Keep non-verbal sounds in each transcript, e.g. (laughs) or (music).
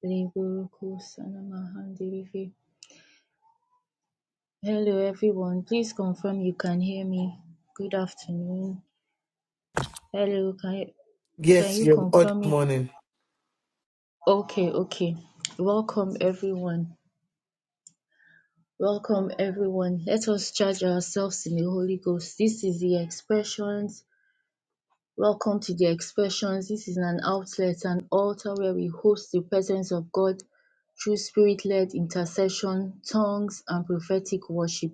Hello everyone, please confirm you can hear me. Good afternoon. Hello, can you, can Yes, you you're good confirm me? morning. Okay, okay. Welcome everyone. Welcome everyone. Let us charge ourselves in the Holy Ghost. This is the expressions. Welcome to the expressions. This is an outlet, an altar where we host the presence of God through spirit-led intercession, tongues, and prophetic worship.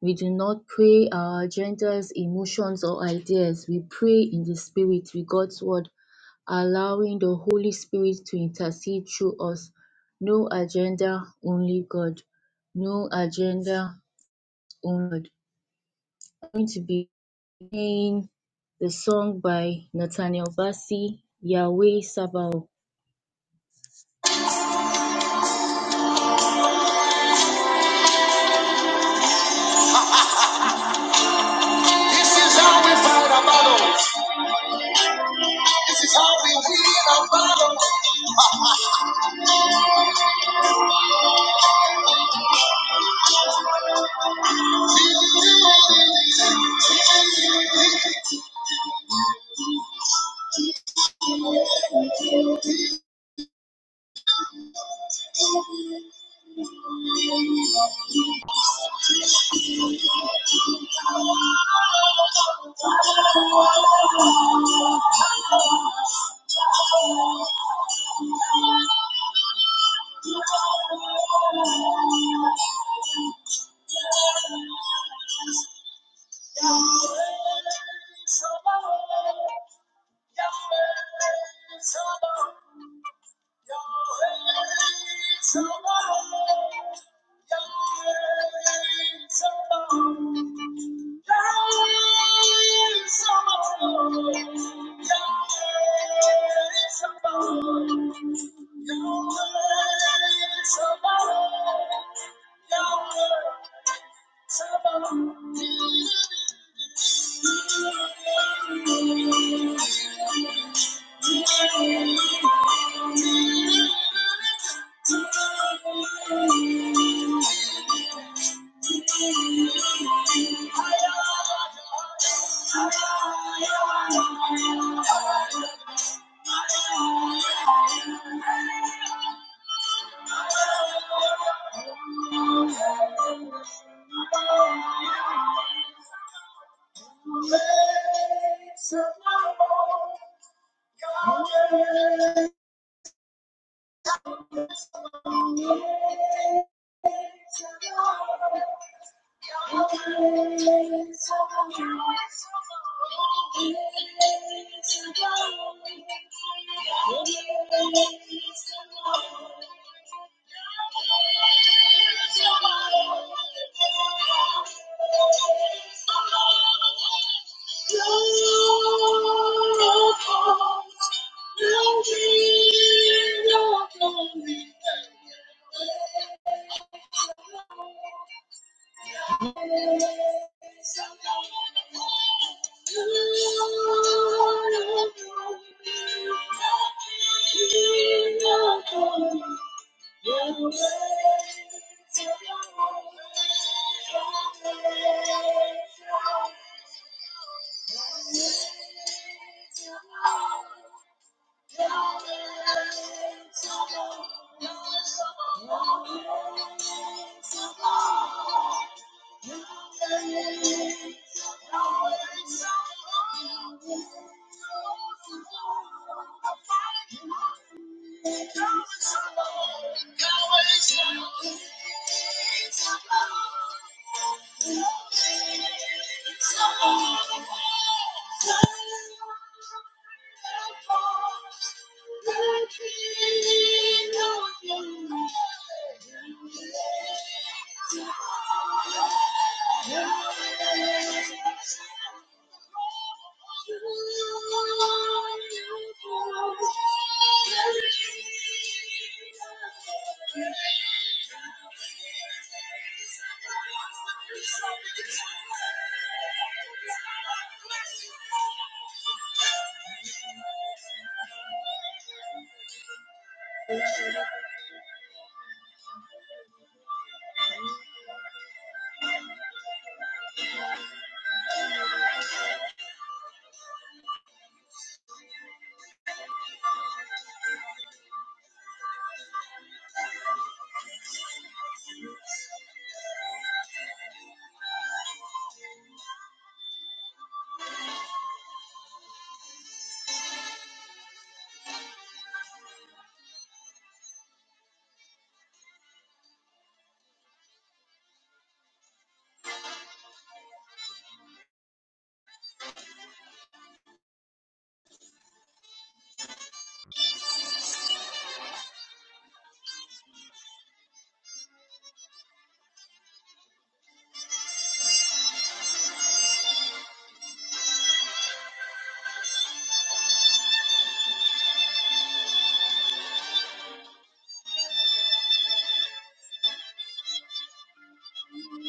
We do not pray our agendas, emotions, or ideas. We pray in the Spirit with God's Word, allowing the Holy Spirit to intercede through us. No agenda, only God. No agenda, only God. I'm going to be playing the song by Nathaniel Bassey, Yahweh Sabaoth. This is how we fight our battles. This is how we win our battles. Yahweh, Sabaoth, Yahweh, Thank you. How can you let me down? How can you let me down? How can you let me down? How can you let me down? Thank you. I'll be there when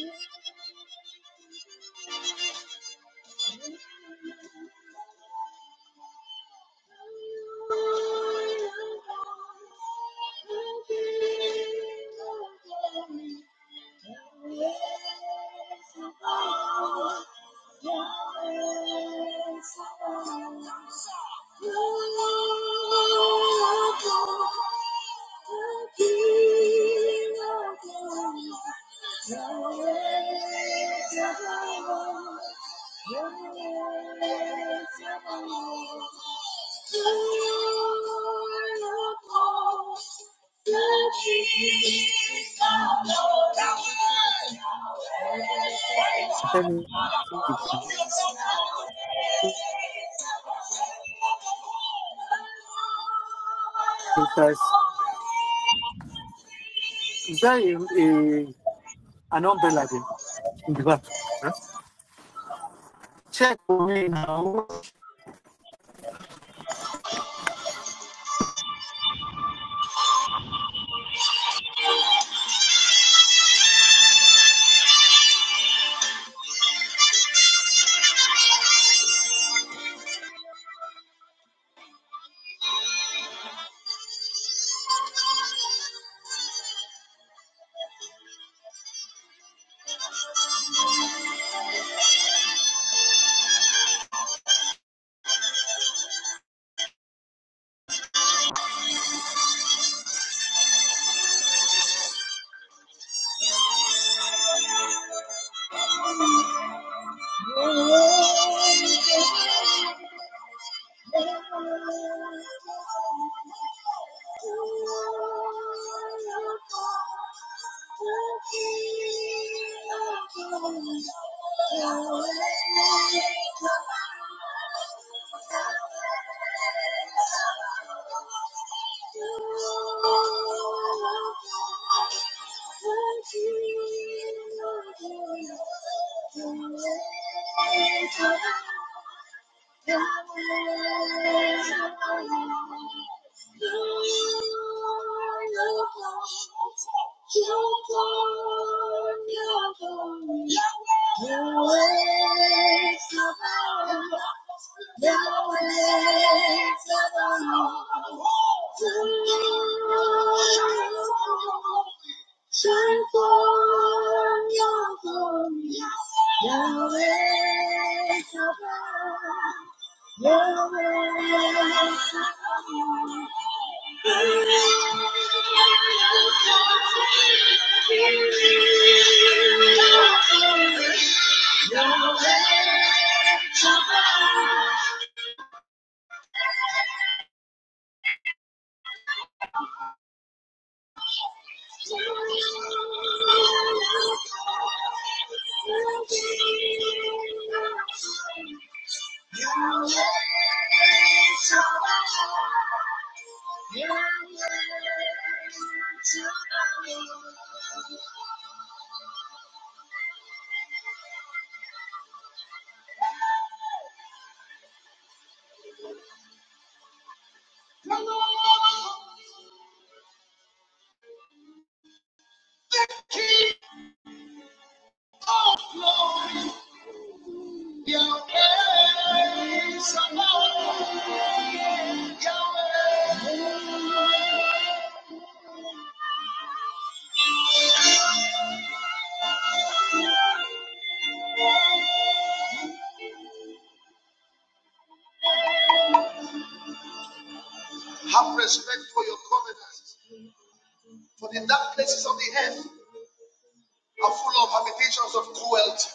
you need me. Can you feel the love tonight? Can you feel the love tonight? Thank you. Then it says, is that a, a, an umbrella there in the back? Check for me now. Thank you. Thank you. Shine forth your glory, Yahweh Sabaoth. Yeah. The King of Glory, your name shall be. Have respect for your covenants. For the dark places of the earth are full of habitations of cruelty.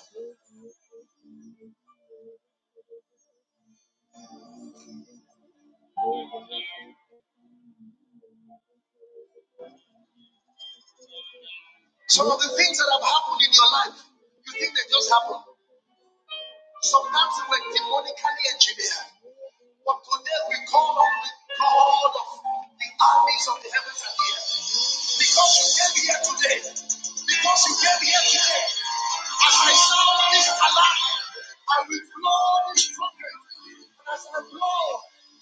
Some of the things that have happened in your life, you think they just happened. Sometimes we we're demonically engineered. But today we call on the God of the armies of the heavens and the earth. Because you came here today. Because you came here today. As I sound this alarm, I will blow this trumpet. And as I blow,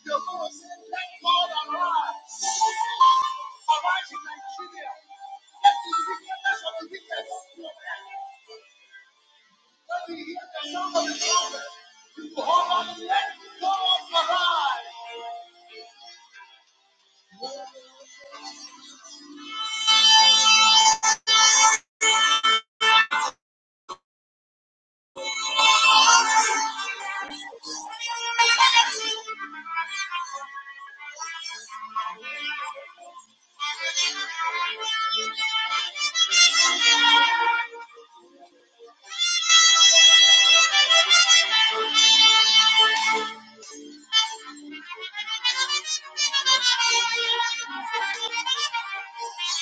the Lord said, Let God arise. Arise in Nigeria. Let the wickedness of the wicked be broken. Let me hear the sound of the trumpet. You will hold on, and let the dawn arrive. (laughs)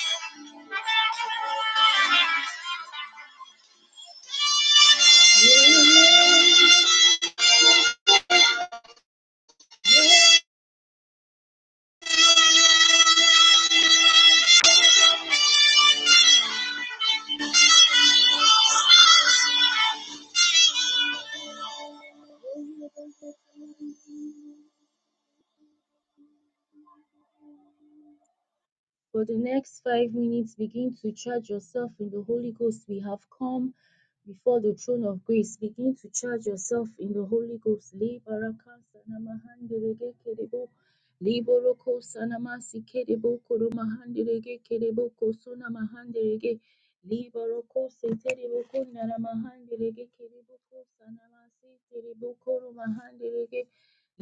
For the next five minutes, begin to charge yourself in the Holy Ghost. We have come before the throne of grace. Begin to charge yourself in the Holy Ghost. Le baraka kerebo. Le boroko kerebo koromahanderege kerebo kosonamahanderege. Le boroko seterebo konara mahanderege kerebo kosanamasi terebo koromahanderege.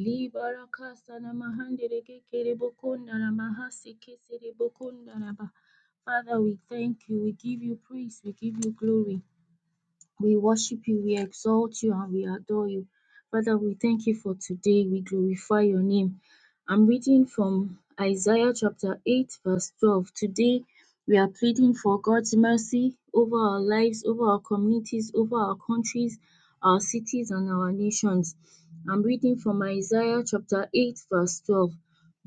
Libarakasa namahandereke kerebokunda namahasi keserebokunda raba. Father, we thank you. We give you praise. We give you glory. We worship you, we exalt you, and we adore you. Father, we thank you for today. We glorify your name. I'm reading from Isaiah chapter 8, verse 12. Today, we are pleading for God's mercy over our lives, over our communities, over our countries, our cities, and our nations. I'm reading from Isaiah chapter 8, verse 12.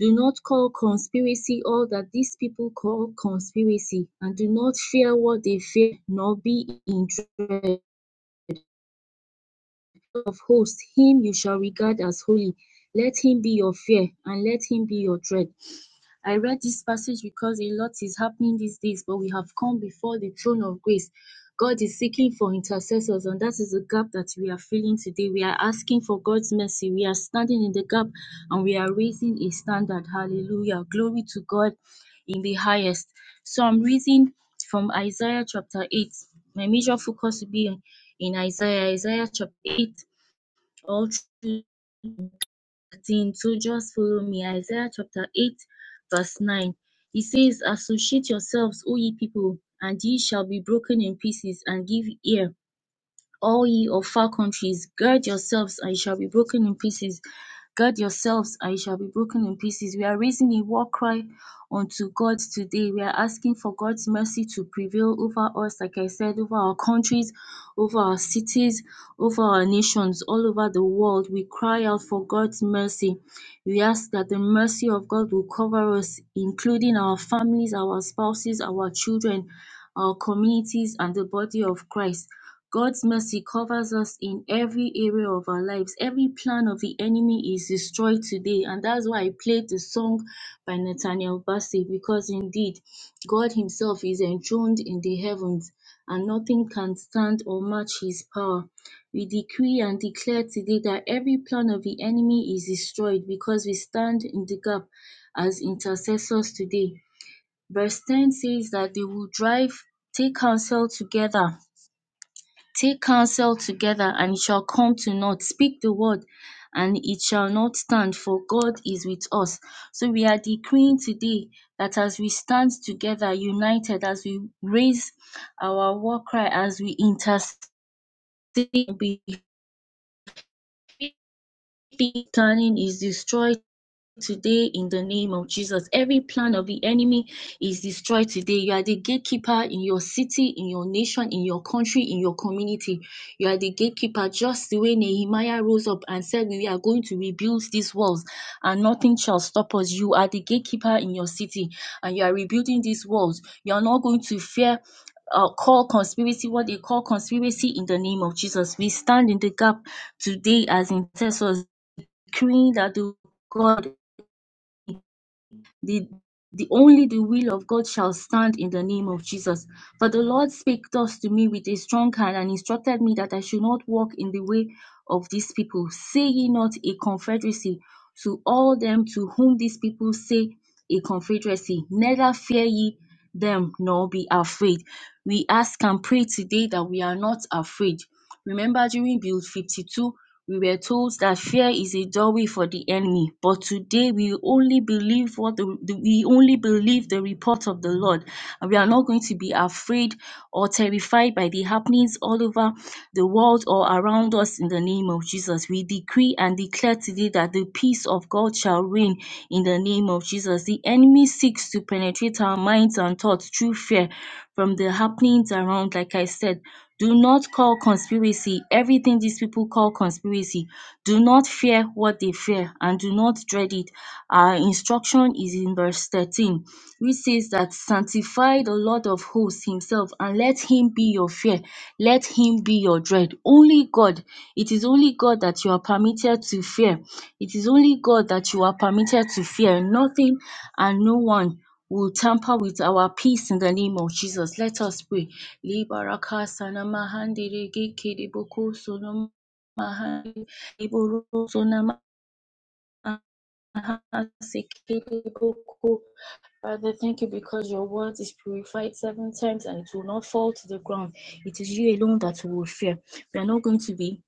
Do not call conspiracy all that these people call conspiracy, and do not fear what they fear, nor be in dread post, him you shall regard as holy. Let him be your fear and let him be your dread. I read this passage because a lot is happening these days, but we have come before the throne of grace. God is seeking for intercessors, and that is the gap that we are feeling today. We are asking for God's mercy. We are standing in the gap and we are raising a standard. Hallelujah. Glory to God in the highest. So I'm reading from Isaiah chapter 8. My major focus will be in Isaiah, Isaiah chapter 8, all 13. So just follow me. Isaiah chapter 8, verse 9. He says, Associate yourselves, O ye people, and ye shall be broken in pieces, and give ear all ye of far countries, gird yourselves, and ye shall be broken in pieces. Gird yourselves, and ye shall be broken in pieces. We are raising a war cry unto God today. We are asking for God's mercy to prevail over us, like I said, over our countries, over our cities, over our nations, all over the world. We cry out for God's mercy. We ask that the mercy of God will cover us, including our families, our spouses, our children, our communities, and the body of Christ. God's mercy covers us in every area of our lives. Every plan of the enemy is destroyed today. And that's why I played the song by Nathaniel Bassey because indeed God Himself is enthroned in the heavens and nothing can stand or match His power. We decree and declare today that every plan of the enemy is destroyed because we stand in the gap as intercessors today. Verse 10 says that they will drive, take counsel together Take counsel together, and it shall come to naught. Speak the word, and it shall not stand, for God is with us. So we are decreeing today that as we stand together, united, as we raise our war cry, as we intercede, be- planning is destroyed today in the name of Jesus. Every plan of the enemy is destroyed today. You are the gatekeeper in your city, in your nation, in your country, in your community. You are the gatekeeper, just the way Nehemiah rose up and said, We are going to rebuild these walls and nothing shall stop us. You are the gatekeeper in your city and you are rebuilding these walls. You are not going to fear uh, call conspiracy what they call conspiracy in the name of Jesus. We stand in the gap today as intercessors, decreeing that the God the the only the will of God shall stand in the name of Jesus. For the Lord spake thus to me with a strong hand and instructed me that I should not walk in the way of these people. Say ye not a confederacy to all them to whom these people say a confederacy, neither fear ye them nor be afraid. We ask and pray today that we are not afraid. Remember during Build 52, we were told that fear is a doorway for the enemy, but today we only believe what the, the- we only believe the report of the Lord, and we are not going to be afraid or terrified by the happenings all over the world or around us in the name of of Jesus. We decree and declare today that the peace of God shall reign in the name of Jesus. The enemy seeks to penetrate our minds and thoughts through fear from the happenings around, like I said. Do not call conspiracy everything these people call conspiracy. Do not fear what they fear and do not dread it. Our instruction is in verse 13, which says, is that sanctify the Lord of hosts himself and let him be your fear. Let him be your dread. Only God. It is only God that you are permitted to fear. It is only God that you are permitted to fear. Nothing and no one will tamper with our peace in the name of Jesus. Let us pray. Libaraka sanama handiri gikiri boko sonoma handi- liboro sonama (laughs) Father, thank you because your word is purified seven times and it will not fall to the ground. It is you alone that we will fear. We are not going to be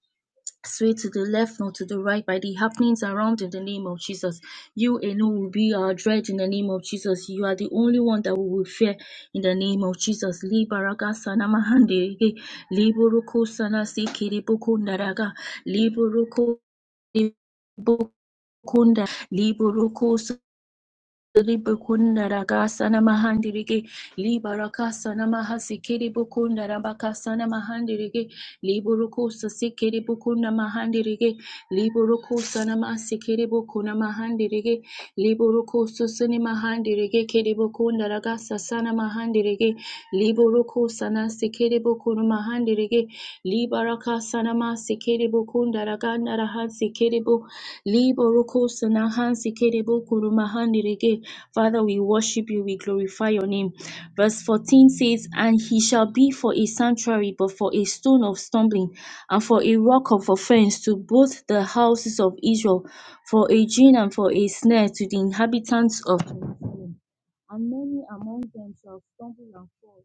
sway to the left nor to the right by the happenings around in the name of Jesus. You alone will be our dread in the name of Jesus. You are the only one that we will fear in the name of Jesus. Li baraka sana mahande ge, li buruku sana si kiri naraga, li buruku- Kunda Ribukunda rakasana mahandirike libarakasana mahasikiri bukunda rabakasana mahandirike liburukusa sikiri bukunda mahandirike liburukusana masikiri bukuna mahandirike liburukususini mahandirike kiri bukunda sana mahandirike liburukusana sikiri bukuna Mahandirigi, libaraka sanama sikiribu kundaraganda rahan sikiribu libo ruku sanahan sikiribu kurumahan dirige. Father, we worship you, we glorify your name. Verse 14 says, And he shall be for a sanctuary, but for a stone of stumbling, and for a rock of offense to both the houses of Israel, for a gin and for a snare to the inhabitants of Jerusalem. And many among them shall stumble and fall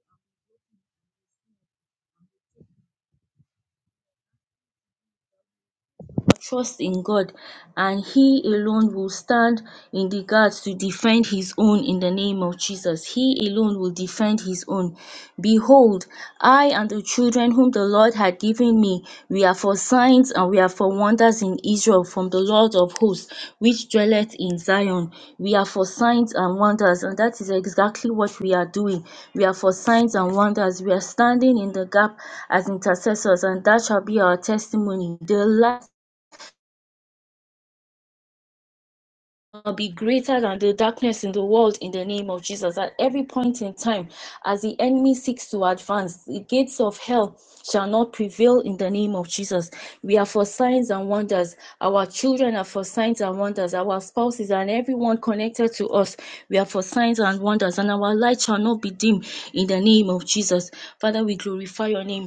trust in God and He alone will stand in the guards to defend His own in the name of Jesus. He alone will defend His own. Behold, I and the children whom the Lord had given me, we are for signs and we are for wonders in Israel from the Lord of hosts, which dwelleth in Zion. We are for signs and wonders, and that is exactly what we are doing. We are for signs and wonders. We are standing in the gap as intercessors, and that shall be our testimony. The light be greater than the darkness in the world in the name of Jesus. At every point in time, as the enemy seeks to advance, the gates of hell shall not prevail in the name of Jesus. We are for signs and wonders. Our children are for signs and wonders. Our spouses and everyone connected to us, we are for signs and wonders. And our light shall not be dim in the name of Jesus. Father, we glorify your name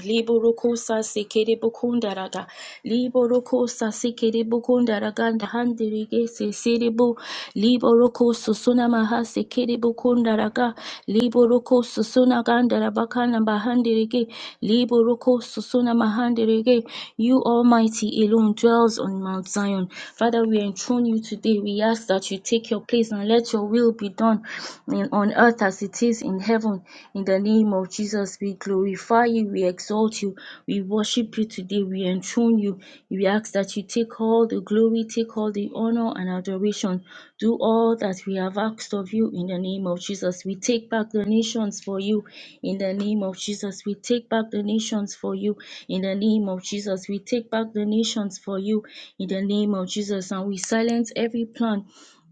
raga libo roko sasikiri bukunda raganda handiri gesi siribu susuna maha sikiri bukunda raga Liboroko susuna ganda rabakana bahandiri Liboroko susuna mahandirige you almighty alone dwells on mount zion father we enthrone you today we ask that you take your place and let your will be done in- on earth as it is in heaven in the name of Jesus, we glorify you, we exalt you, we worship you today, we enthrone you. We ask that you take all the glory, take all the honor and adoration. Do all that we have asked of you in the name of Jesus. We take back the nations for you in the name of Jesus. We take back the nations for you in the name of Jesus. We take back the nations for you in the name of Jesus. And we silence every plan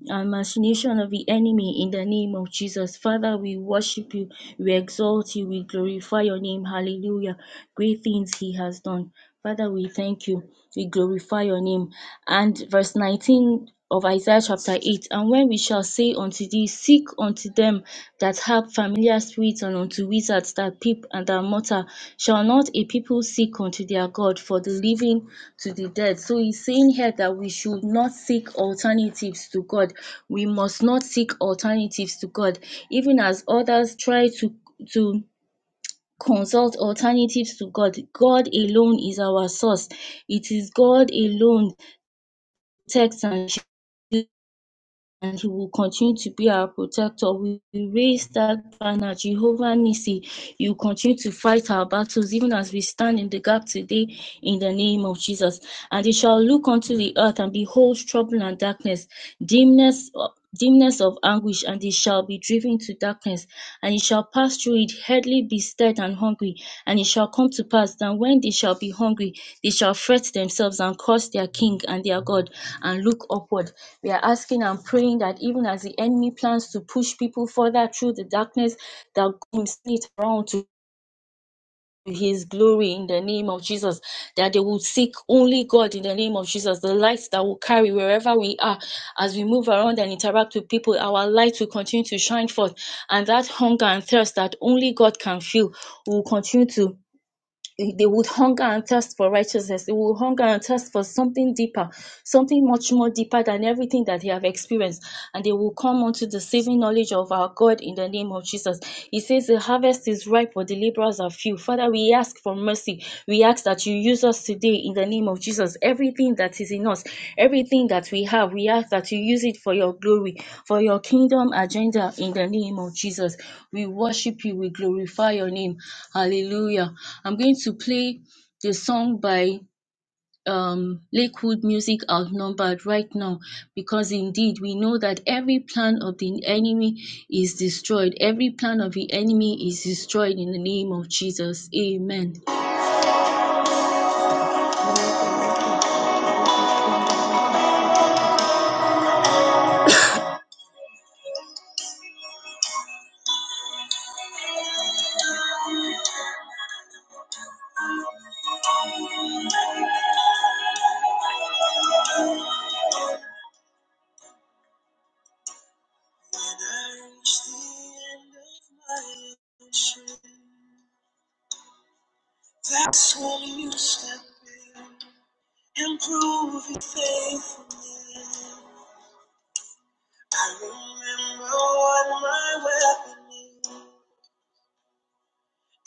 and machination of the enemy in the name of Jesus. Father, we worship you, we exalt you, we glorify your name. Hallelujah. Great things he has done. Father, we thank you, we glorify your name. And verse 19 of Isaiah chapter 8 And when we shall say unto thee, Seek unto them that harp familiar spirits and unto wizards that peep and that mutter. Shall not a people seek unto their God for the living to the dead? So he's saying here that we should not seek alternatives to God. We must not seek alternatives to God. Even as others try to to consult alternatives to God. God alone is our source. It is God alone Text and and he will continue to be our protector. We raise that banner, Jehovah Nissi. You continue to fight our battles, even as we stand in the gap today, in the name of Jesus. And they shall look unto the earth and behold trouble and darkness, dimness dimness of anguish, and it shall be driven to darkness, and it shall pass through it, hardly be stirred and hungry. And it shall come to pass that when they shall be hungry, they shall fret themselves and curse their king and their God, and look upward. We are asking and praying that even as the enemy plans to push people further through the darkness, that God will turn it around to his glory in the name of Jesus, that they will seek only God in the name of Jesus, the light that will carry wherever we are as we move around and interact with people, our light will continue to shine forth, and that hunger and thirst that only God can fill will continue to they would hunger and thirst for righteousness. They would hunger and thirst for something deeper, something much more deeper than everything that they have experienced. And they will come unto the saving knowledge of our God in the name of Jesus. He says, The harvest is ripe, but the laborers are few. Father, we ask for mercy. We ask that that you use us today in the name of Jesus. Everything that is in us, everything that we have, we ask that you use it for your glory, for your kingdom agenda in the name of Jesus. We worship you, we glorify your name. Hallelujah. I'm going to play the song by um, Lakewood Music Outnumbered right now because indeed we know that every plan of the enemy is destroyed. Every plan of the enemy is destroyed in the name of Jesus. Amen. And I reach the end of my ocean. That's when you step in and prove your faith for me. I remember what my weapon is,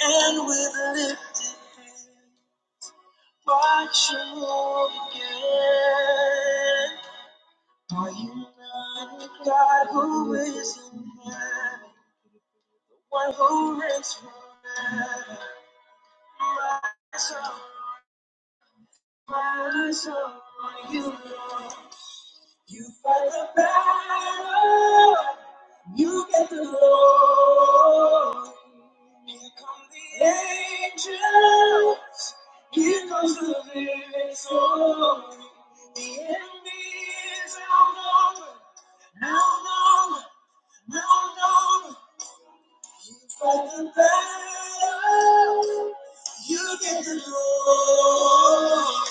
and with lifted hand, watch you move again. Are you not a God who is in heaven, one who reigns forever? My soul. Eyes on you, You fight the battle. You get the glory. Here come the angels. Here comes the victory. The enemy is outnumbered. No, no, no, no. Fight the battle. You get the glory.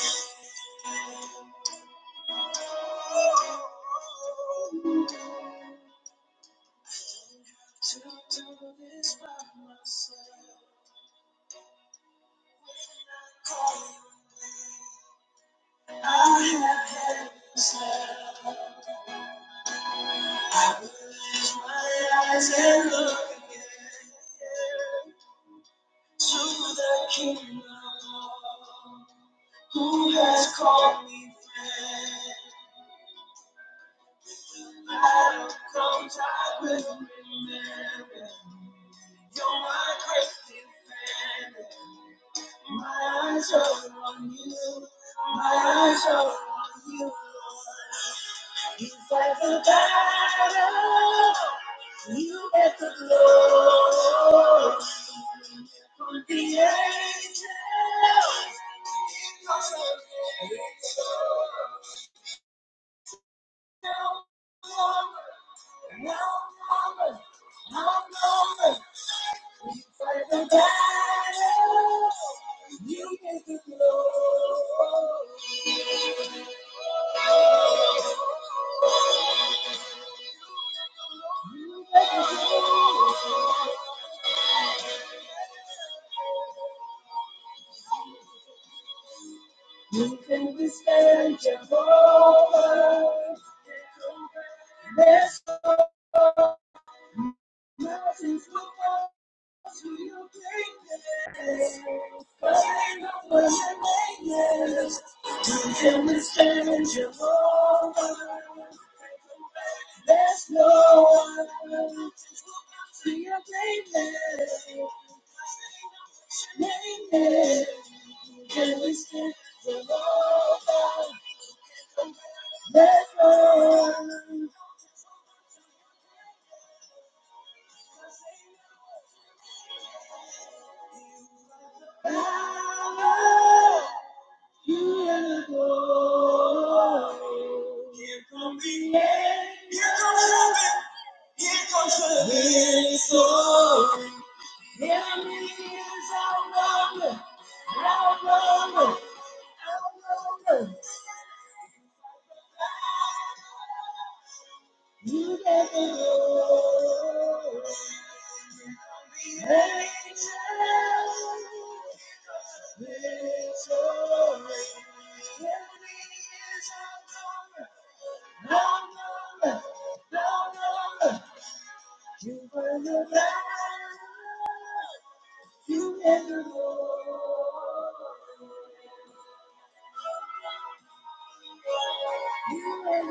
You can withstand Jehovah. There's no mountains will fall There's no one to your name, name, can we stand Jehovah? There's no one. to go. Here comes the end. Here comes heaven. Here comes the victory. Enemies outnumbered, outnumbered, outnumbered. You never know. Victory, victory. Enemies outnumbered, outnumbered, outnumbered. You win the battle. You never know. Come and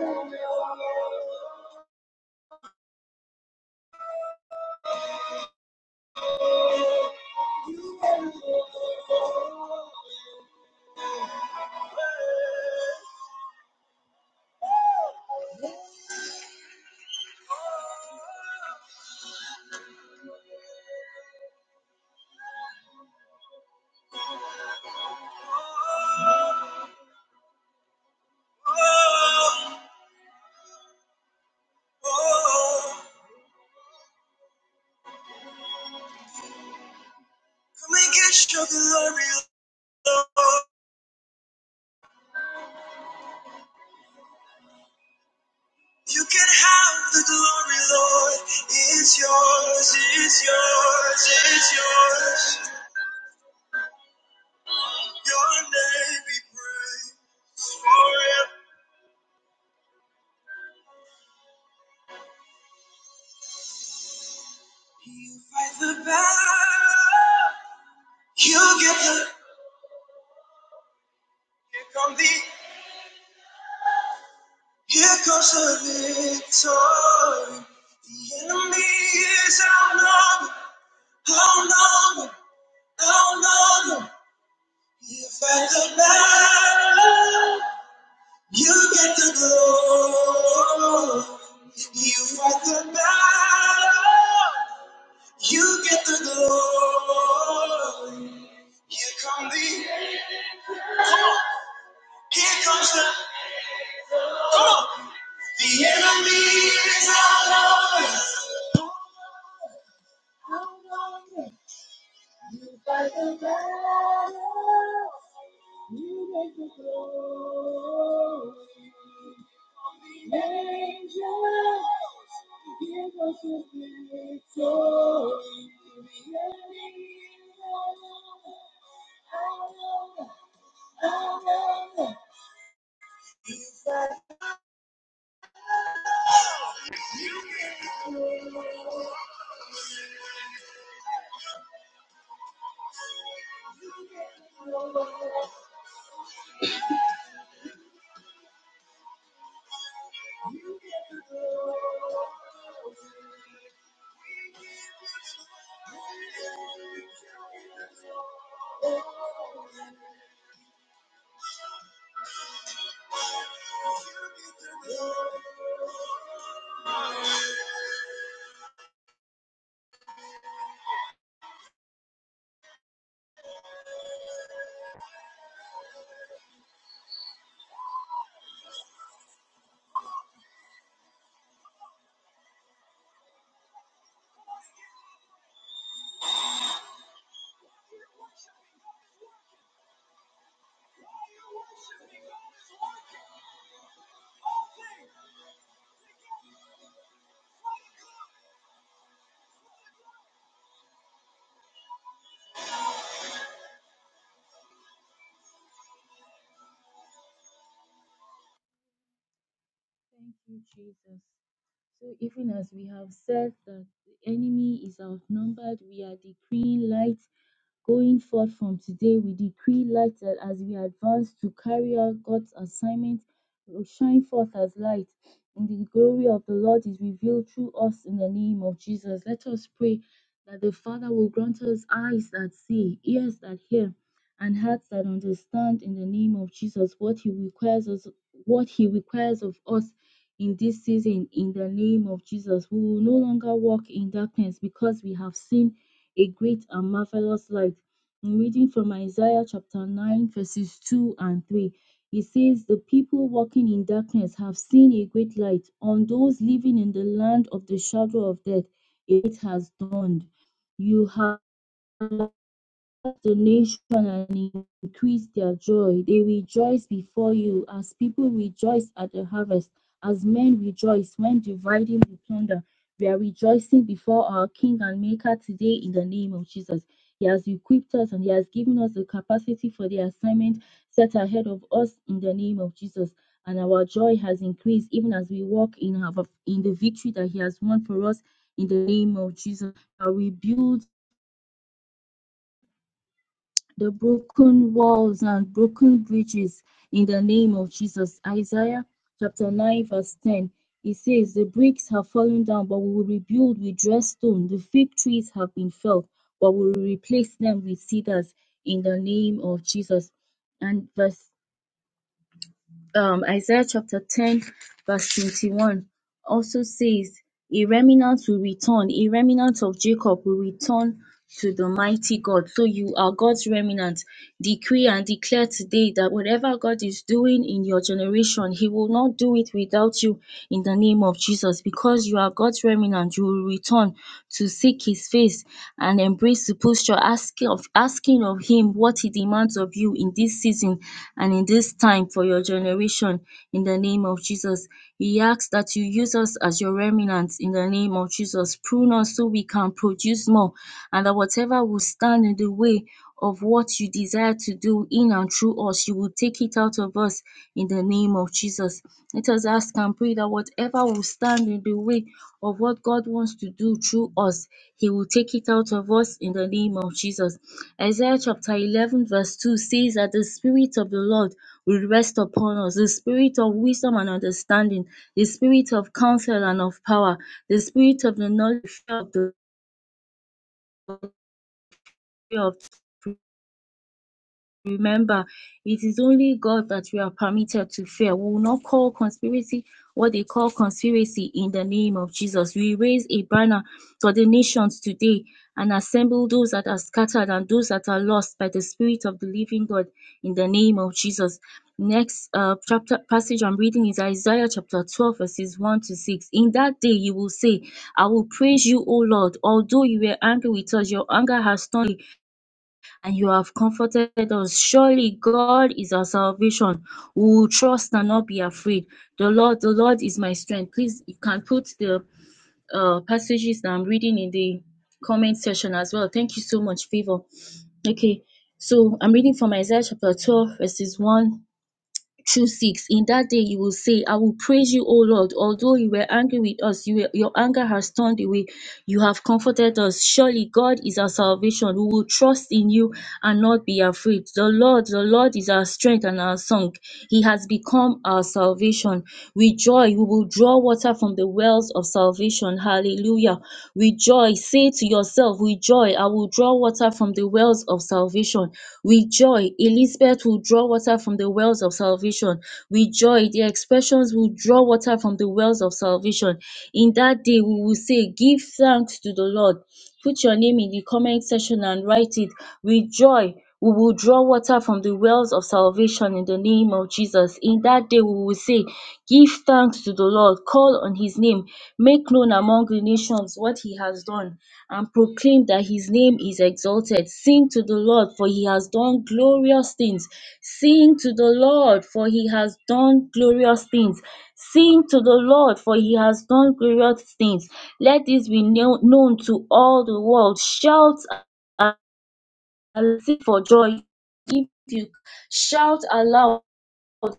get your glory. You can have the glory, Lord. It's yours, it's yours, it's yours. Your name be praised forever. You fight the battle. You get the. Here comes the. Here comes the victory. The enemy is outnumbered, outnumbered. Oh Lord, you fight the battle. You get the glory. You fight the battle. You get the glory. Here comes the here comes the come on. The enemy is our Lord. You fight the battle. You get the glory. Angels give us a victory through the enemy. I love, I love, it's a victory. Thank you, Jesus. So even as we have said that the enemy is outnumbered, we are decreeing light Going forth from today, we decree light that as we advance to carry out God's assignment, we will shine forth as light, and the glory of the Lord is revealed through us in the name of Jesus. Let us pray that the Father will grant us eyes that see, ears that hear, and hearts that understand in the name of Jesus what He requires us, what He requires of us in this season. In the name of Jesus, we will no longer walk in darkness because we have seen a great and marvelous light. I'm reading from Isaiah chapter 9, verses 2 and 3. It says, The people walking in darkness have seen a great light. On those living in the land of the shadow of death, it has dawned. You have the nation and increase their joy. They rejoice before you as people rejoice at the harvest, as men rejoice when dividing the plunder. We are rejoicing before our King and Maker today in the name of Jesus. He has equipped us and He has given us the capacity for the assignment set ahead of us in the name of Jesus. And our joy has increased even as we walk in, our, in the victory that He has won for us in the name of Jesus. we build the broken walls and broken bridges in the name of Jesus. Isaiah chapter 9, verse 10. It says, The bricks have fallen down, but we will rebuild with dressed stone. The fig trees have been felled, but we will replace them with cedars in the name of Jesus. And verse um, Isaiah chapter 10, verse 21 also says, A remnant will return, a remnant of Jacob will return to the mighty God. So you are God's remnant. Decree and declare today that whatever God is doing in your generation, He will not do it without you in the name of Jesus. Because you are God's remnant, you will return to seek his face and embrace the posture asking of asking of him what he demands of you in this season and in this time for your generation in the name of Jesus. He asks that you use us as your remnants in the name of Jesus. Prune us so we can produce more and that whatever will stand in the way of what you desire to do in and through us. You will take it out of us in the name of Jesus. Let us ask and pray that whatever will stand in the way of what God wants to do through us, He will take it out of us in the name of Jesus. Isaiah chapter 11, verse 2 says that the Spirit of the Lord will rest upon us the Spirit of wisdom and understanding, the Spirit of counsel and of power, the Spirit of the knowledge of the of. Remember, it is only God that we are permitted to fear. We will not call conspiracy what they call conspiracy in the name of Jesus. We raise a banner for the nations today and assemble those that are scattered and those that are lost by the Spirit of the living God in the name of Jesus. Next uh, chapter passage I'm reading is Isaiah chapter 12, verses 1 to 6. In that day you will say, I will praise you, O Lord. Although you were angry with us, your anger has turned and you have comforted us. Surely God is our salvation. We will trust and not be afraid. The Lord, the Lord is my strength. Please, you can put the uh, passages that I'm reading in the comment section as well. Thank you so much, Favor. Okay, so I'm reading from Isaiah chapter 12, verses 1 Two 6 In that day you will say, I will praise you, O Lord. Although you were angry with us, you were- your anger has turned away. You have comforted us. Surely God is our salvation. We will trust in you and not be afraid. The Lord, the Lord is our strength and our song. He has become our salvation. With joy, we will draw water water from the wells of salvation. Hallelujah. With joy, say to yourself, with joy, I will draw water from the wells of salvation. With joy, Elizabeth will draw water from the wells of salvation. With joy, the expressions will draw water from the wells of salvation. In that day, we will say, Give thanks to the Lord. Put your name in the comment section and write it. With joy, we will draw water from the wells of salvation in the name of Jesus. In that day, we will say, Give thanks to the Lord, call on his name, make known among the nations what he has done, and proclaim that his name is exalted. Sing to the Lord, for he has done glorious things. Sing to the Lord, for he has done glorious things. Sing to the Lord, for he has done glorious things. Let this be known known to all the world. Shout and sing for joy. If you shout aloud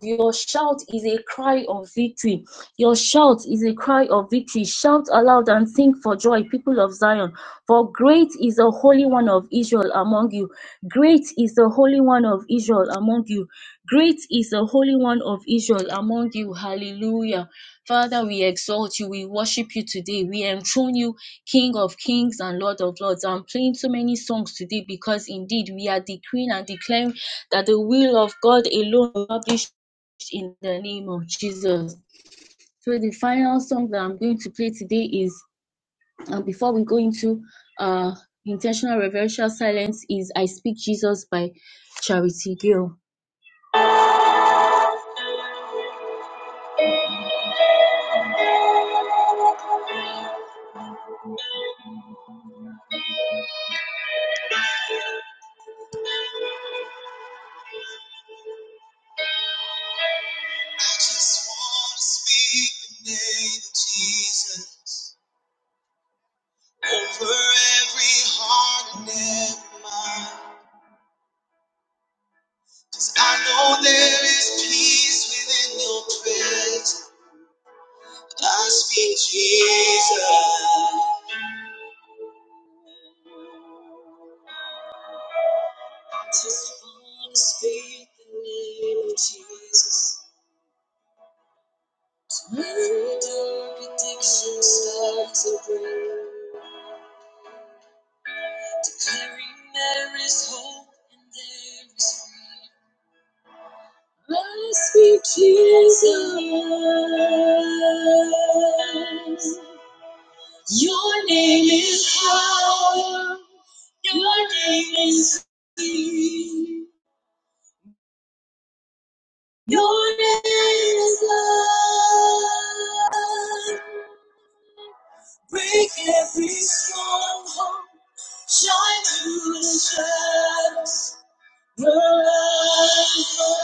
your shout is a cry of victory. Your shout is a cry of victory. Shout aloud and sing for joy, people of Zion. For great is the Holy One of Israel among you. Great is the Holy One of Israel among you. Great is the Holy One of Israel among you. Hallelujah. Father, we exalt you. We worship you today. We enthrone you, King of kings and Lord of lords. I'm playing so many songs today because indeed we are decreeing and declaring that the will of God alone will be established in the name of Jesus. So the final song that I'm going to play today is, and before we go into uh, intentional reverential silence, is "I Speak Jesus" by Charity Gill. I just want to speak the name of Jesus over every heart and every mind. 'Cause I know there is peace within your presence. I speak Jesus. I just want to speak Jesus, when addiction starts to break, declaring there is hope and there is freedom. I speak Jesus. Your name is power. Your name is healing. Your name is love. Break every stronghold. Shine through the shadows. Your name is oh,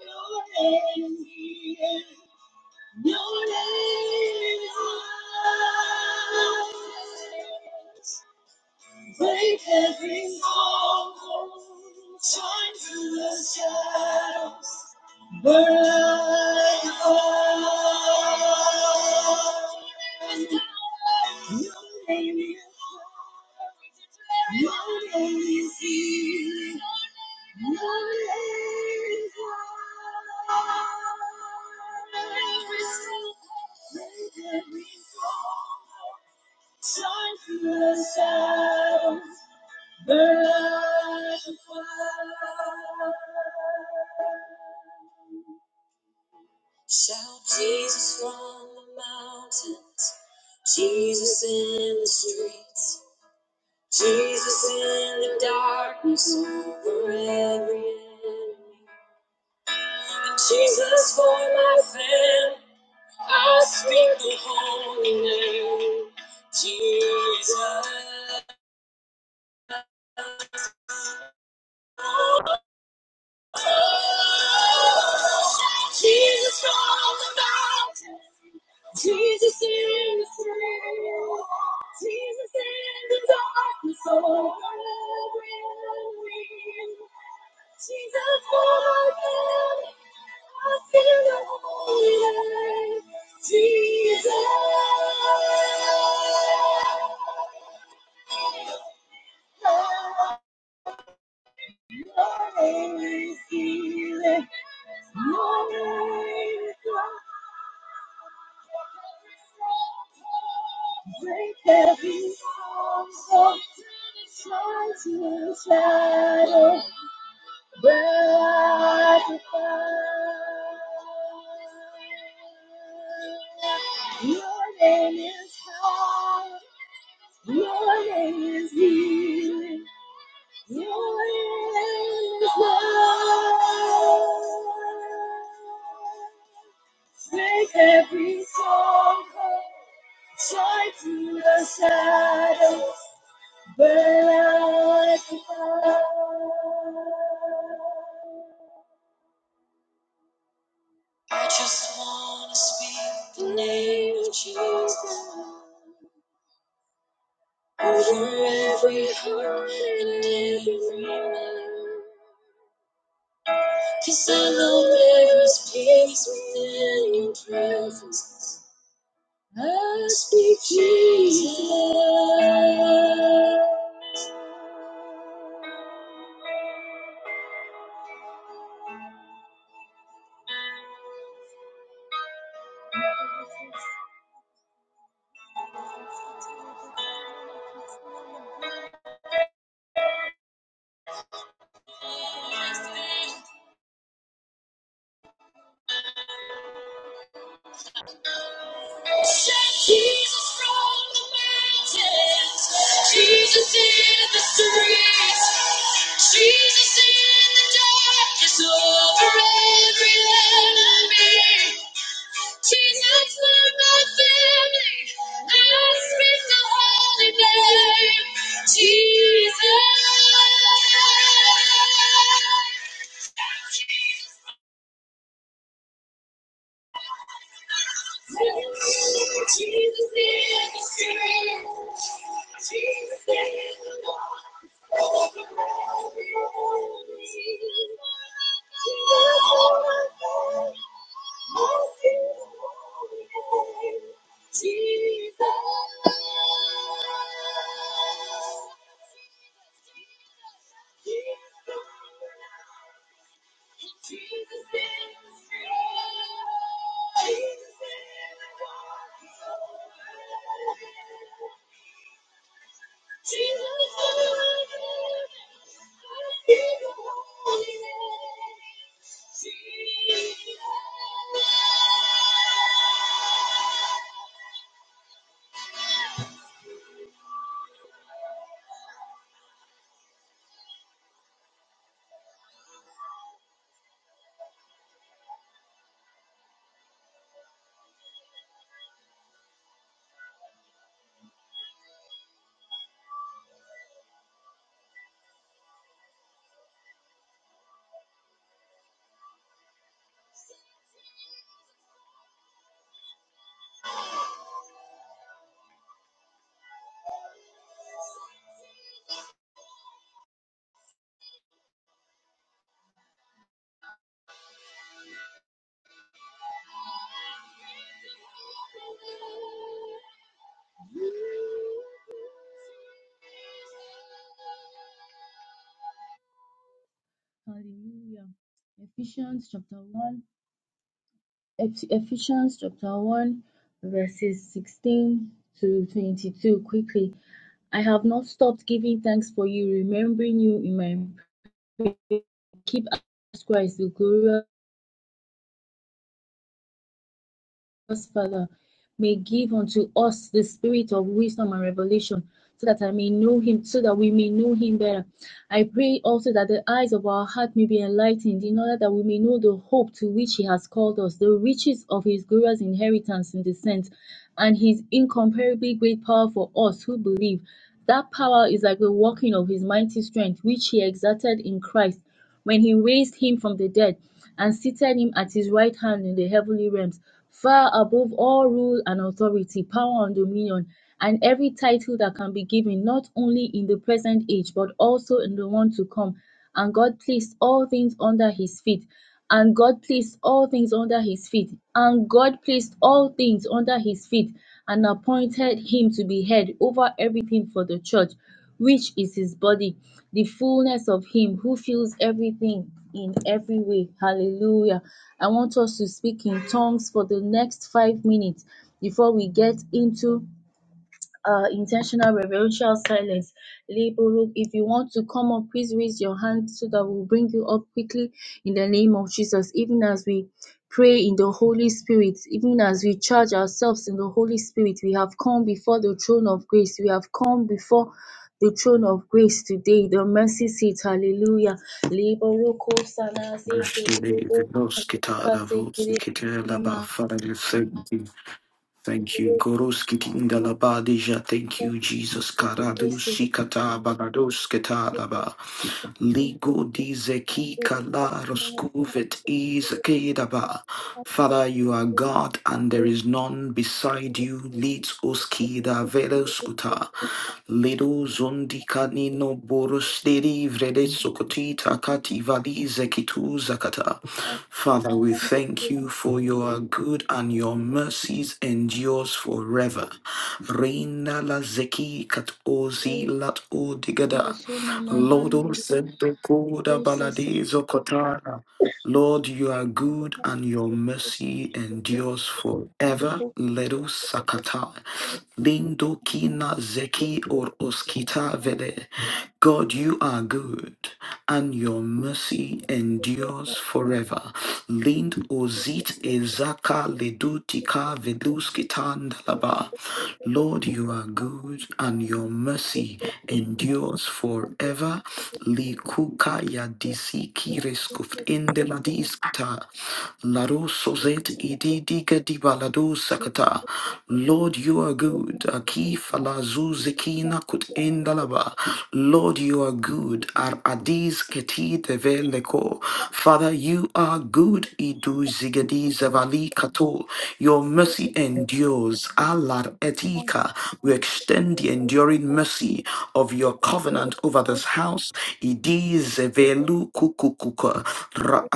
your name. is. Your name is Break every wall, shine through the shadows. Burn, burn, burn. Shout Jesus from the mountains, Jesus in the streets, Jesus in the darkness for every enemy. Jesus for my family, I speak the holy name, Jesus. Jesus from the mountains. Jesus in the spirit. Jesus in the darkness over every wind. Jesus walking, I feel the Holy Light. Jesus always healing. You're always God. Break every stronghold, shining shadow, bright as fire. Your name is power. Your name is healing. Your name is love. Make every song shine through the shadows. Burn out the light. I just want to speak the name of Jesus over every heart and every mind. 'Cause I know there is peace within your presence. Must be Jesus. Yes, Send Jesus from the mountains. Jesus in the streets. Jesus in the darkness over every enemy. Jesus for my family. I speak the holy name. Jesus. Jesus, Hallelujah. Ephesians chapter 1. Eph- Ephesians chapter 1, verses 16 to 22 quickly. I have not stopped giving thanks for you, remembering you in my keep as Christ the glorious. us, Father, may give unto us the spirit of wisdom and revelation, so that I may know him, so that we may know him better. I pray also that the eyes of our heart may be enlightened, in order that we may know the hope to which he has called us, the riches of his glorious inheritance in the saints, and his incomparably great power for us who believe. That power is like the working of his mighty strength, which he exerted in Christ when he raised him from the dead and seated him at his right hand in the heavenly realms, far above all rule and authority, power and dominion, and every title that can be given, not only in the present age, but also in the one to come. And God placed all things under his feet. And God placed all things under his feet. And God placed all things under his feet and appointed him to be head over everything for the church which is his body, the fullness of him who fills everything in every way. Hallelujah. I want us to speak in tongues for the next five minutes before we get into uh, intentional reverential silence. Leboruk, if you want to come up, please raise your hand so that we'll bring you up quickly in the name of Jesus. Even as we pray in the Holy Spirit, even as we charge ourselves in the Holy Spirit, we have come before the throne of grace. We have come before the throne of grace today, the mercy seat. Hallelujah. Leboroko sanase Ashtele keleboko Venoskita kase keleboko Ravosikitelaba. rema- Father, we thank you. Thank you. Goroskiti Indalabadija. Thank you, Jesus. Karadu Thank Sikata Bagadoskita Ligo dizeki kalaroskuvet izkedaba. Father, you are God and there is none beside you. Leads oskida veloskuta. Lido zundikani no borosteri vrede sokotita kati valize kitu zakata. Father, we thank you for your good and your mercies endures forever. Reina la zeki kat ozi lat odigada. Lodo you. sento koda Kusa sako baladizo kotara. Lord, you are good and your mercy endures forever. Ledo sakata. Lindo kina zeki or oskita vele. God, you are good, and your mercy endures forever. Lind ozit ezaka ledutika veluskitandalaba. Lord, you are good, and your mercy endures forever. Likuka yadisiki reskuft indeladiskata. Larusozet ididiga dibaladu sakata. Lord, you are good. Lord, you are good. Ar adis keti teveleko. Father, you are good. Idu zigedi zavali kato. Your mercy endures. Alar etika. We extend the enduring mercy of your covenant over this house. Idi zevelu kukukuka. Ra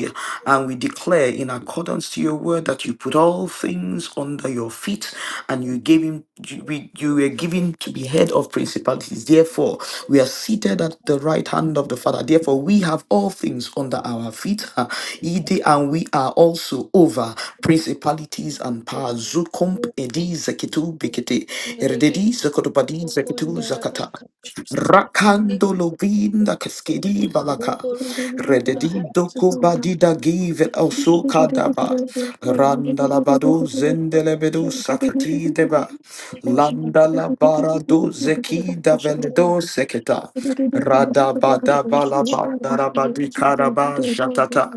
decree and we declare in accordance to your word that you put all things under your feet and you gave him you, we- you were given to be head of principalities. Therefore, we are seated at the right hand of the Father. Therefore, we have all things under our feet. (laughs) ha, ide, And we are also over principalities and powers. Zukump edi zekitu bikete. Erededi zekotobadi zekitu zakata. Rakando lovinda kaskedi balaka. Rededido kubadida give el sukadaba. Randa labado zendelebedo sakati deba. Landa labara do zeki da veledo seketa. Rada bada bala bandarabadi karaba jatata.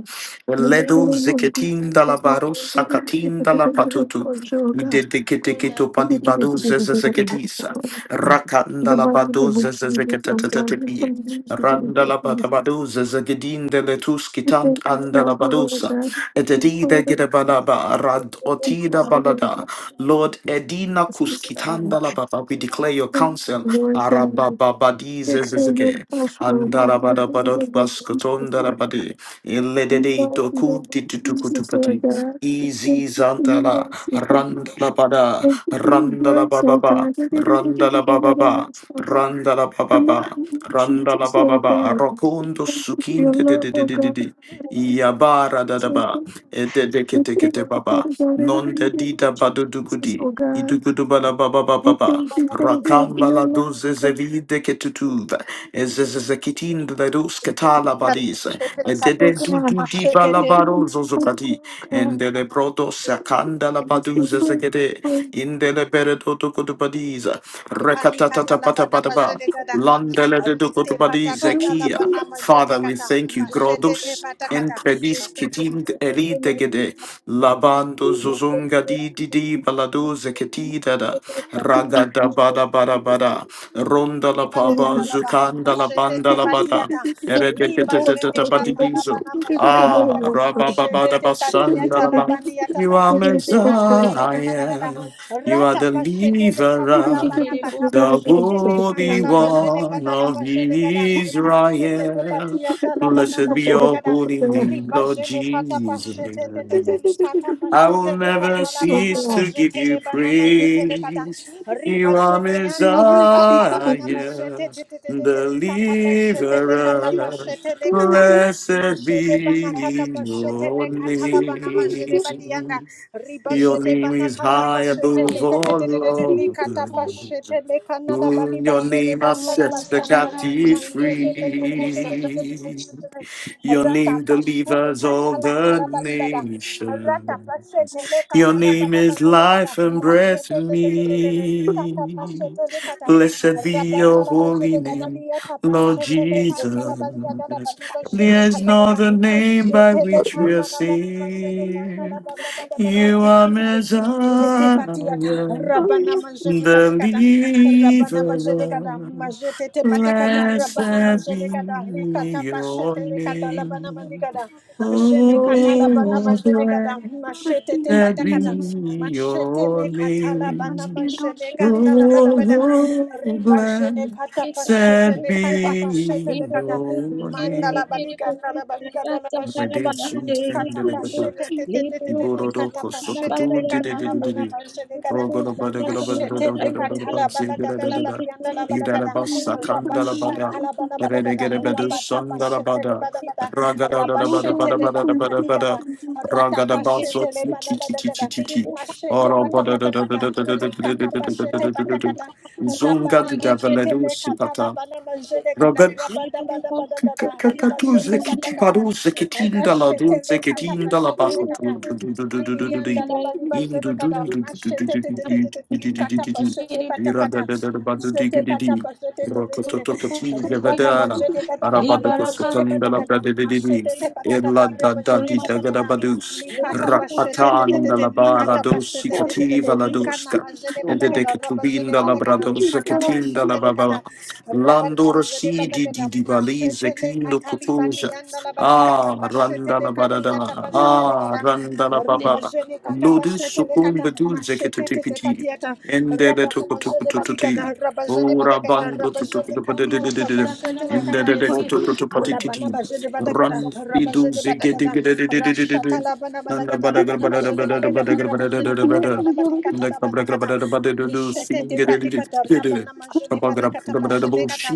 Ledo zeketin dalabaro sakatin dalapatutu. sekunda Dedeketeketo palibado zezezekedisa. Rakandalabado zezezeketetetetepi. Randalabadabado zezegedindeletoskitant andalabadosa. Etedidegedebalaba radotida balada. Lord Edina Kuskitandalababa, we declare your counsel. Arabababadi zezezege. Andarabadabadot baskotondalabade. Iledede doku ditutukutupati. Easy Zantala, Randala Bada, Randala Baba, Randala Baba, Randala Baba, Randala Baba, Rokundo sukin de de de de de de, de, Yabara Dadaba, Edekete Baba, Non de Dida Badudugudi. Idugudu bala baba baba baba rakamba la duze zevide ketutuva Ezezezekitin Bledus Ketala Te Badis, patakata Dede Dudu Di Balabarozo Zocati, and the Lebrodo Sakanda Labaduz Zegede, in the Leberedo Ducutubadiz, Recatata Patapataba, Landele de Ducutubadiz, la Zekia. bana majete Father, we kata thank you, mashete te Grodus. En patakata predis kitim erite gede labando zuzunga di di di balado zeketi dada ragada bada bada bada Ronda de la badeta papa, talaba Zukanda la machete banda te la bada, patiata liba Eredeketeta jene badigizo, katalabana majede Ah, badagada machete Rabababada te basanda patiata la ba. labaniata You are machete le katalabana badagada Messiah, you are rata the pachete le deliverer, katalabana kata the pachete le Holy kanala bajede One gada la of bajede gada machete te Israel. patiata labana Blessed be majede your gada holy name, riba Lord jene kata Jesus. pachete te te te le kata I will pachete le never katalabana cease to give majete le you bana majete le kata praise. Riba You are jeneanda likata Messiah, labana majete te te te te te likata pashete lekata deliverer. pashete lekata Blessed majede bana kata be pashete your lekata labana majede name. badianda riba Your jede name bana is kata high pashete above te te te te te te te all likata others. pashete lekana labali Through your bajede name I ganda set labali the batakata captive majete te te te te te te te te free. te te te te. Your rata name pashete delivers all lekata lana the labali bada Rata nations. pashete le Your kata la name bada is life gada and breath mashete in te te te te te te du kata me. pashete le kata Blessed be your rabana la holy gada name, liata Lord pashete le kana la Jesus. bali gada la bali bazere There's kata no la ba other name by jete le which we are kana la bali bazere gada la saved. bada bada gada You are majete Messiah, patiata rabana majete the patikata rabana majete gada deliverer. majete te patakata rabana Blessed be majete gada likata pashete your likata labana name. manigada jene kata labana Oh, majete gada blessed machete te be patakata machete your ne kata labana name. majete ganda labalabada Oh, riba jene kata pashete blessed le be kata pashete le your Mandala name. baliga ndala baliga dala bashede gada Redemption and the likata Lebeda. pashete te te te te te Iborodo likata pashete leka ndala bana Kosokudu. bashede Zunga gada mashete lekata la balaga dala balia ndala balaga da rabashata la bana balaga da rabata pashete le bana bada kada rabashete le bana baliga da rata pashete le bana balaga da mashete pata pata pata likata pashete pata kada Rabana majete le katala bana majete kada rabada bada bada kada liba Kakatuze jete pata kiti kada paruze kitinda la rashete le duze kata kitinda la pashete le bako kada Madianda la baliba indu jete dundu kada mashete te te te te te te kata pashete kiri pata irada kada da da da badu digi mashete pata digi pashete te te te rokototo te kiti kuski ribana gevadana majete kada la arabada baraba libaraka. jete kosukanda pata la kada brade digi mashete te pata illa kada da reba da jete di da pata gada kada badus Likata pashete te te te rapatanda te la bara likata dosi pashete te te te kativa te la likana doska majede ede de badagada rabajede ketubinda la badagada bradosa likata kitinda pashete lekata la rabana Landor, majede C D D badagada D Bali, mashete zekindo lekata libani kutuza. yanda labalikata Ah, ran pashete dalla bada lekani da. yata pashete Ah, lekata ran dalla papa. ribajene kata Lodus pashete lekata sukumbudu mashete te te zeketepiti. patiata rabana Ndadekuko kutu majede kututi. badigada rabajede Ora badagada bando kutu rabajede kutu kutu. kati yata pashete lekata Ndadekuko kutu kutu La Labana patiti. bajede badagada, Ran bidu rabajede zekede. badagada, rashata labana Ndala badagada, bada labana garbada bajede bada garbada badagada, rabajede badagada, garbada. la Ndakaprebada labanikata, bada lishete te patikata, badadudu. rabana majede banakata Zont pashete kata,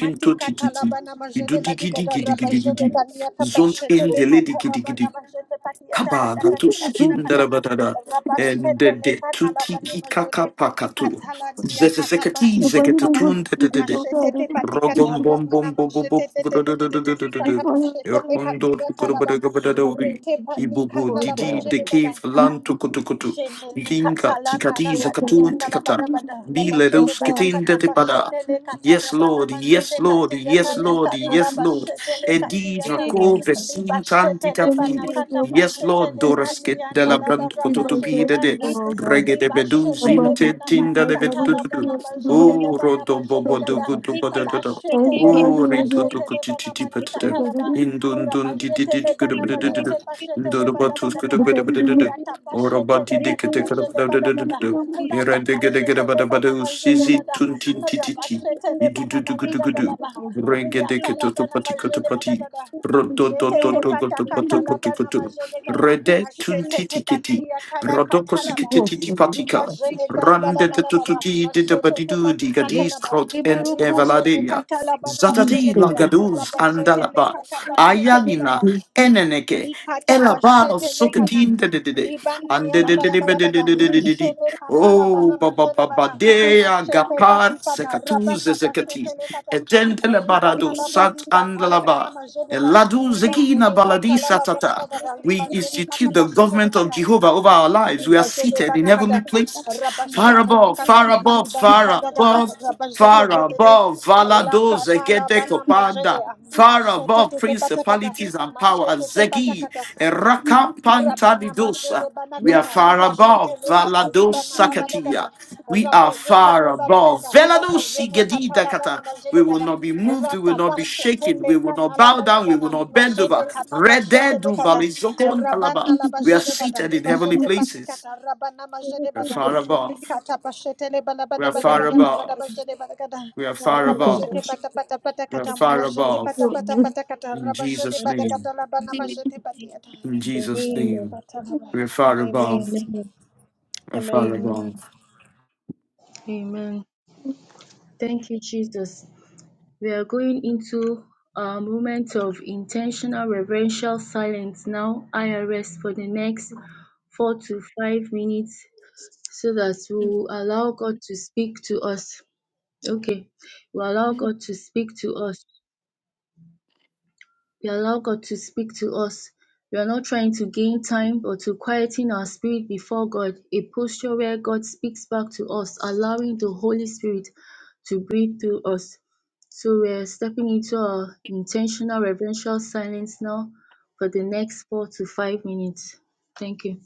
matikata labana majede badigada, rabajede ganiata pashete in the lady lekata, giddy labana giddy. majede patiata Kaba to patakata skin labanakata, darabadada. And the rabashete de lekana labani tutiki kaka majede pakato. panikata laniya kata Zesekati pashete le kata. zeketatun Mashetete patika Rogum bum tarabana bum bum bum majetete tetetetetenika bum tapashete Erkondo bekatia talaba Kurubadagabadadori rete panika Ibubu nalaba Didi the jedegada cave land to kutukutu Jeneli katalana la Tikatiza Katu gadianda la Tikata bada bada la Bile bajede Rus bana Ketinda katapa Tipada shetele katala Yes bana Lord Yes majete Lord katiyata Yes Lord lika na la Yes Lord bashetele Edi katiyata Rako li Vesin Tanti bashetele bana Tapidi katapa Yes Lord shetele Dorasket de kaniyanda la la Brand bara Kototubi bajede de de anda li Regede Bedu bashetele Zinte bana mali Tinda de katala vedutudu bana majetele Ooh, rodo bobo do gada gudu bodo la do do. shetele bana Ooh, ridu do mashetele kuti bana titi mani petete. katala ba Indun dun di di di di gudu bana bodo do do do. majete Indu pashetele do batus gudu bodo bodo do do. Oro ba Ratapashetele di di kete gudu banamajede bodo do do do do badagada. do. Ira de gede gede Ratapashetele bada bada banamajede usizi gada. tun tin titi ti. Rabashetele Idu du du gudu banamanigada gudu. laba. Riata Renge de Riatala keto to pati koto banamajede pati. badagada. Rodo do do Jetete do gudu patakata bodo koto labana koto. majede gada. Rede tun Machete te titi keti. patia Rodoko talakata laba. sikete titi patika. Ribajene ganda Rande laba te tu laba. tu labada. ti ti Mashetete di patikata gadis laba. crot ent Ribajene evaladea. kata labana Zatati majede la gada. gaduz Rabajete le andalaba. kata pashete le Ayalina, gada. Eneneke, Likata Elabar of pashete lekata. Sokatin, de de de de, Libani and de de anda de la de de de de balabada. de de de de. Lishele kata la Oh, bana Baba majele Baba bana. Dea, Mashete Gapar, papikata. Sekatuz, Rabata Zekati, pashete lekata. Edendele Libana Barado, la Sat balikata la bana andalaba Laba, majele gada. Eladu Liba Zekina jene Baladi kata la barabada Satata. gada. We Liba jene kata institute the pashete government of lekata. Jehovah over our lives. We are Liba jene seated in bana heavenly kata. places, far Rabashete above, lekata. far above, Libana far bada gada. above, Rabashete far tetete. above. La Valado kata la Zegede bana majede. Kopanda far Mashete above tete patakata. principalities and Mashete powers. tete Zegi, patakata. Rabana Rakampantalidosa. Bajede We are Banakata far Liba above Shetele Kata Valados Liba Nalabadagada Sakatia. We are Rabajete far above Lebanagada Velados Labajene Katalabana Gedidakata. We Majede will Gada not be moved. We will Rata not be shaken. We Pashetele will not bow down. We Kanalabalibada will not bend over. Majene Kata Pashetele Rededu Kata balizokon Balizokontalaba. Rabana We are Labajede Gada seated in heavenly Libajete places. Patikata Rabana Majede We are Bada far above. Likata Pashetele We Balabada are far Badagada above. Labalabajede Badagada We are far above. Rabajete Pata Pata We are Patakata far Majete above. Pata Pata Patakata In Rabajede Jesus' name. Badagada Labana Majete Patiata In Jesus' name, Amen. we're far above, Amen. we're far Rabana Amen. above. Amen. Thank you, Jesus. We are going into a moment of intentional reverential silence now, IRS, for the next four to five minutes so that we will allow God to speak to us. Okay, we allow God to speak to us. We allow God to speak to us. We are not trying to gain time but to quieten our spirit before God, a posture where God speaks back to us, allowing the Holy Spirit to breathe through us. So we're stepping into our intentional reverential silence now for the next four to five minutes. Thank you.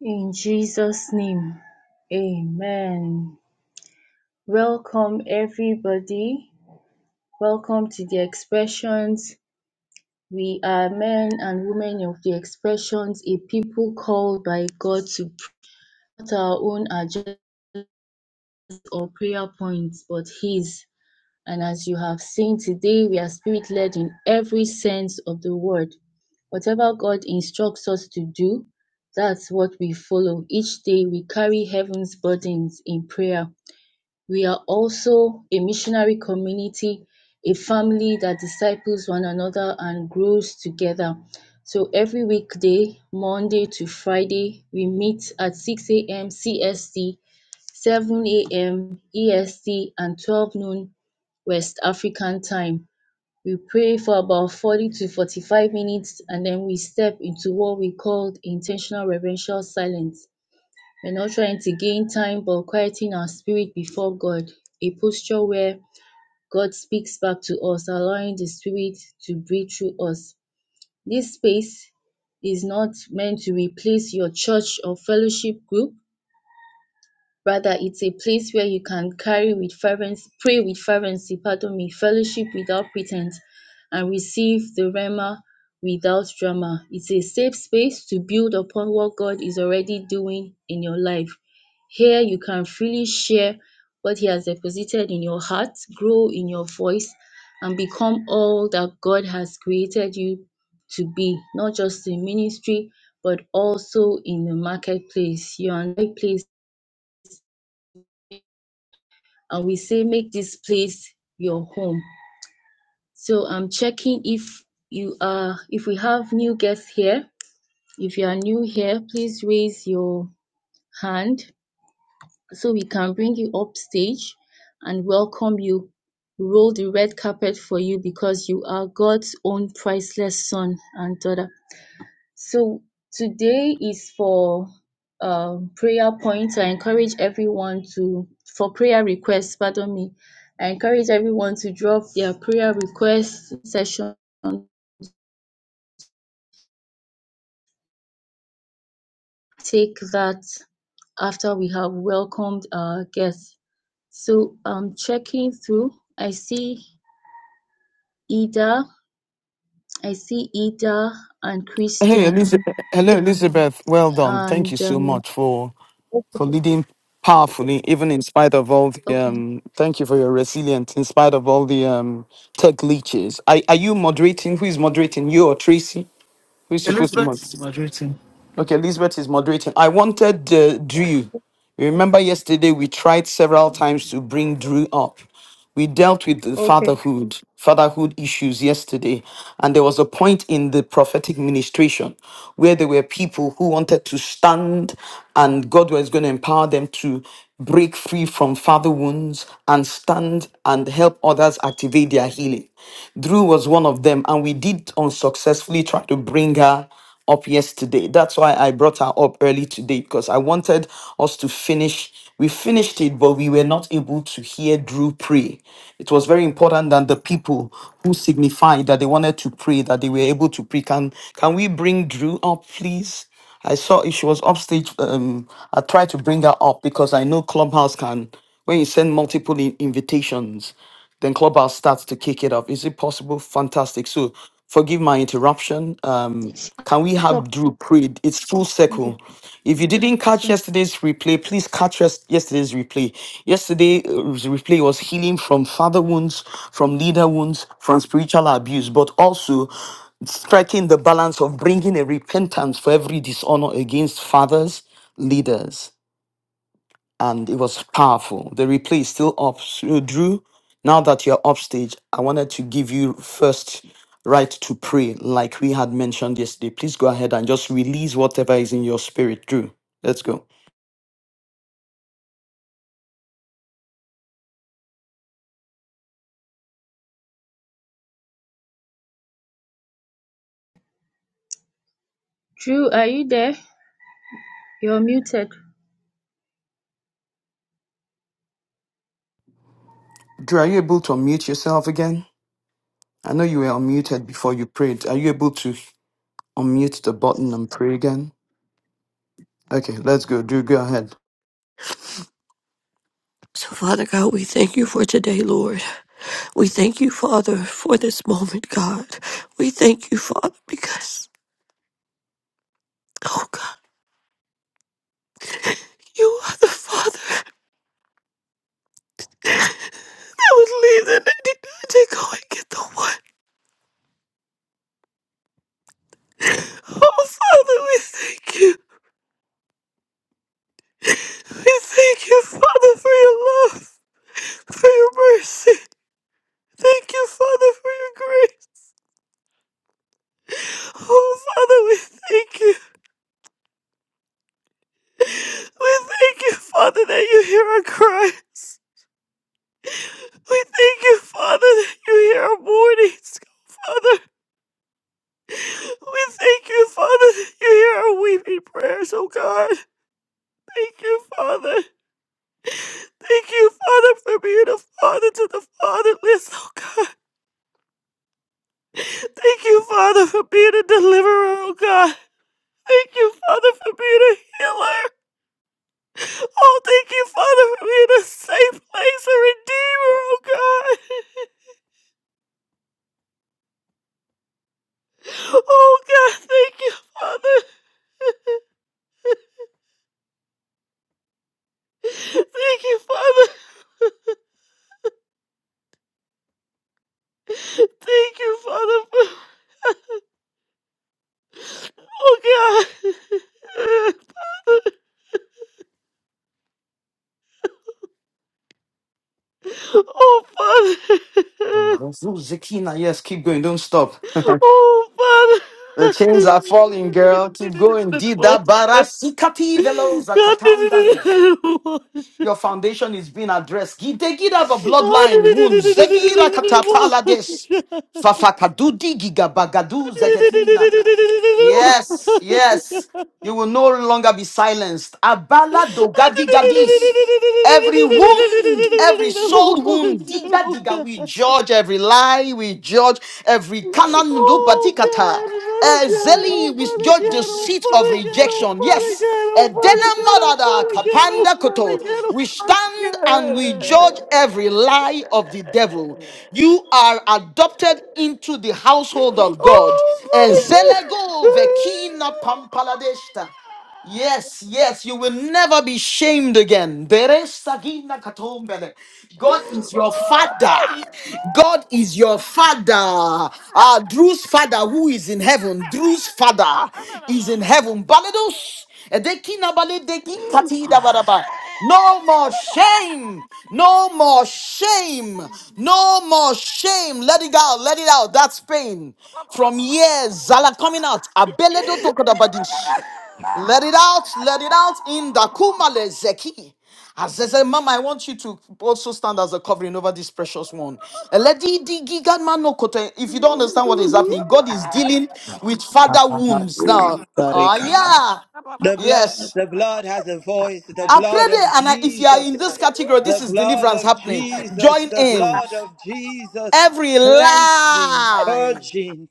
In Jesus' name, amen. Welcome, everybody. Welcome to the expressions. We are men and women of the expressions, a people called by God to not our own agendas or prayer points, but His. And as you have seen today, we are spirit led in every sense of the word. Whatever God instructs us to do, that's what we follow. Each day we carry heaven's burdens in prayer. We are also a missionary community, a family that disciples one another and grows together. So every weekday, Monday to Friday, we meet at 6 a.m. CST, 7 a.m. EST, and 12 noon West African time. We pray for about 40 to 45 minutes and then we step into what we call intentional reverential silence. We're not trying to gain time but quieting our spirit before God, a posture where God speaks back to us, allowing the Spirit to breathe through us. This space is not meant to replace your church or fellowship group. Rather, it's a place where you can carry with fervency, pray with fervency, pardon me, fellowship without pretense, and receive the Rhema without drama. It's a safe space to build upon what God is already doing in your life. Here, you can freely share what He has deposited in your heart, grow in your voice, and become all that God has created you to be, not just in ministry, but also in the marketplace. You are in the right place and we say make this place your home so i'm checking if you are if we have new guests here if you are new here please raise your hand so we can bring you up stage and welcome you roll the red carpet for you because you are god's own priceless son and daughter So today is for um, prayer point. I encourage everyone to for prayer requests. Pardon me. I encourage everyone to drop their prayer request session. Take that after we have welcomed our guests. So I'm checking through. I see Ida. I see Ida and Hey, Christian. Elizabeth. Hello, Elizabeth. Well done. Thank you And so um, much for for leading powerful in spite of all the okay, um thank you for your resilience in spite of all the um tech leeches. Are, are you moderating? Who is moderating? You or Tracy? Who's supposed to Elizabeth mod? is graduating. Okay, Elizabeth is moderating. I wanted uh, Drew. Remember yesterday we tried several times to bring Drew up. We dealt with the okay, fatherhood, fatherhood issues yesterday, and there was a point in the prophetic ministration where there were people who wanted to stand, and God was going to empower them to break free from father wounds and stand and help others activate their healing. Drew was one of them, and we did unsuccessfully try to bring her up yesterday. That's why I brought her up early today because I wanted us to finish. We finished it, but we were not able to hear Drew pray. It was very important that the people who signified that they wanted to pray, that they were able to pray. Can can we bring Drew up, please? I saw if she was upstage. Um, I tried to bring her up because I know Clubhouse can. When you send multiple in- invitations, then Clubhouse starts to kick it up. Is it possible? Fantastic. So, forgive my interruption. Um, can we have Drew prayed? It's full okay. circle. If you didn't It's catch fine. yesterday's replay, please catch yes- yesterday's replay. Yesterday's replay was healing from father wounds, from leader wounds, from spiritual abuse, but also striking the balance of bringing a repentance for every dishonor against fathers, leaders, and it was powerful. The replay is still up. So, Drew, now that you're upstage, I wanted to give you first right to pray, like we had mentioned yesterday. Please go ahead and just release whatever is in your spirit, Drew. Let's go. Drew, are you there? You're muted. Drew, are you able to unmute yourself again? I know you were unmuted. Are you, are you able to unmute the button and pen? Okay. head. So, Father God, we thank you for today, Lord. We thank you, Father, for this moment, God. We thank you, Father, because, oh God, you are the Father that would leave the 99 to go and get the one. Oh, Father, we thank you. We thank you, Father, for your love, for your mercy. Thank you, Father, for your grace. Oh, Father, we thank you. We thank you, Father, that you hear our cries. We thank you, Father, that you hear our mournings, Father. We thank you, Father, that you hear our weeping prayers, oh God. Thank you, Father. Thank you, Father, for being a father to the fatherless, oh God. Thank you, Father, for being a deliverer, oh God. Thank you, Father, for being a healer. Oh, thank you, Father, for being a safe place, a redeemer, oh God. Oh God, thank you, Father. Thank you, Father. Thank you, Father. for- Oh, God. (laughs) Oh, Father. Zekina, yes, keep going. Don't stop. (laughs) Oh, Father. The chains are falling, girl. Keep going. Dida bara sikati velo Your foundation is being addressed. Gidegida ba bloodline wounds. Zegira katapalades. Fafakadudi gigabagadu zeketina. Yes, yes. You will no longer be silenced. Abala dogadi gadis. Every wound, every soul wound, diga diga, we (laughs) God. judge every lie, we judge every kanan do Oh patikata. God! What a God! Oh Zeli we what a judge the God! Oh seat what of God! Oh rejection. what Yes, God! Oh what Edena God! marada Oh kapanda what God! Oh what koto. God! Oh We what stand and we judge God! (laughs) every lie of the devil. You are adopted into the household of God. Oh what a God! Ezelego Oh vekina pampaladeshta. Yes, yes, you will never be shamed again. Bere sagina katombele. God is your father. God is your father. Uh, Drew's father, who is in heaven, father. No, hmm, from. Let it out, let it out in the Kumale Zeki. As I said, Mama, I want you to also stand as a covering over this precious one. Eledi di giga mano kote. If you don't understand what is happening, God is dealing with father wounds really. now. Oh, yeah. The blood, Yes. the blood has a voice. The I pray blood that, of and I- if you are Jesus, in this category, the this is blood deliverance of happening. Jesus, Join the in. blood of Jesus, Every cleansing, lie, purging,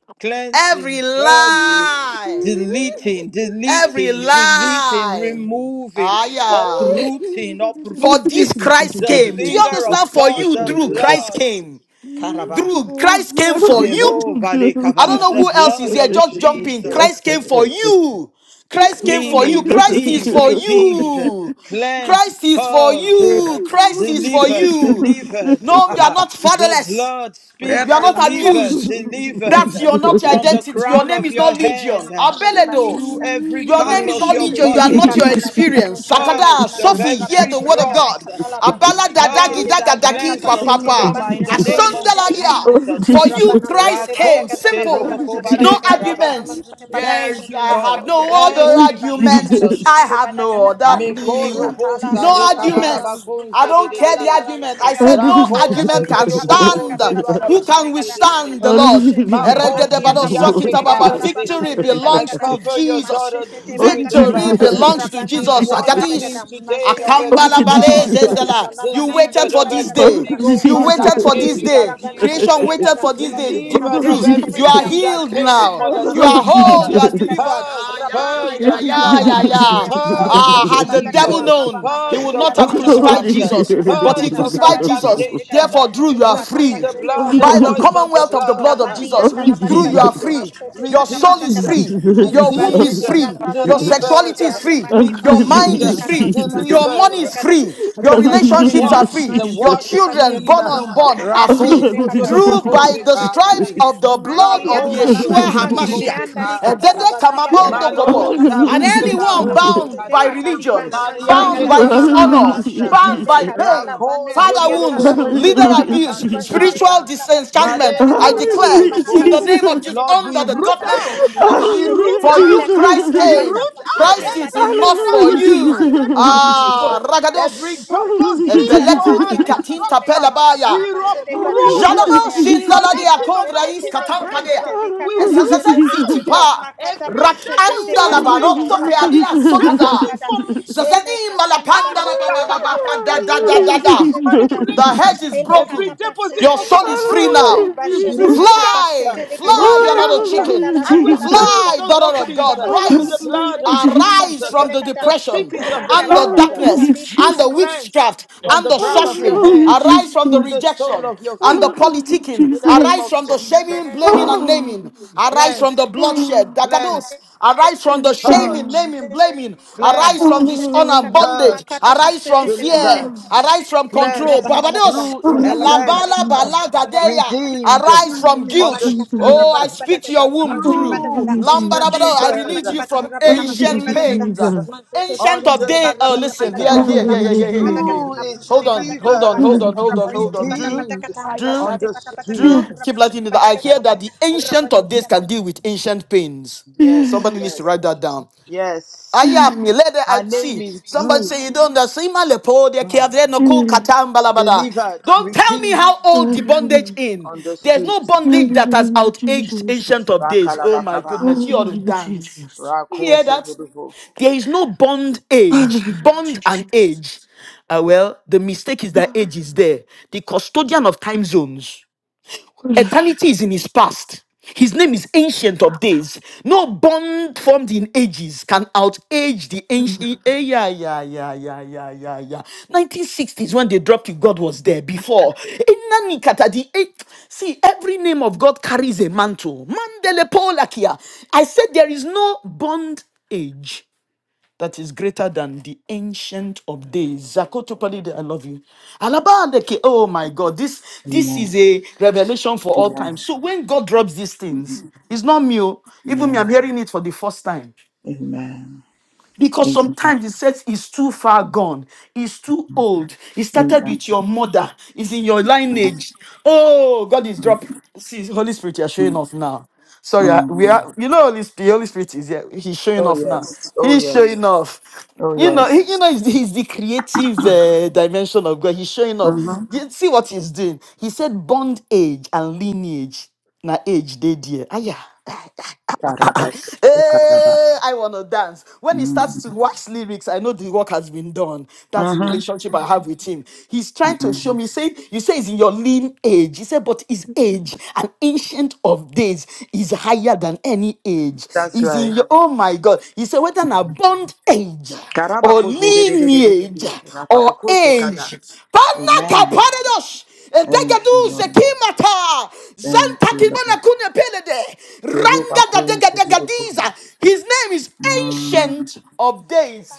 every cleansing, purging, lie, deleting, every deleting, deleting, lie. removing, Ah, yeah. God! uprooting, Oh God! For this uprooting. Christ Oh The came. Do you finger understand? of For God, you, the Drew, Christ blood. came. Karaba. Drew, Christ came for you. Zero vale I don't kaba. know The who else is blood here. of Just jump in. Jesus Christ came for you. Christ came for you. screaming, Christ is redeemed, God! for redeemed, you. cleansed, Christ is for purged, Yes, you. Christ Oh is for delivered, God! you. Oh God! delivered. No, you are not (laughs) the fatherless. blood You speaks, are Oh Jesus, Jesus, oh not delivered, Jesus, abused. That's delivered your not your from the identity. Your crown name of is your not head Legion. Abeledo. through every Your part name is of not your Legion. You are not your body, experience. Sakada, purged of Sophie, hear every the word of God. dross, Abala dadaki purged and dagadaki cleansed of papapa. trauma in the name of Asundaladia. Jesus. For you, Christ came. Rakose Simple. No robokobale karaba. arguments. Thank There's, you, I have Lord. no other Thank you, arguments. I Jesus. have no other plea. No Mekorobosa arguments. I rekabalabakonze de don't de de care the de. argument. I said no Rakoso argument can stand. diolobokonze Who rande can kanze de de de. withstand the Lord? Machete te Makosu Eregedebado paniata rianke sokita pajede baba. kanala bana kase. Victory majede I belongs badagada. to cover your Jesus. daughter Machete te oh Jesus, oh Drew in the patakata. Jesus, Victory blood. belongs to Rabana She's Jesus. majede washed clean Agadis. badagada. today of Machete oh every Akambala panakata Jesus, bale dross, pajede uh, gada. zendala. You Labana waited delivered majede for of this badagada. day. everything, oh Machete You God, waited that patakata. for came this with day. Rabana abuse, Creation uh, majede waited gada. for this Liba day. jede G- kata delivered oh of Drew, pajete le you are kata. everything that healed Mani came with now. kanala You bana are molestation, badianda whole. You la Jesus, are delivered. badigada. purged, Ah, yeah, Rabajede purged yeah, this of ganda la yeah, bana yeah, trauma, majede. yeah. purged Machete of Ah, te had the devil patakata. evil, known, Rabana he purged would majede of not have badagada. crucified witchcraft, Machete Jesus. te But he purged patakata. of crucified Rabana Jesus. majede gada. contamination. Therefore, Drew, you are We Likata plead free the pajede blood, the by the badagada. voice of the commonwealth of the La blood of blood, bani Jesus. yanda la bali Through you bada are redeemed, free. mashete Your pata soul pata redeemed, is kata free. is Your riba so womb redeemed, is jene free. ganda la Your bana majete sexuality is ya delivered, free. mati Your pashete redeemed, mind te Hallelujah, is kata free. riba na Your Jesus. money delivered, majete is gada free. Your riba jene relationships are gada Hallelujah, Jesus. washed, free. Your mashete te washed pati ya children, clean. born and unborn, kata are Hallelujah, free. pashete Rakos le of Jesus. your kata local Through rabana na by convict, the majete Rakos gada stripes of the blood mani of yanda la of your Yeshua bani local Hallelujah, majene Hamashiach. convict, yanda li Jesus. kata la Edede baraba da kamabondo bade gada Malo kopo. raba And jene Hallelujah, Zarube kata Jesus. la anyone Hose mashete bound te by Cade, kata liba religion, na majete Oh, bound Mariande gada by dishonor, hallelujah, Cavarabahanda, bound Rabashetele by Jesus. katala pain, Rakos of banani father your local yatala wounds, bana convict, leader kadala Rande Hallelujah, Jesus. Hallelujah, abuse, bariba jede Jesus. Kansekaya, spiritual ganala bajede disenchantment. badagada I Malekos of declare rabajede your Hallelujah, in banakata the local. name of Jesus. Jesus, pashetele Lord, we under the root banamagada government of out. We Jehovah, mashete root Hallelujah, te for out, you pataka da Christ we Jesus. rabata came. root out pashete Christ is patika everything enough da that for Hallelujah, was rabana Jesus. you. majede planted for gada Ah, evil, rata every ragados. pashetele kata double Hallelujah, seed mandala for ebeleku bani her ni yata katinta pajede destruction. gada We rabana pelabaya. majede ganala uproot uh, Jalaba bajede ya in shindaladia riba collective jete kondraris te anointing te and te te te grace. katampadea. uh, te We likata root pashete Jesus. Hallelujah, Jesus. te Esazazensi te te out te uh, tipa. makata every pashete te Rakanda deposit for patiata labaroto Hallelujah, witchcraft, uh, rabana pealia majede sotada. deposit badagada for, Jesus. for Hele Zazani katala malapanda bana la la ba ba ba Aredakaba, ba shetele ba da da every katala da da Hallelujah, bana deposit da. for majede gadam. The manipulation, hedge Jesus. is Ele every broken. katapa deposit Your for shetele soul kata is free control uh, now. Hallelujah, riba is jene Jesus. rooted katapa out, uh, Fly, shetele kata fly, rooted you're not a Oh, out. mati uh, chicken. yanda hallelujah, la And we gadala la Jesus. fill baliba Fly, those daughter jede of ganda openings la God, uh, Oh, balaba with da the rise, liba hallelujah, blood jene of Jesus. katapa arise Jesus, uh, from shetele the kata the depression speakers of the mata and ta the ta blood, ta uh, ta ta darkness Hallelujah, li and through the Jesus. cleansed witchcraft from and the the crown of your sorcery. head Hallelujah, Arise from the to Jesus. the sole rejection of your and the feet. Hallelujah, politicking. In the name Arise Jesus. of from the ma Jesus, shaming, blaming, and naming. Arise cleanse, from the Oh, bloodshed. cleanse, Dakados. Arise from the shaming, purge, naming, blaming. shetele li Arise katapa cleanse from dishonor shetele and kata bondage. makata touched, pa Arise from shetele fear. delivered, Arise from control. cleansed. Rapanabadakata, Barbados. Drew is cleansed, Elabala Rapashidibadakata, balagadeya. redeemed, Rapashidibadakata, Arise from guilt. Mastidibadakata, understood. Oh, I speak to your Rapadibadakata, womb, Drew. Rapashidibadakata, Drew is Lambarabado, I delivered, release you Mashitibadakata, from ancient Rapanamashidibadakata, redeemed, pains. Ancient of Mastitipashitiliba, days. Oh, understood. listen, here, Rapadabadakata, here, here, here, here, here, here. here. Lapashidibadakata, Drew is Hold on, Lapashidibadakata, hold on, Lapa, delivered, hold on, hold on, hold on. Drew, redeemed, Rapashitipatabadakata, Drew, Mashitipatapatakata, understood. Drew, keep letting it. I Rapashidibadakata, hear that the ancient of days Lapa, can deal with ancient pains. Yes, Somebody needs to yes, write that down. I yes. am you let I Her name see. is Somebody Drew. say you don't know. See my lepo de Mm. kiavre no cool katam balabada. Delivered, Don't tell me redeemed, how old the bondage in. There's understood. no bondage that has outaged ancient of days. Oh my Rakalabakaba. goodness, you ought to dance. You Rakun hear so that? beautiful. There is no bond age, bond and age. Ah well, the mistake is that age is there. The custodian of time zones. Eternity is in his past. His name is Ancient of Days. No bond formed in ages can outage the ancient. Eh, eh, yeah, yeah, yeah, yeah, yeah, yeah, yeah. 1960s, when they dropped you, God was there before. Eh, nani kata di- eh, See, every name of God carries a mantle. Mandele Polakia. I said there is no bond age that is greater than the ancient of days. Zakoto I love you. Alabandeke, oh my God, this this Amen. is a revelation for all time. Amen. So when God drops these things, it's not me. oh. Even me, I'm Amen. hearing it for the first time. Amen. Because Amen. sometimes it says it's too far gone, it's too old, it started Amen. with your mother, it's in your lineage. Oh, God is dropping. See, Holy Spirit, you're showing off now. Sorry, I- we Mm. are, you know, Holy Spirit, Holy Spirit is here. He's showing Oh off now. yes. Oh He's yes. showing off. Oh You know, yes. he, you know, he's, he's the creative uh, dimension of God. He's showing off. Mm-hmm. You see what he's doing? He said, bond age and lineage. Now, age, they dear. Ah, yeah. (laughs) Karaba. Karaba. Hey, I want to dance. When he starts Mm. to wax lyrics, I know the work has been done. That's the Mm-hmm. relationship I have with him. He's trying to show me, say, you say he's in your lean age. He said, but his age, an ancient of days, is higher than any age. That's He's in right. your, oh my God. He said, whether an bond age Karaba or kose de de de de de de. lineage de. Rakwa or kose kada. age. Amen. Panakaparedos. Thank you, Edegedu Lord. zekimata. Thank Zanta you, kibana Lord. kunya pelede. Teruba Ranga da kun dega so dega beautiful. diza. His name is Mm. Ancient of Days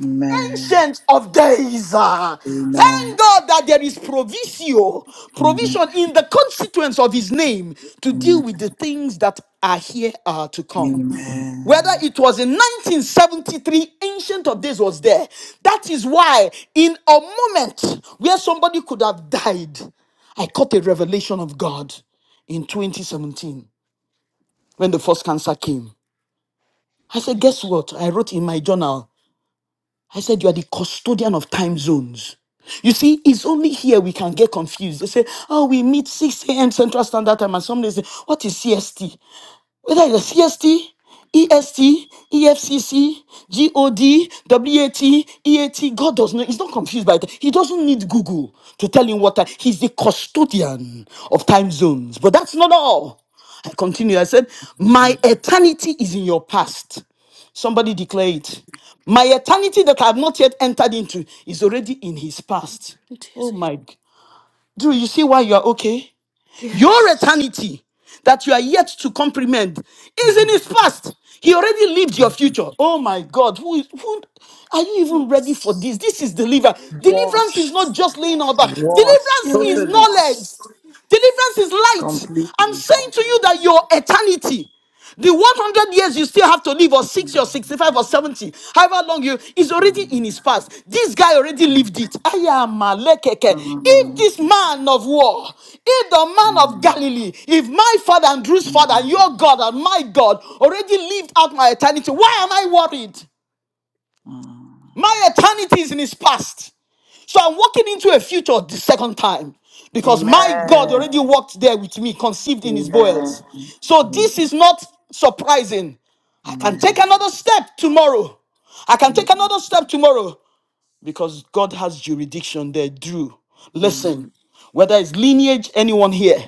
Amen. ancient of days. ah. Amen. Thank God that there is provisio, Amen. provision in the constituents of his name to deal Amen. with the things that are here are to come. Amen. Whether it was in 1973, Ancient of Days was there. That is why, in a moment where somebody could have died, I caught a revelation of God in 2017 when the first cancer came. I said, Guess what? I wrote in my journal. I said, You are the custodian of time zones. You see, it's only here we can get confused. They say, Oh, we meet 6 a.m. Central Standard Time, and some days, say, What is CST? whether it's CST, EST, GOD, does not, he's not confused by that. He doesn't need Google to tell him what time. He's the custodian of time zones. But that's not all. I continue. I said, My eternity is in your past. Somebody declare it. My eternity that I have not yet entered into is already in his past. Oh my. g- do you see why you are okay? Your eternity that you are yet to comprehend is in his past. He already lived your future. Oh my God, who is who are you even ready for this? This is deliverance. Deliverance is washed, not just laying on back, washed deliverance is totally, knowledge, deliverance is light. I'm completely. saying to you that your eternity. The 100 years you still have to live, or 60 or 65 or 70, however long you is already in his past. This guy already Mm, lived it. Ayamalekeke. If mm, this man of war, if the man of Galilee, if my father and Drew's father and mm, your God and my God already lived out my eternity, why am I worried? mm. My eternity is in his past. So I'm walking into a future the second time because my God Amen. already walked there with me, conceived in his Amen. boils. So Amen. this is not surprising. I can take Amen. another step tomorrow. I can Mm, take another step tomorrow because God has jurisdiction there. Drew, listen, whether it's lineage, anyone here,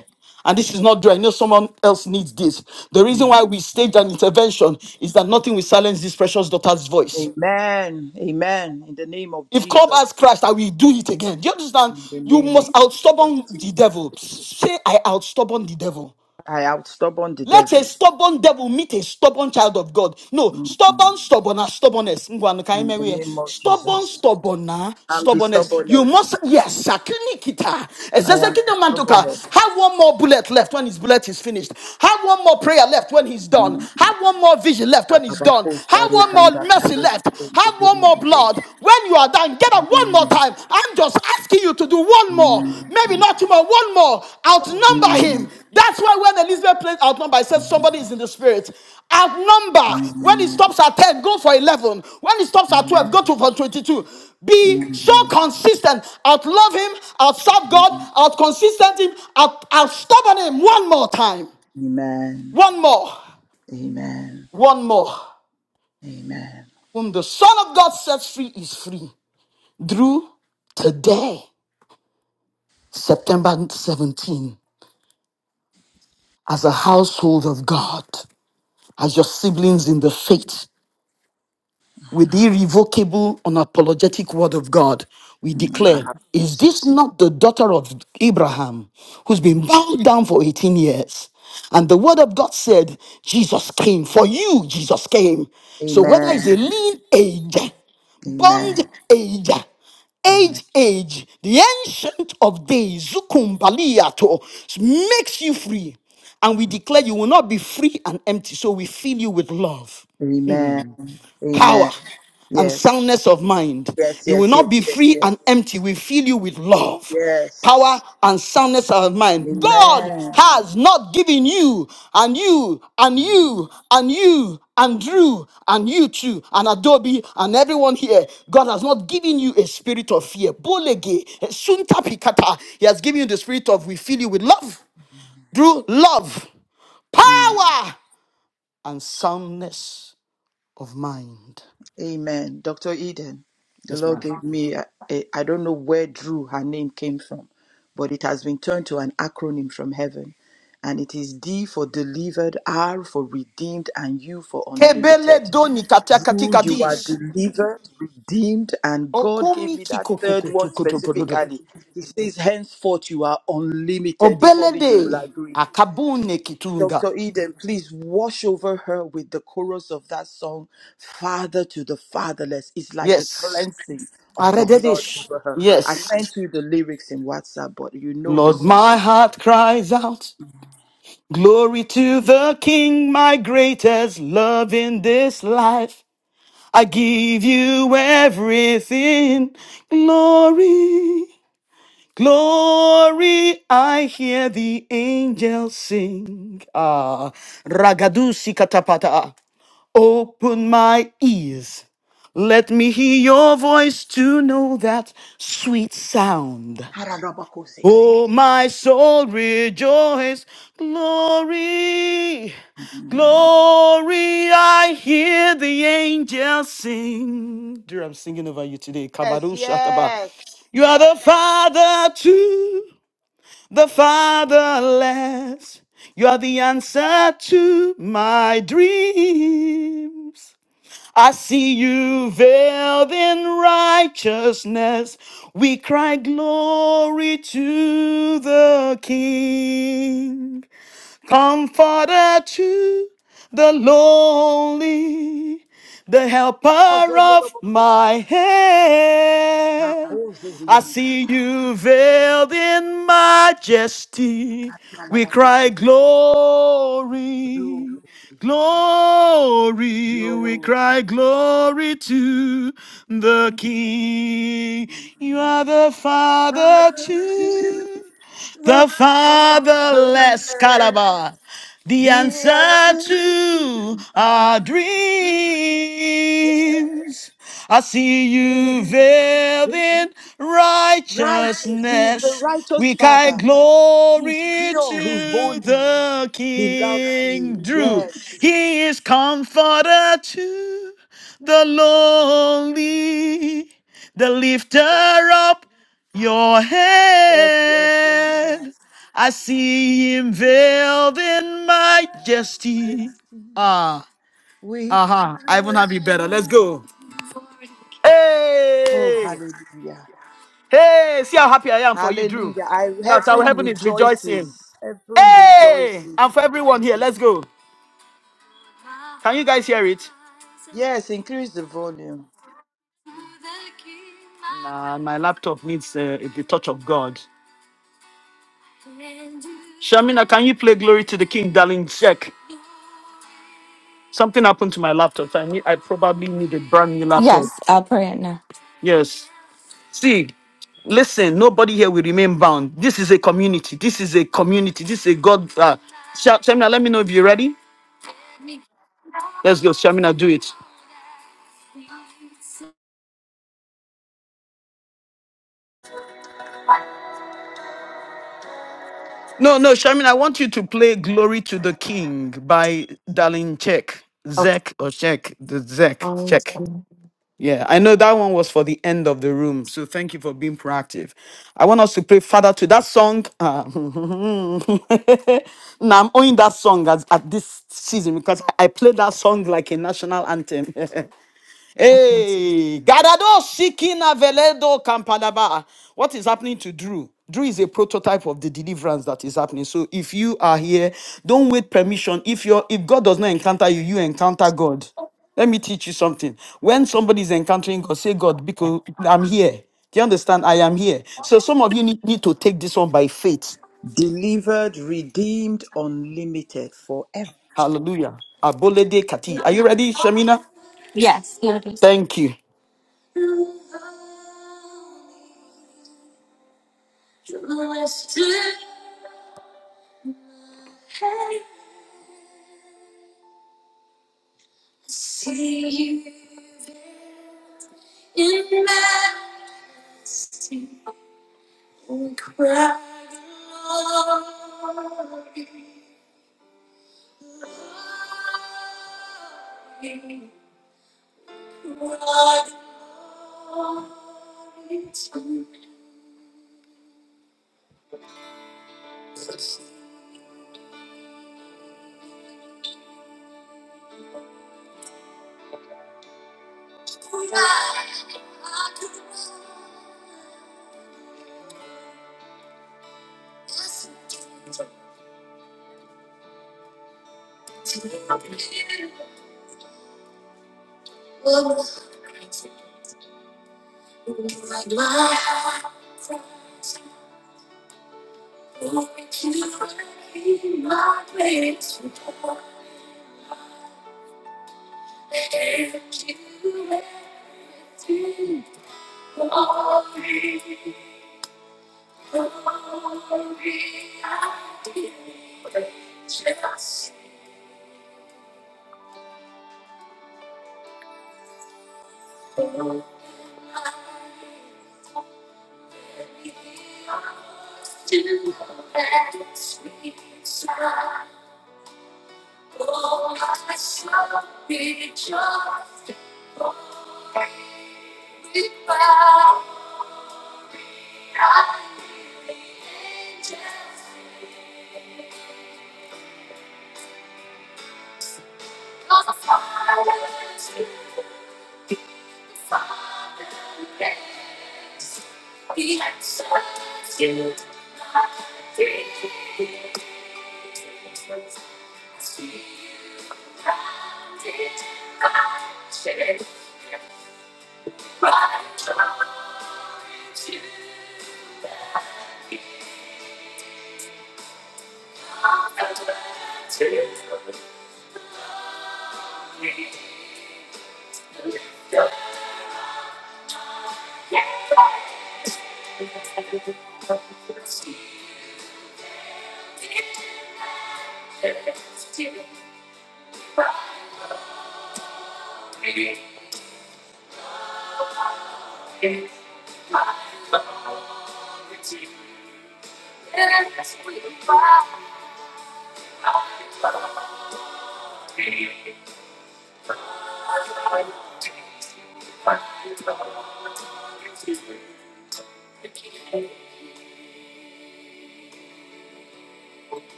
and this is not Drew, I know someone else needs this. The reason mm. why we staged an intervention is that nothing will silence this precious daughter's voice. Amen. Amen. In the name of If Jesus. Clubhouse crashed, I will do it again. Do you understand? In the You name of must Jesus. outstubborn the devil. Say, I outstubborn the devil. I outstubborn the Let a devil. stubborn devil meet a stubborn child of God. No, Mm, stubborn, stubborn, ah, stubbornness. Ngwanu ka In ime the wie. name of Stubborn, Jesus. stubborn, ah, I'm the stubbornness. You stubbornness. must, yes, sakini kita. I am the Ezekina mantuka. stubbornness. Have one more bullet left when his bullet is finished. Have one more prayer left when he's done. Have one more vision left when he's done. Karabako, Have Sare, one more Kanda, mercy Karo, left. Kundo, Have one more Kundo, Kundo. blood. When you are done, get up one more time. I'm just asking you to do one more. Maybe not tomorrow, one more. Outnumber him. That's why when Elizabeth plays outnumber, I said somebody is in the spirit. Outnumber. When it Mm, stops at 10, go for 11. When it stops at 12, go to for 22. Be mm. so consistent. Outlove him, outserve God, outconsistent him, out, outstubborn him one more time. Amen. One more. Amen. One more. Amen. Whom the Son of God sets free is free. Drew today, September seventeenth, as a household of God, as your siblings in the faith, with the irrevocable, unapologetic word of God, we declare, Is this not the daughter of Abraham who's been bound down for 18 years? And the word of God said, Jesus came. For you, Jesus came. So whether it's a Amen. lean age, Amen. bond age, Amen. age, age, the ancient of days, Zukumbaliato, makes you free. And we declare you will not be free and empty. So we fill you with love Amen. power Amen. and Yes. soundness of mind. Yes. You will Yes. Yes. not be Yes. free and Yes. empty. We fill you with love, Yes. power, and soundness of mind. God Amen. has not given you, and you, and you, and you, and Drew, and you too, and Adobe, and everyone here. God has not given you a spirit of fear. Bolege, suntapikata. He has given you the spirit of we fill you with love. Drew, love, Mm. power, and soundness of mind. Amen. Dr. Eden, the Yes, Lord ma'am. gave me, a, a, I don't know where Drew, her name came from, but it has been turned to an acronym from heaven. And it is D for delivered, R for redeemed, and U for Kebele unlimited. doni you, you are katakatigadis. delivered, redeemed, and God gave Okomi me that third one kikokokotokotokodo. specifically. He says, henceforth you are unlimited, if only Obelede you will agree. akabune kitunga. Dr. Eden, please wash over her with the chorus of that song, Father to the Fatherless. It's like the Yes. cleansing of the blood Arededish. over her. I Yes. sent you the lyrics in WhatsApp, but you know the Lord, song. my heart cries out. Glory to the King, my greatest love in this life. I give you everything. Glory. Glory, I hear the angels sing. Ah, ragadusi katapata. Open my ears. Let me hear your voice to know that sweet sound. Oh, my soul rejoice. Glory, I hear the angels sing. Dear, I'm singing over you today. Yes, Kabaru Shataba. yes. You are the Father too. the fatherless. You are the answer to my dreams. I see you veiled in righteousness. We cry glory to the King. Comforter to the lonely, the helper Glory, of my head. I see you veiled in majesty. We cry glory, glory. We glory. cry glory to the King. Father to the Fatherland, the icon to my dreams. yes, he's righteous. He's the righteous Father. He's pure. He's holy. He loves you. Yes, Only the lifter Father. up your Yes, yes, yes, head. yes. I see him veiled in majesty. Ah, We aha! I even cry. have it better. Let's go. Oh, Hey, hallelujah. hey, see how happy I am for you, Drew. Hallelujah. I, That's how heaven heaven is rejoicing. rejoices. Heaven Hey, and rejoices. for everyone here, let's go. Can you guys hear it? Yes, increase the volume. Nah, my laptop needs uh, the touch of God. Shamina, can you play Glory to the King, darling? Check. Something happened to my laptop. so I need, I probably need a brand new Yes, laptop. I'll pray it now. Yes. See, listen, nobody here will remain bound. This is a community. This is a community. This is a God. Uh, Sha- Shamina, let me know if you're ready. Let's go, Shamina. Do it. No, no, Shamina. I want you to play "Glory to the King" by Darlene Check, Zek or Check, the Zek Check. Yeah, I know that one was for the end of the room. So thank you for being proactive. I want us to pray Father to that song. Uh, (laughs) now I'm owning that song as, at this season because I I play that song like a national anthem. Hey, Gadado Shikina Veledo Kampadaba. What is happening to Drew? Drew is a prototype of the deliverance that is happening. So if you are here, don't wait permission. If you're if God does not encounter you, you encounter God. Let me teach you something. When somebody is encountering God, say, God, because I'm here. Do you understand? I am here. So some of you need, need to take this one by faith. Delivered, redeemed, unlimited forever. Hallelujah. Abolede Kati. Are you ready, Shamina? Yes, here it is. Thank you.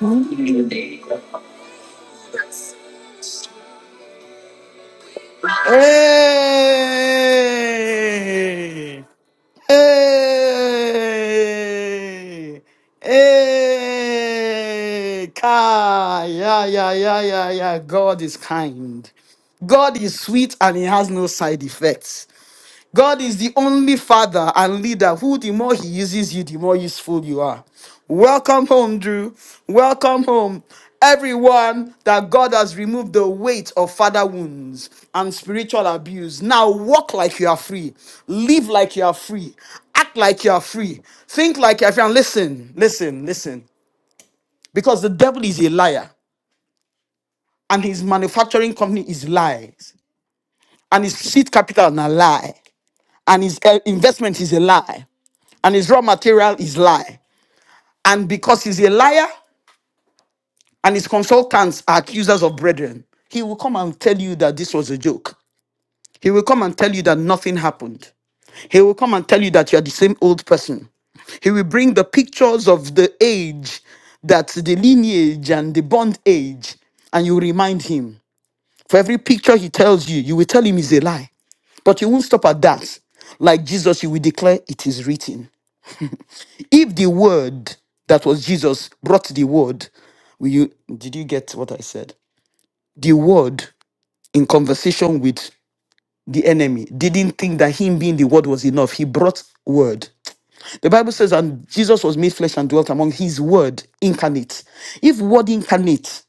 Mhm. Hey! Hey! Hey! Kai! Yeah, yeah, yeah, yeah, yeah. God is kind. God is sweet and he has no side effects. God is the only father and leader who, the more he uses you, the more useful you are. Welcome home, Drew. Welcome home, everyone that God has removed the weight of father wounds and spiritual abuse. Now walk like you are free, live like you are free, act like you are free, think like you are free. And listen, listen, listen, because the devil is a liar and his manufacturing company is lies and his seed capital is a lie and his eh, investment is a lie and his raw material is lie. And because he's a liar and his consultants are accusers of brethren, he will come and tell you that this was a joke. He will come and tell you that nothing happened. He will come and tell you that you are the same old person. He will bring the pictures of the age, that the lineage and the bond age, and you remind him. For every picture he tells you, you will tell him is a lie. But you won't stop at that. Like Jesus, you will declare it is written. If the word that was Jesus brought the word. You did you get what I said? The word in conversation with the enemy didn't think that him being the word was enough. He brought word. The Bible says, and Jesus was made flesh and dwelt among his word incarnate. If word incarnate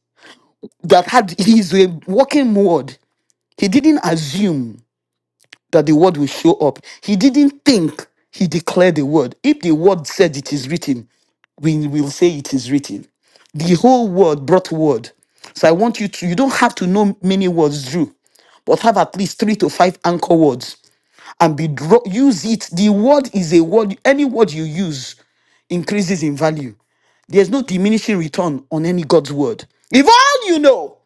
that had his a walking word, he didn't assume that the word will show up. He didn't think he declared the word. If the word said it is written, he will say it. is. The whole word brought word. don't have to know many words, Drew, but have at least three to five anchor words and be dro- use it. The word is a word. Any word you use increases in value. There's no diminishing return on any God's word. If all you know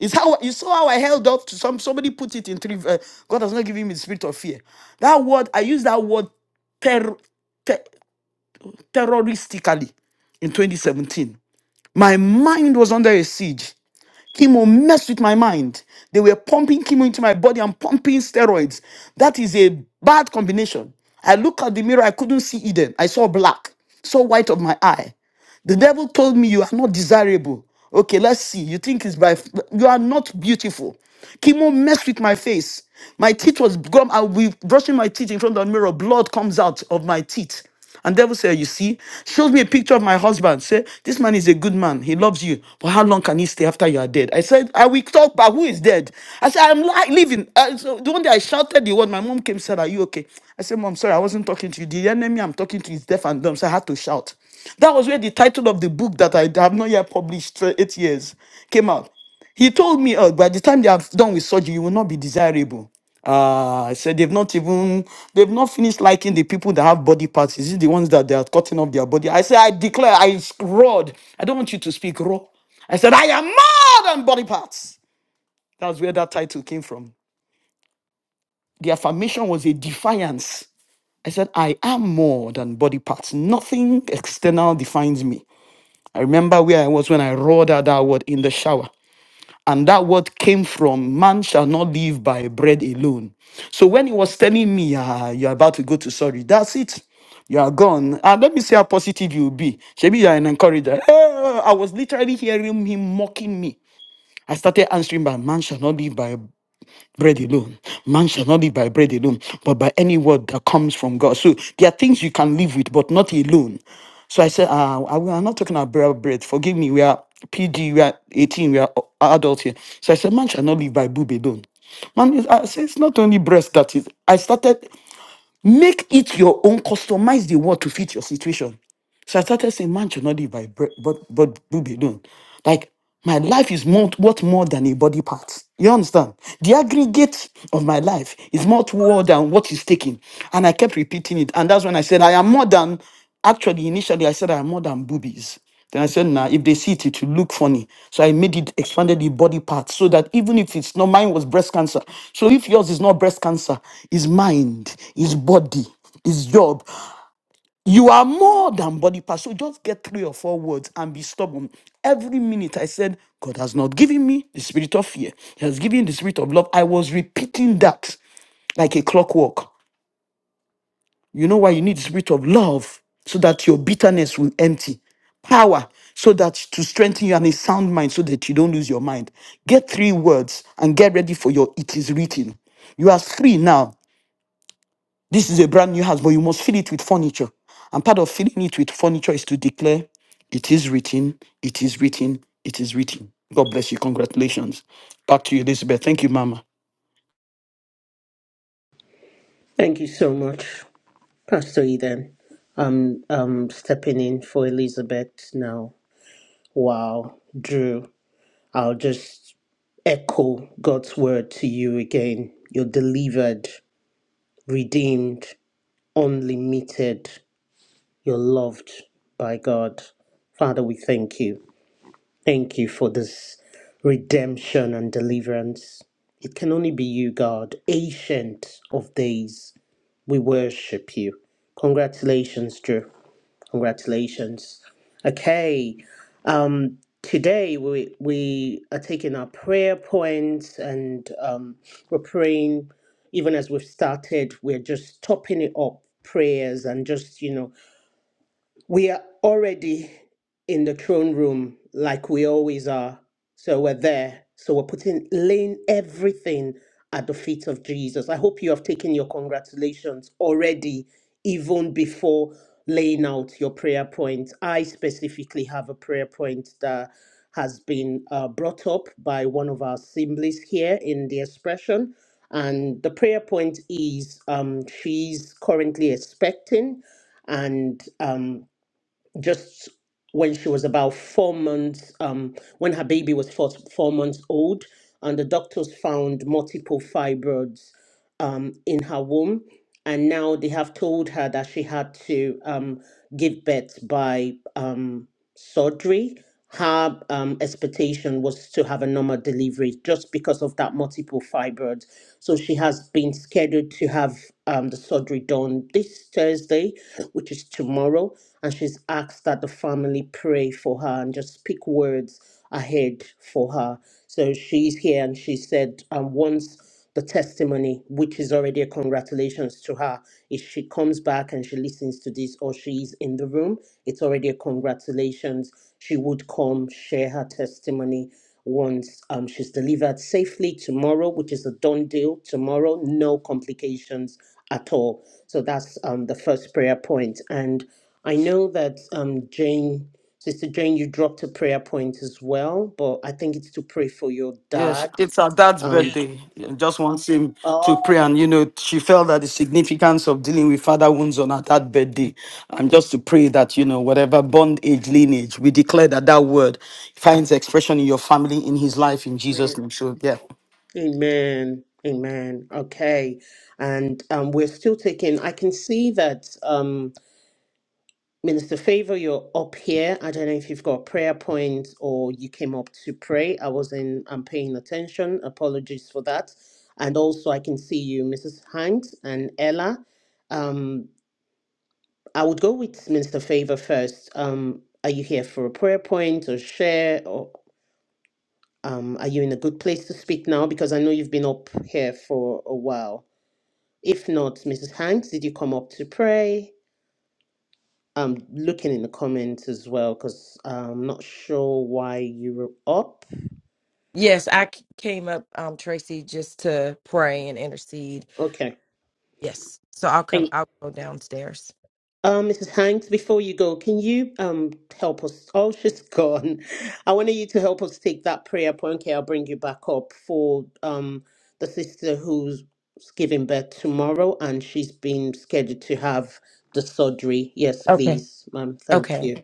is how you saw how I held up to some somebody put it in three. Uh, God has not given me the spirit of fear. That word I used that word ter- ter- terroristically in 2017. My mind was under a siege. Chemo messed with my mind. They were pumping chemo into my body and pumping steroids. That is a bad combination. I looked at the mirror, I couldn't see Eden. I saw black, saw white of my eye. The devil told me you are not desirable. Okay, let's see. You think it's by you are not beautiful. Chemo messed with my face. My teeth was gum. I'll be brushing my teeth in front of the mirror. Blood comes out of my teeth. And devil said, You see, shows me a picture of my husband. Say, this man is a good man. He loves you. But how long can he stay after you are dead? I said, I will talk about who is dead. I said, I'm li- living. Uh, so the one day I shouted the word, my mom came and said, Are you okay? I said, Mom, sorry, I wasn't talking to you. The enemy I'm talking to is deaf and dumb. So I had to shout. That was where the title of the book that I have not yet published, uh, eight years, came out. He told me, oh, by the time they have done with surgery, you will not be desirable. Uh, I said they've not even they've not finished liking the people that have body parts. Is it the ones that they are cutting off their body? I said, I declare, I roared. I don't want you to speak raw. I said, I am more than body parts. That's where that title came from. Affirmation was a defiant. I said, I am more than body parts. Nothing external defines me. I remember where I was when I roared out that word in the shower. that word came from man shall not live by bread alone. So when he was telling me, ah, you're about to go to sorry, that's it. You are gone. And let me see how positive you'll be. Maybe you're an encourager. Eh, I was literally hearing him mocking me. I started answering by man shall not live by bread alone. Man shall not live by bread alone, but by any word that comes from God. So there are things you can live with, but not alone. So I said, uh, I- we are not talking about bread. Forgive me. We are PG, we are 18, we are a- adults here. So I said, man shall not live by boob alone. Man, is- I said, it's not only breast that is. I started, make it your own, customize the word to fit your situation. So I started saying, man should not live by bread, but but do be done. Like my life is more worth more than a body part. You understand? The aggregate of my life is more more than what is taken. And I kept repeating it. And that's when I said, I am more than actually initially I said I am more than boobies. If they see it, it will look funny. So I made it expanded the body part so that even if it's not mine was breast cancer. So if yours is not breast cancer, it's mind, it's body, is job, you are more than body parts. So just get three or four words and be stubborn. Every minute I said, God has not given me the spirit of fear. He has given the spirit of love. I was repeating that a clockwork. You know why you need the spirit of love? So that your bitterness will empty. Power, so that to strengthen you and a sound mind, so that you don't lose your mind. Get three words and get ready for your it is written. You are free now This is a brand new house, but you must fill it with furniture. And part of filling it with furniture is to declare, it is written, it is written, it is written. God bless you. Congratulations. Back to you, Elizabeth. Thank you, Mama. Thank you so much, Pastor Eden. I'm um stepping in for Elizabeth now. Wow, Drew. I'll just echo God's word to you again. You're delivered, redeemed, unlimited. You're loved by God. Father, we thank you. Thank you for this redemption and deliverance. It can only be you, God, ancient of days. We worship you. Congratulations, Drew. Congratulations. Okay. Um, today we we are taking our prayer points and um, we're praying. Even as we've started, we're just topping it up prayers and just you know we are already in the throne room like we always are. So we're there. So we're putting, laying everything at the feet of Jesus. I hope you have taken your congratulations already, even before laying out your prayer point. I specifically have a prayer point that has been uh, brought up by one of our assemblies here in the expression. And the prayer point is um, she's currently expecting and um, just when she was about four months, um, when her baby was four, four months old, and the doctors found multiple fibroids um, in her womb. And now they have told her that she had to um, give birth by um, surgery, her um, expectation was to have a normal delivery just because of that multiple fibroid. So she has been scheduled to have um, the surgery done this Thursday, which is tomorrow. And she's asked that the family pray for her and just speak words ahead for her. So she's here and she said, um, once the testimony, which is already a congratulations to her. If she comes back and she listens to this or she is in the room, it's already a congratulations. She would come share her testimony once um, she's delivered safely tomorrow, which is a done deal tomorrow, no complications at all. So that's um, the first prayer point. And I know that um, Jane, Sister Jane, you dropped a prayer point as well, but I think it's to pray for your Yes, dad. it's our dad's um. birthday. She Wants him to Oh, hands of dealing with father wounds on our dad's birthday. And just to pray that, you know, whatever bond age, we declare that that word finds expression in your family, in his life. amen, Amen. Amen. Okay. And um, we're still taking, I can see that um, Minister Favor, you're up here. I don't know if you've got a prayer point or you came up to pray. I wasn't, I'm paying attention. Apologies for that. And also, I can see you, Mrs. Hanks and Ella. Um, I would go with Minister Favor first. Um, are you here for a prayer point or share? or? Um, are you in a good place to speak now? Because I know you've been up here for a while. If not, Mrs. Hanks, did you come up to pray? I'm looking in the comments as well because I'm not sure why you were up. I c- came up, um, Tracy, just to pray and intercede. Okay. Yes. So I'll come, I'll go downstairs. Um, Mrs. Hanks, before you go, can you um help us? (laughs) Oh, she's gone. I wanted you to help us take that prayer point. Okay, I'll bring you back up for um the sister who's giving birth tomorrow, and she's been scheduled to have the surgery. Yes, Okay. please, ma'am. Thank Okay. you.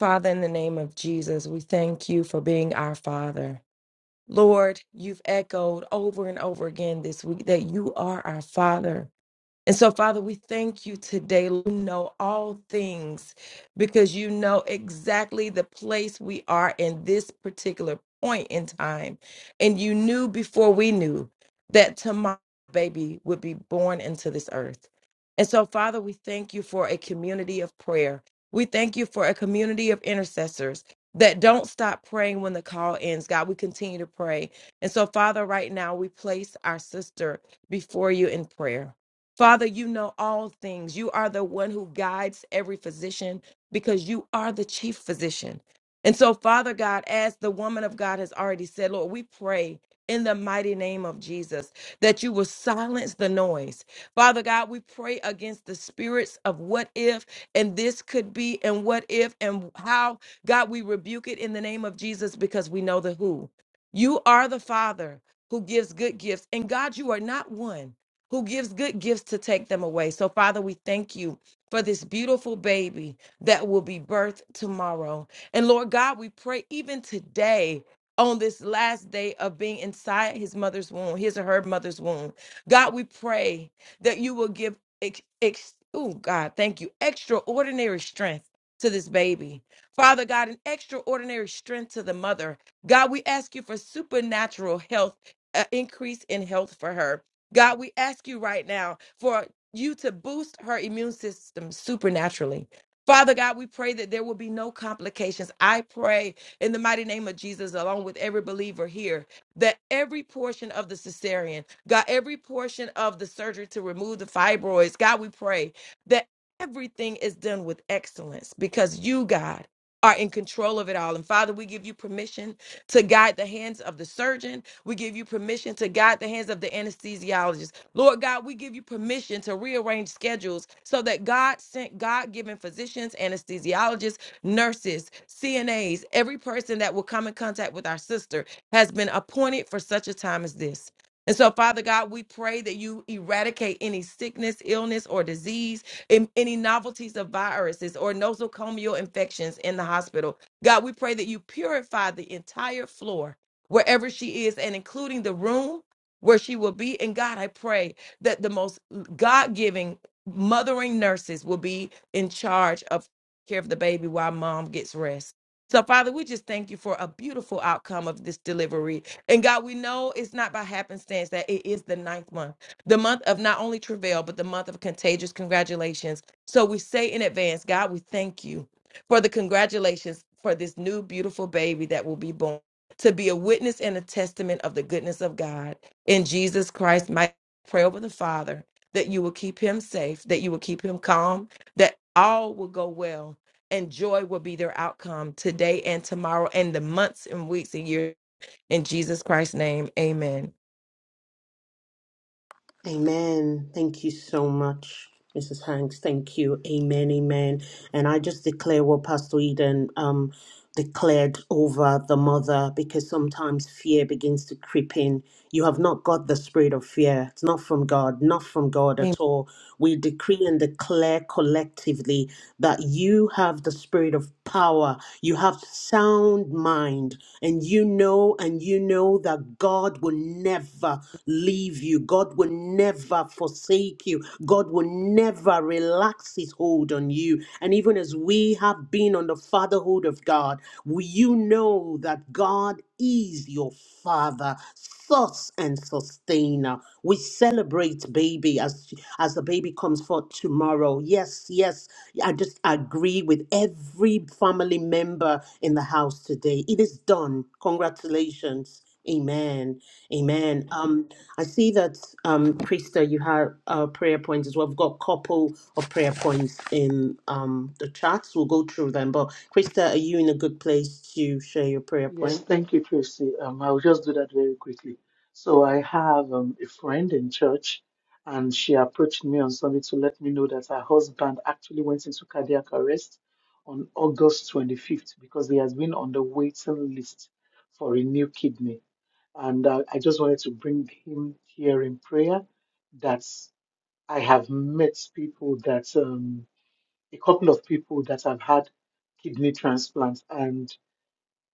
Father, in the name of Jesus, we thank you for being our Father. Lord, you've echoed over and over again this week that you are our Father. And so, Father, we thank you today. You know all things because you know exactly the place we are in this particular point in time. And you knew before we knew that tomorrow, baby, would be born into this earth. And so, Father, we thank you for a community of prayer. We thank you for a community of intercessors that don't stop praying when the call ends. God, we continue to pray. And so, Father, right now, we place our sister before you in prayer. Father, you know all things. You are the one who guides every physician because you are the chief physician. And so, Father God, as the woman of God has already said, Lord, we pray in the mighty name of Jesus that you will silence the noise. Father God, we pray against the spirits of what if and this could be and what if and how. God, we rebuke it in the name of Jesus because we know the who. You are the Father who gives good gifts. And God, you are not one who gives good gifts to take them away. So, Father, we thank you for this beautiful baby that will be birthed tomorrow. And Lord God, we pray even today. On this last day of being inside his mother's womb, his or her mother's womb, God, we pray that you will give, ex, ex, oh God, thank you, extraordinary strength to this baby. Father God, an extraordinary strength to the mother. God, we ask you for supernatural health, uh, increase in health for her. God, we ask you right now for you to boost her immune system supernaturally. Father God, we pray that there will be no complications. I pray in the mighty name of Jesus, along with every believer here, that every portion of the cesarean, God, every portion of the surgery to remove the fibroids, God, we pray that everything is done with excellence because you, God, are in control of it all. And Father, we give you permission to guide the hands of the surgeon. We give you permission to guide the hands of the anesthesiologist. Lord God, we give you permission to rearrange schedules so that God sent God given physicians, anesthesiologists, nurses, CNAs, every person that will come in contact with our sister has been appointed for such a time as this. And so, Father God, we pray that you eradicate any sickness, illness, or disease, and any novelties of viruses or nosocomial infections in the hospital. God, we pray that you purify the entire floor wherever she is and including the room where she will be. And God, I pray that the most God giving mothering nurses will be in charge of care of the baby while mom gets rest. So, Father, we just thank you for a beautiful outcome of this delivery. And God, we know it's not by happenstance that it is the ninth month, the month of not only travail, but the month of contagious congratulations. So we say in advance, God, we thank you for the congratulations for this new beautiful baby that will be born to be a witness and a testament of the goodness of God in Jesus Christ. My pray over the Father that you will keep him safe, that you will keep him calm, that all will go well and joy will be their outcome today and tomorrow and the months and weeks and years in Jesus Christ's name. Amen. Amen. Thank you so much, Mrs. Hanks. Thank you. Amen. Amen. And I just declare what Pastor Eden um declared over the mother because sometimes fear begins to creep in. You have not got the spirit of fear. It's not from God, not from God at all. We decree and declare collectively that you have the spirit of power. You have sound mind and you know and you know that God God will never leave you. God will never forsake you. God will never relax his hold on you. And even as we have been on the fatherhood of God, will you know that God is your father, source and sustainer. We celebrate baby as as the baby comes forth tomorrow. Yes, yes. I just agree with every family member in the house today. It is done. Congratulations. Amen. Amen. Um, I see that, um, Krista, you have uh, prayer points as well. We've got a couple of prayer points in um, the chats. We'll go through them. But, Krista, are you in a good place to share your prayer Yes, point? thank you, Tracy. Um, I'll just do that very quickly. So I have um, a friend in church, and she approached me on Sunday to let me know that her husband actually went into cardiac arrest on August 25th because he has been on the waiting list for a new kidney. And uh, I just wanted to bring him here in prayer that I have met people that, um, a couple of people that have had kidney transplants, and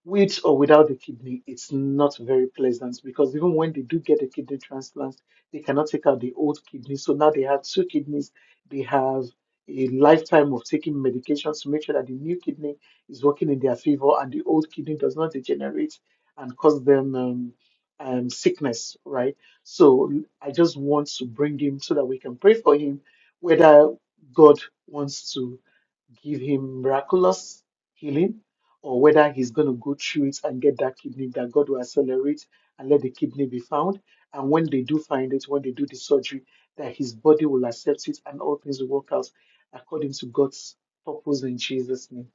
with or without the kidney, it's not very pleasant because even when they do get a kidney transplant, they cannot take out the old kidney. So now they have two kidneys. They have a lifetime of taking medications to make sure that the new kidney is working in their favor and the old kidney does not degenerate and cause them um, um, sickness, right? So I just want to bring him so that we can pray for him, whether God wants to give him miraculous healing or whether he's going to go through it and get that kidney that God will accelerate and let the kidney be found. And when they do find it, when they do the surgery, that his body will accept it and all things will work out according to God's purpose in Jesus' name.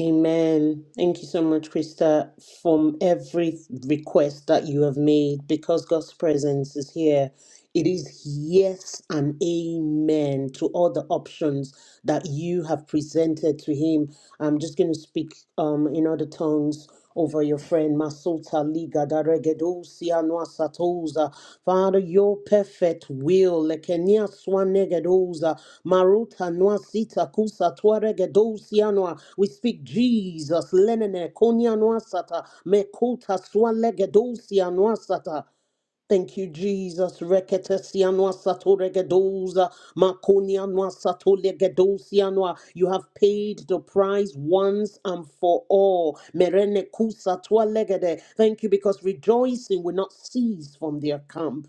Amen. Thank you so much, Krista, from every request that you have made because God's presence is here It is yes and amen to all the options that you have presented to him. I'm just going to speak um, in other tongues over your friend Masota Liga Daregedosia Noa Satoza. Father, your perfect will. Lekenia Swanegedosa Maruta Noa Sita Kusa Tuaregedosia Noa. We speak Jesus. Lenene Konya Noa Sata Mekuta Swanegedosia Noa Sata. Thank you, Jesus. Reketesianwa satoregedoza, makonianwa satolegedosianwa. You have paid the price once and for all. Merenekusa tualegede. Thank you because rejoicing will not cease from their camp.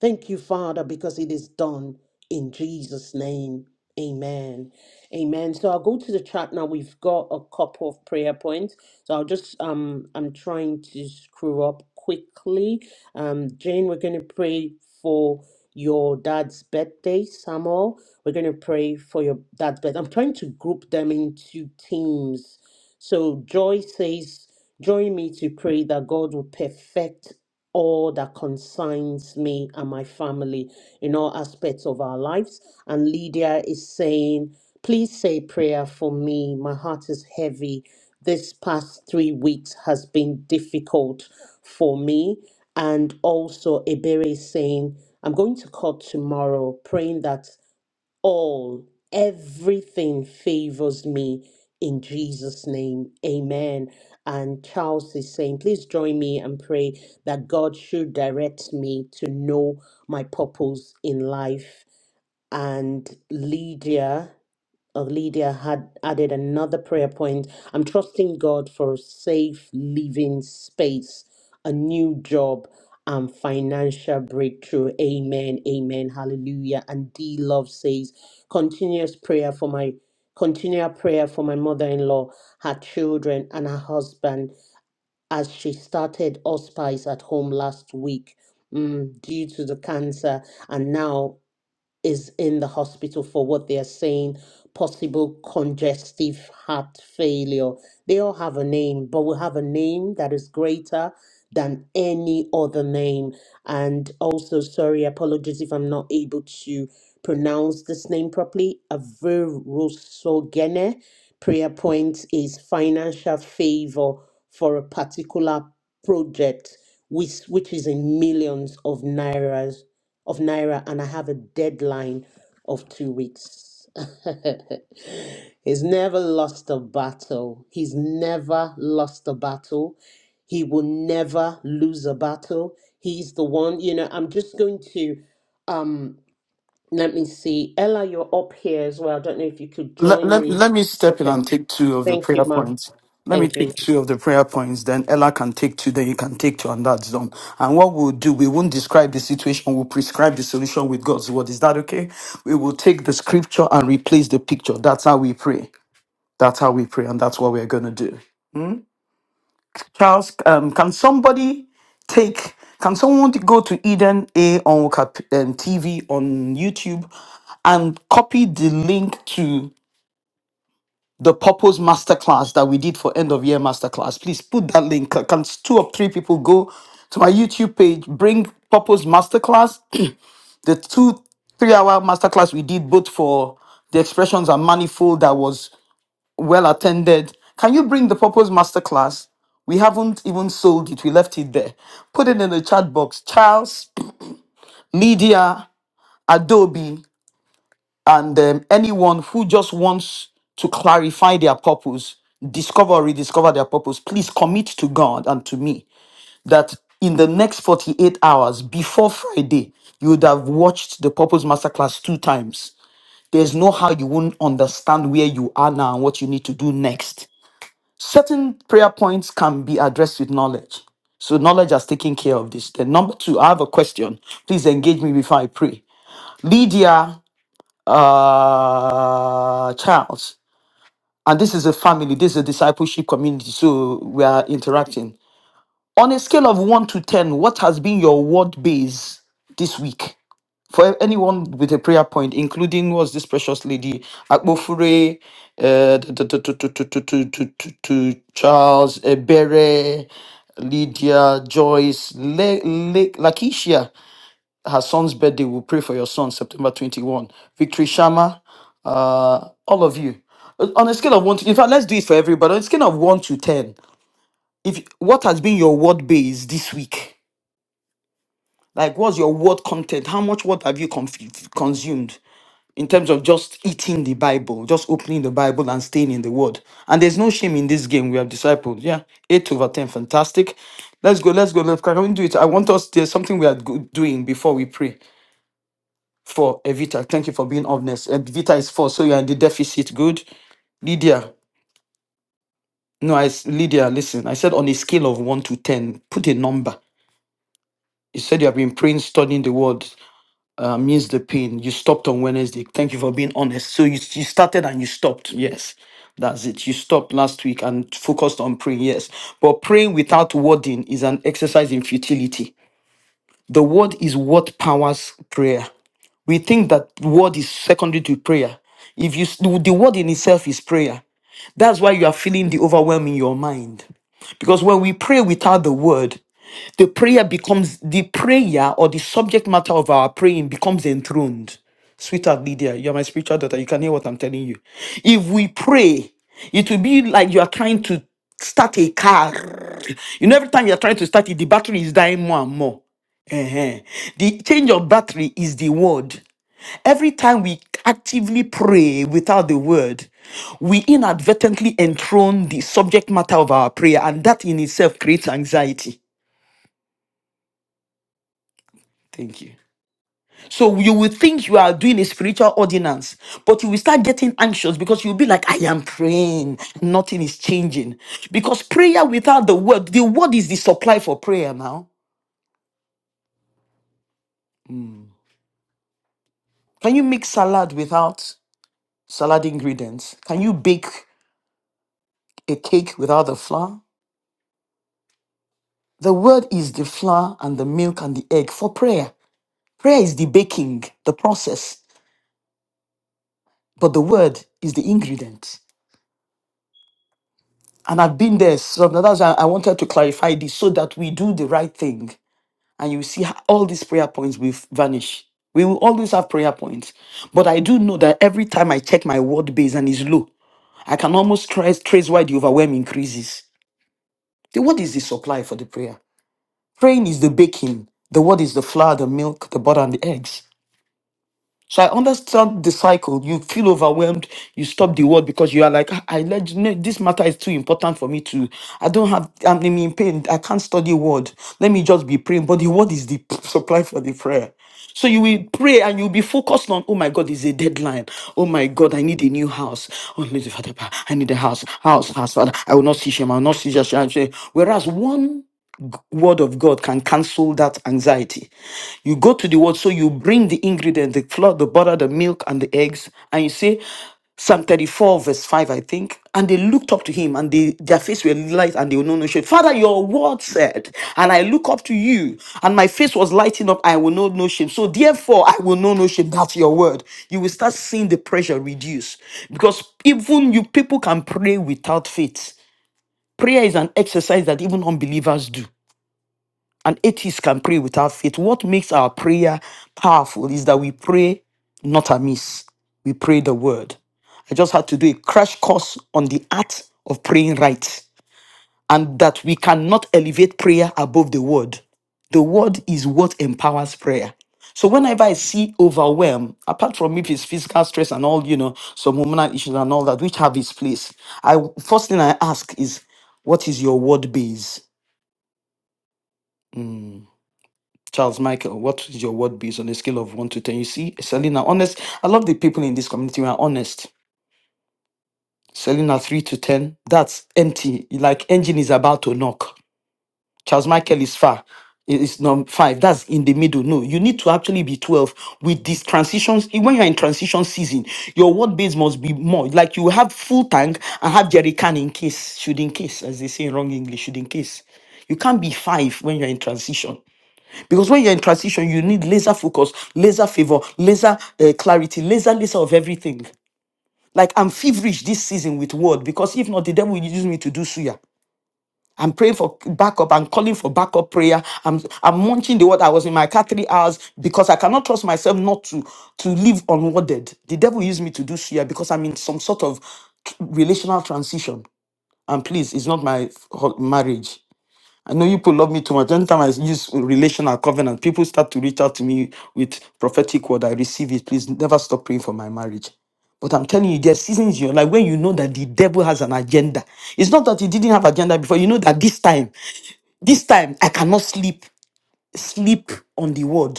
Thank you, Father, because it is done in Jesus' name. Amen. Amen. So I'll go to the chat now. We've got a couple of prayer points. So I'll just um I'm trying to screw up quickly. Um, Jane, we're going to pray for your dad's birthday, Samuel. We're going to pray for your dad's birthday. I'm trying to group them into teams. So Joy says, Join me to pray that God will perfect all that concerns me and my family in all aspects of our lives. And Lydia is saying, Please say prayer for me. My heart is heavy. This past three weeks has been difficult for me. And also, Ebere is saying, I'm going to court tomorrow, praying that all, everything favors me in Jesus' name. Amen. And Charles is saying, please join me and pray that God should direct me to know my purpose in life. And Lydia uh, Lydia had added another prayer point. I'm trusting God for a safe living space, a new job, and financial breakthrough. Amen. Amen. Hallelujah. And D Love says, continuous prayer for my continual prayer for my mother-in-law, her children, and her husband as she started hospice at home last week mm, due to the cancer, and now is in the hospital for what they are saying possible congestive heart failure. They all have a name, but we have a name that is greater than any other name. And also, sorry, apologies if I'm not able to pronounce this name properly. Averusogene prayer point is financial favor for a particular project, which which is in millions of naira of naira and I have a deadline of two weeks. (laughs) He's never lost a battle. He's never lost a battle. He will never lose a battle. He's the one, you know, I'm just going to um let me see. Ella, you're up here as well. I don't know if you could let, join let, me. let me step in Okay. and take two of the Thank you, prayer ma'am. points. Let me Thank you, take ma'am. two of the prayer points, then Ella can take two, then you can take two, and that's done. And what we'll do, we won't describe the situation, we'll prescribe the solution with God's word. Is that okay? We will take the scripture and replace the picture. That's how we pray. That's how we pray, and that's what we're going to do. Charles, um, can somebody take can someone go to eden a on Waka- um, tv on youtube and copy the link purpose masterclass that we did for end of year masterclass. Please put that link. Can two or three people, my threshold that was attended. Can you bring the purpose masterclass? We haven't even sold it. We left it there. Put it in the chat box. Charles, Lydia, Adobe, and um, anyone who just wants to clarify their purpose, discover or rediscover their purpose. Please commit to God and to me that in the next 48 hours before Friday, you would have watched the Purpose Masterclass two times There's no how you won't understand where you are now and what you need to do next. Certain prayer points can be addressed with knowledge. So knowledge has taken care of this. Then number two, I have a question. Please engage me before I pray. Lydia uh, Charles, and this is a family. This is a discipleship community. So we are interacting. On a scale of one to ten, what has been your word base this week? for anyone with a prayer point, including was this precious lady, Akpofure, uh, to, to, to, to, to, to, to, to, to to Charles, Ebere, Lydia, Joyce, Le, Le, Lakisha, her son's birthday. We'll pray for your son, September 21. Victory Shama, uh, all of you. Uh, On a scale of one to, in fact, let's do it for everybody. On a scale of one to 10, if what has been your word base this week? Like, what's your word content? How much word have you conf- consumed? in terms of just eating the Bible, just opening the Bible and staying in the Word. And there's no shame in this game. We have disciples. Yeah, eight over ten, fantastic. Let's go. Let's go. Let's can we do it? I want us. There's something we are go- doing before we pray for Evita. Thank you for being honest. Evita is four, so you are in the deficit. Good, Lydia. No, I s- Lydia. Listen, I said on a scale of one to ten, put a number. You said you have been praying, studying the Word. I means the pain. You stopped on Wednesday. Thank you for being honest. So you, you started and you stopped. Yes, that's it. You stopped last week and focused on praying. Yes. But praying without wording is an exercise in futility. The word is what powers prayer. We think that word is secondary to prayer. If you s- the word in itself is prayer. That's why you are feeling the overwhelm in your mind. Because when we pray without the word, the prayer becomes the prayer or the subject matter of our praying becomes enthroned. Sweetheart Lydia, you're my spiritual daughter. You can hear what I'm telling you. If we pray, it will be like you are trying to start a car. You know, every time you're trying to start it, the battery is dying more and more. Eh-heh. The change of battery is the word. Every time we actively pray without the word, we inadvertently enthrone the subject matter of our prayer, and that in itself creates anxiety. Thank you. So you will think you are doing a spiritual ordinance, but you will start getting anxious because you'll be like, I am praying, nothing is changing. Because prayer without the word, the word is the supply for prayer now. Can you make salad without salad ingredients? Can you bake? huh? You can. Yeah. Psst. And I, so I wanted to clarify this so that we do the right thing with vanish points. But I do know that every time I check my word base and it's low, I can almost trace, trace why the overwhelm increases. The word is the supply for the prayer. Praying is the baking, the word is the flour, the milk, the butter, and the eggs. So I understand the cycle. You feel overwhelmed. You stop the word because you are like, "Ah, I let no, this matter is too important for me to. I don't have. I'm I'm in pain. I can't study word. Let me just be praying. But the word is the (laughs) supply for the prayer. So you will pray and you'll be focused on, oh my God, it's a deadline. Oh my God, I need a new house. Oh, Lord, Father, I need a house, house, house, Father. I will not see shame. I will not see just shame. Whereas one word of God can cancel that anxiety. You go to the word, so you bring the ingredient, the flour, the butter, the milk, and the eggs, and you say, Psalm 34, verse 5, I think. And they looked up to him, and they, their face were light, and they were no no shame. Father, your word said, and I look up to you, and my face was lighting up, I will know no shame. So therefore, I will know no shame. That's your word. You will start seeing the pressure reduce. Because even you people can pray without faith. Prayer is an exercise that even unbelievers do. An atheist can pray without faith. What makes our prayer powerful is that we pray not amiss, we pray the word. I just had to do a crash course on the art of praying right and that we cannot elevate prayer above the word. The word is what empowers prayer. So whenever I see overwhelm, apart from if it's physical stress and all, you know, some hormonal issues and all that, which have its place, I first thing I ask is, what is your word base? Charles Michael, what is your word based on a scale of 1 to 10? You see, Selena, honest. I love the people in this community who are honest. Selena, 3 to 10. That's empty. Like engine is about to knock. Charles Michael is far. It is number 5. That's in the middle. No, you need to actually be 12 with these transitions. E- When you're in transition season, your word base must be more. Like you have full tank and have jerry can in case, should in case, as they say in wrong English, should in case. You can't be 5 when you're in transition. Because when you're in transition, you need laser focus, laser favor, laser uh, clarity, laser laser of everything. Like I'm feverish this season with word because if not, the devil will use me to do suya. I'm praying for backup. I'm calling for backup prayer. I'm I'm munching the word. I was in my car three hours because I cannot trust myself not to to live unworded. The devil used me to do suya because I'm in some sort of relational transition. And please, it's not my ho- marriage. I know you people love me too much. Anytime I use relational covenant, people start to reach out to me with prophetic word. I receive it. Please never stop praying for my marriage. But I'm telling you, there are seasons in your life when you know that the devil has an agenda. It's not that he didn't have agenda before. You know that this time, this time, I cannot sleep, sleep on the word.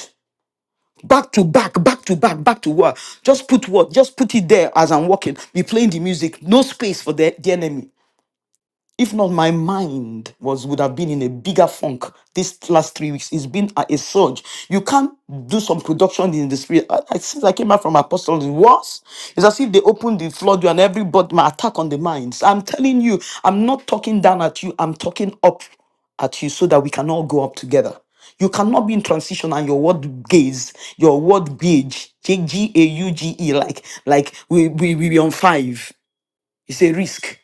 Back to back, back to back, back to what? Just put what? Just put it there as I'm walking. Be playing the music. No space for the, the enemy. If not, my mind was would have been in a bigger funk this last three weeks. It's been a, a surge. You can't do some production in the spirit. I, I- since I came out from Apostles, it was. It's as if they opened the floodway and everybody my attack on the minds. I'm telling you, I'm not talking down at you. I'm talking up at you so that we can all go up together. You cannot be in transition and your word gaze, your word gauge, G G A U G E, like like we we we be on five. It's a risk,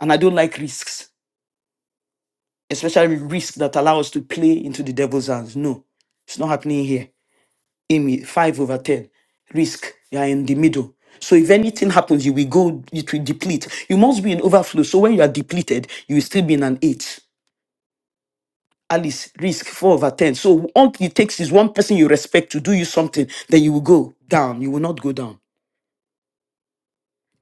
and I don't like risks. especially risk that allow us to play into the devil's hands. No, it's not happening here. Amy, five over ten. Risk, you are in the middle. So if anything happens, you will go, it will deplete. You must be in overflow. So when you are depleted, you will still be in an eight. Alice, risk, four over ten. So all it takes is one person you respect to do you something, then you will go down. You will not go down.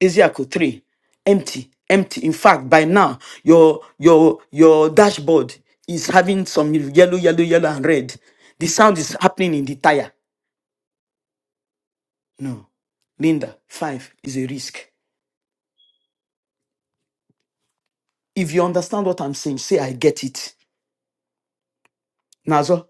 Ezekiel 3. Empty, empty. In fact, by now, your your your dashboard is having some yellow, yellow, yellow, and red. The sound is happening in the tire. No, Linda, five is a risk. If you understand what I'm saying, say I get it. Fuck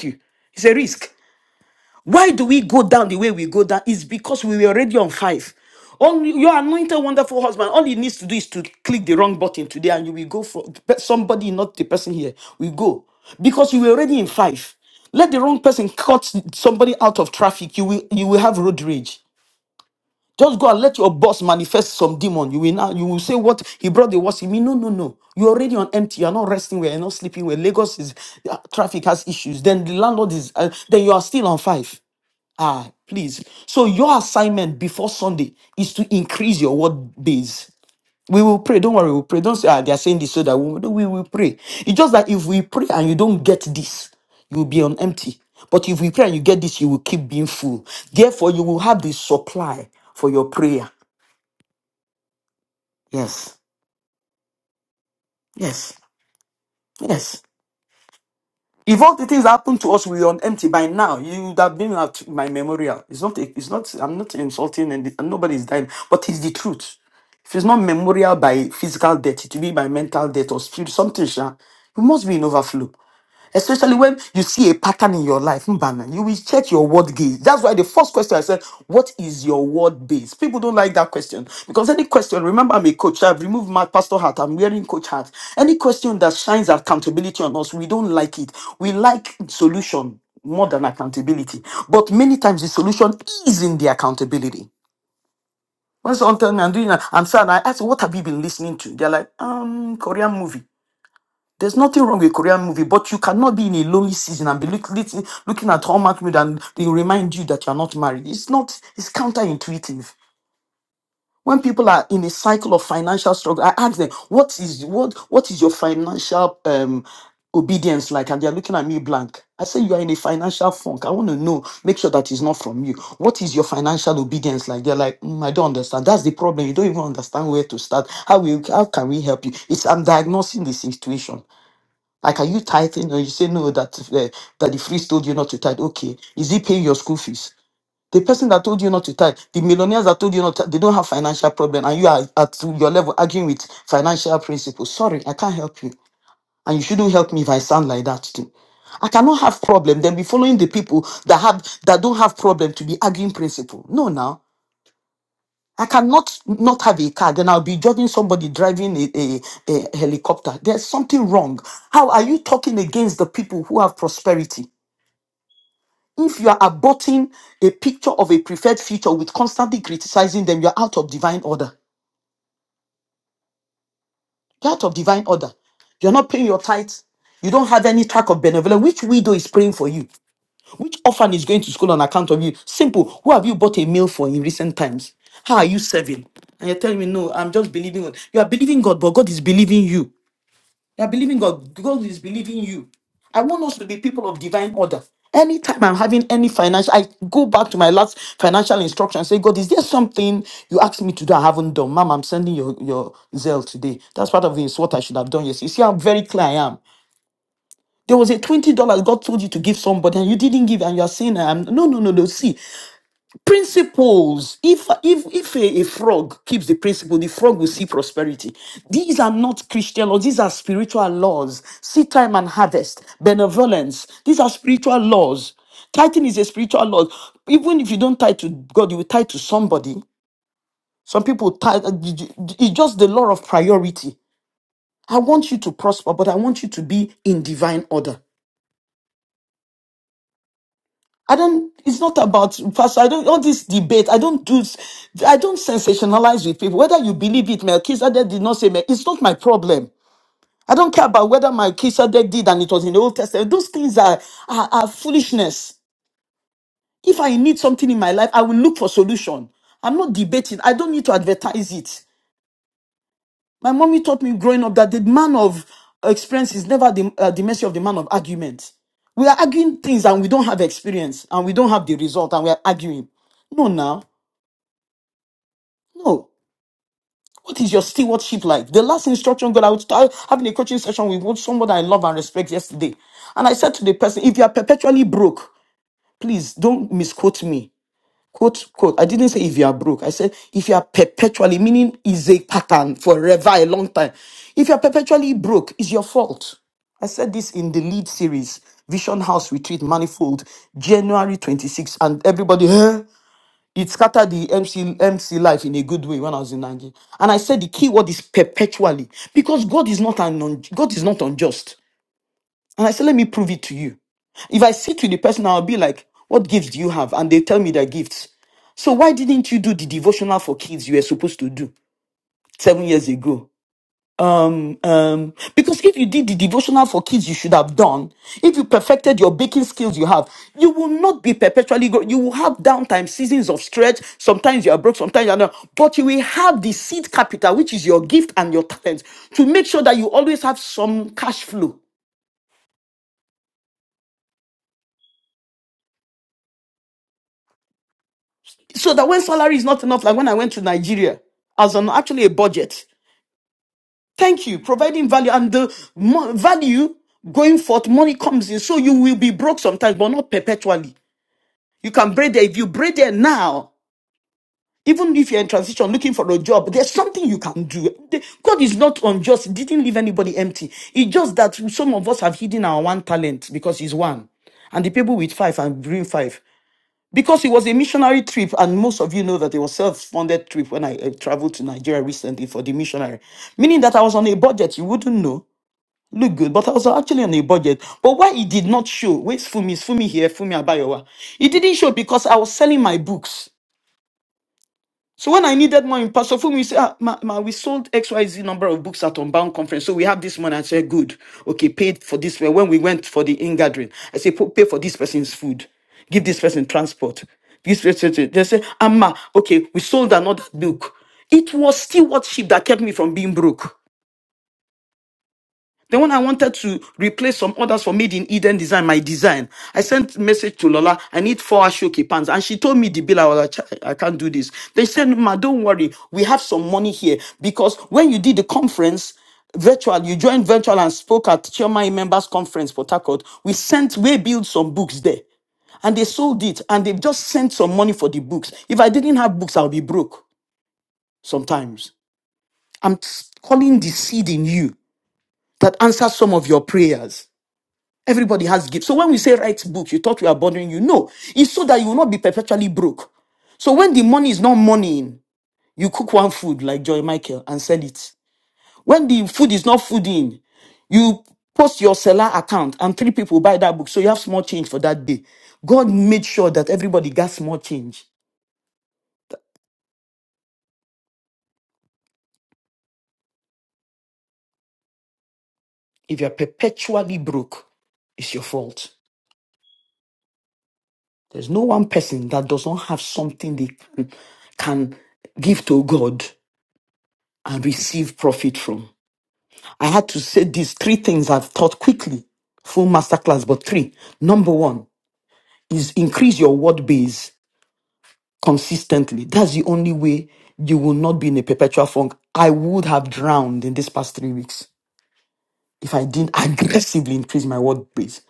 you. It's a risk. Why do we go down the way we go down? It's because we were already on five. Only your anointed, wonderful husband, all he needs to do is to click the wrong button today, and you will go for but somebody, not the person here. We go because you were already in five. Let the wrong person cut somebody out of traffic. You will you will have road rage. Just go and let your boss manifest some demon. You will now you will say what he brought the worst in me. No, no, no. You're already on empty. You're not resting well. You're not sleeping well. Lagos is uh, traffic has issues. Then the landlord is uh, then you are still on five. Ah, please. So your assignment before Sunday is to increase your word base. We will pray. Don't worry, we'll pray. Don't say ah, they are saying this so that we, no, we will pray. It's just that if we pray and you don't get this, you will be on empty. But if we pray and you get this, you will keep being full. Therefore, you will have the supply for your prayer. Yes. Yes. If all the things that happened to us were on empty by now, you would have been at my memorial. It's not. a- It's not. I'm not insulting, and nobody's dying. But it's the truth. If it's not memorial by physical death, it will be by mental death or spirit, something, sha. You must be in overflow. Especially when you see a pattern in your life, Mbana, you will check your word gaze. That's why the first question I said, What is your word base? People don't like that question because any question, remember, I'm a coach, I've removed my pastor hat, I'm wearing coach hat. Any question that shines accountability on us, we don't like it. We like some modernity. But something I'm doing, I'm sad. I asked, what have you been listening to? They're like, um, Korean movie. There's nothing wrong with Korean movie, but you cannot be in a lonely season and be look, lit- looking at Hallmark movie and they remind you that you're not married. It's not, it's counterintuitive. When people are in a cycle of financial struggle, I ask them, what is what what is your financial um, obedience like? And they're looking at me blank. I say you are in a financial funk. I want to know, make sure that it's not from you. What is your financial obedience like? They're like, "Mm, I don't understand. That's the problem. You don't even understand where to start. How we how can we help you? It's I'm diagnosing the situation. Like, are you tithing? Or you say no that uh, that the priest told you not to tithe. Okay, is he paying your school fees? The person that told you not to tithe, the millionaires that told you not, to, they don't have financial problem, and you are at your level arguing with financial principles. Sorry, I can't help you, and you shouldn't help me if I sound like that too. I cannot have problem. Then be following the people that have that don't have problem to be arguing principle. No, now I cannot not have a car, then I'll be judging somebody driving a, a, a helicopter. There's something wrong. How are you talking against the people who have prosperity? If you are aborting a picture of a preferred future with constantly criticizing them, you're out of divine order. You're out of divine order. You're not paying your tithes. You don't have any track of benevolence. Which widow is praying for you? Which orphan is going to school on account of you? Simple. Who have you bought a meal for in recent times? How are you serving? And you're telling me, no, I'm just believing God. You are believing God, but God is believing you. You are believing God. God is believing you. I want us to be people of divine order. Anytime I'm having any financial, I go back to my last financial instruction and say, God, is there something you asked me to do I haven't done? Mom, I'm sending your, your zeal today. That's part of it. It's what I should have done. Yes. You see how very clear I am. There was a twenty dollars God told you to give somebody, and you didn't give, and you are saying, i no, no, no, no." See, principles. If if if a, a frog keeps the principle, the frog will see prosperity. These are not Christian laws; these are spiritual laws. Seed time and harvest, benevolence. These are spiritual laws. Tithing is a spiritual law. Even if you don't tie to God, you will tie to somebody. Some people tie. It's just the law of priority. I want you to prosper, but I want you to be in divine order. it's not about pastor. I don't all this debate. I don't do. I don't sensationalize with people. Whether you believe it, Melchizedek did not say. Mel- It's not my problem. I don't care about whether Melchizedek did and it was in the Old Testament. Those things are are, are foolishness. If I need something in my life, I will look for solution. I'm not debating. I don't need to advertise it. My mommy taught me growing up that the man of experience is never the, uh, the mercy of the man of argument. We are arguing things and we don't have experience and we don't have the result and we are arguing. No, now. No. What is your stewardship like? The last instruction God, I was I was having a coaching session with one- someone I love and respect yesterday. And I said to the person, if you are perpetually broke, please don't misquote me. Quote, quote. I didn't say if you are broke. I said if you are perpetually, meaning is a pattern forever, a long time. If you are perpetually broke, it's your fault. I said this in the lead series, Vision House Retreat Manifold, January 26th. And everybody, huh? it scattered the MC, MC life in a good way when I was in Nigeria. And I said the key word is perpetually because God is not an un- God is not unjust. And I said, let me prove it to you. If I sit with the person, I'll be like, what gifts do you have? And they tell me their gifts. So why didn't you do the devotional for kids you were supposed to do seven years ago? um, um, because if you did the devotional for kids you should have done, if you perfected your baking skills you have, you will not be perpetually, grow. you will have downtime, seasons of stretch. Sometimes you are broke, sometimes you are not, but you will have the seed capital, which is your gift and your talent, to make sure that you always have some cash flow. So that when salary is not enough, like when I went to Nigeria, as an actually a budget. Thank you, providing value and the mo- value going forth, money comes in. So you will be broke sometimes, but not perpetually. can braid there. If you braid there now, even if you're in transition looking for a job, there's something you can do. The- God is not unjust. He didn't leave anybody empty. He just life and bring five. Because it was a missionary trip, and most of you know that it was self-funded trip when I uh, traveled to Nigeria recently for the missionary. Meaning that I was on a budget, you wouldn't know. Look good, but I was actually on a budget. But why it did not show, where's Fumi? Is Fumi here? Fumi Abayowa. It didn't show because I was selling my books. So when I needed money, Pastor Fumi said, ah, ma, ma, we sold XYZ number of books at Unbound Conference. So we have this money. I said, good. Okay, paid for this. When we went for the in-gathering, I said, "Pa- pay for this person's food. Give this person transport. This person, they said, Amma, okay, we sold another book. It was stewardship that kept me from being broke. Then when I wanted to replace some orders for Made in Eden design, my design, I sent message to Lola, I need four Ashoke pants. And she told me the bill, I was like, "Chai, I can't do this. They said, ma, don't worry. We have some money here. Because when you did the conference, virtual, you joined virtual and spoke at Chairman Members Conference for Takot, we sent, we built some books there and some money for books. If I didn't have books, I'll be broke sometimes. I'm s- calling the seed in you that Everybody has gifts. So when we say write books, you thought we are bothering you. No, it's so that you will not be perpetually broke. So when the money is not money in, you cook one food like Joy Michael and sell it. When the food is not food in, you post your seller account and three people buy that book. So you have small change for that day. God made sure that everybody got small change. If you're perpetually broke, it's your fault. There's no one person that does not have something they can, can give to God and receive profit from. I had to say these three things I've taught quickly, full masterclass, but three. Number one is increase your word base consistently. That's the only way you will not be in a perpetual funk. I would have drowned in these past three weeks. Didn't actively word base.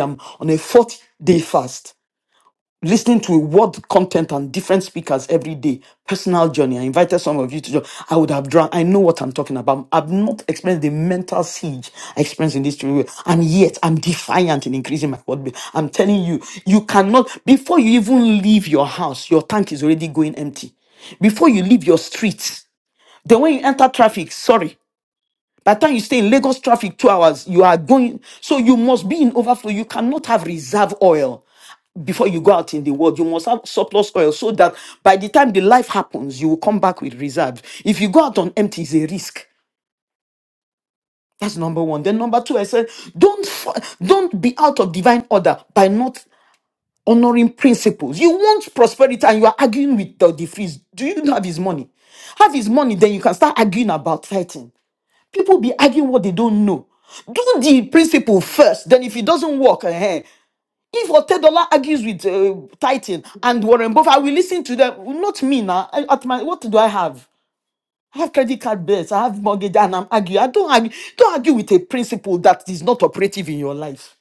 I'm on invited some of you to join, I would have drunk. I know what I'm talking about. I've not experienced the mental siege I experienced in this three weeks. And yet I'm defiant in increasing my word. I'm telling you, you cannot, before you even leave your house, your tank is already going empty. Before you leave your street, then when you enter traffic, sorry. By the time you stay in Lagos traffic two hours, you are going. So you must be in overflow. You cannot have reserve oil before you go out in the world. You must have surplus oil so that by the time the life happens, you will come back with reserves. If you go out on empty, it's a risk. That's number one. Then number two, I said, don't f- don't be out of divine order by not honoring principles. You want prosperity and you are arguing with the, the freeze. Do you have his money? Have his money, then you can start arguing about tithing. People be arguing what they don't know. Do the principle first. Then if it doesn't work, eh, eh, If Otedola argues with uh, Titan and Warren Buffett, I will listen to them. Not me now. I- At my what do I have? I have credit card bills. I have mortgage, and I'm arguing. I don't argue. Don't argue with a principle that is not operative in your life.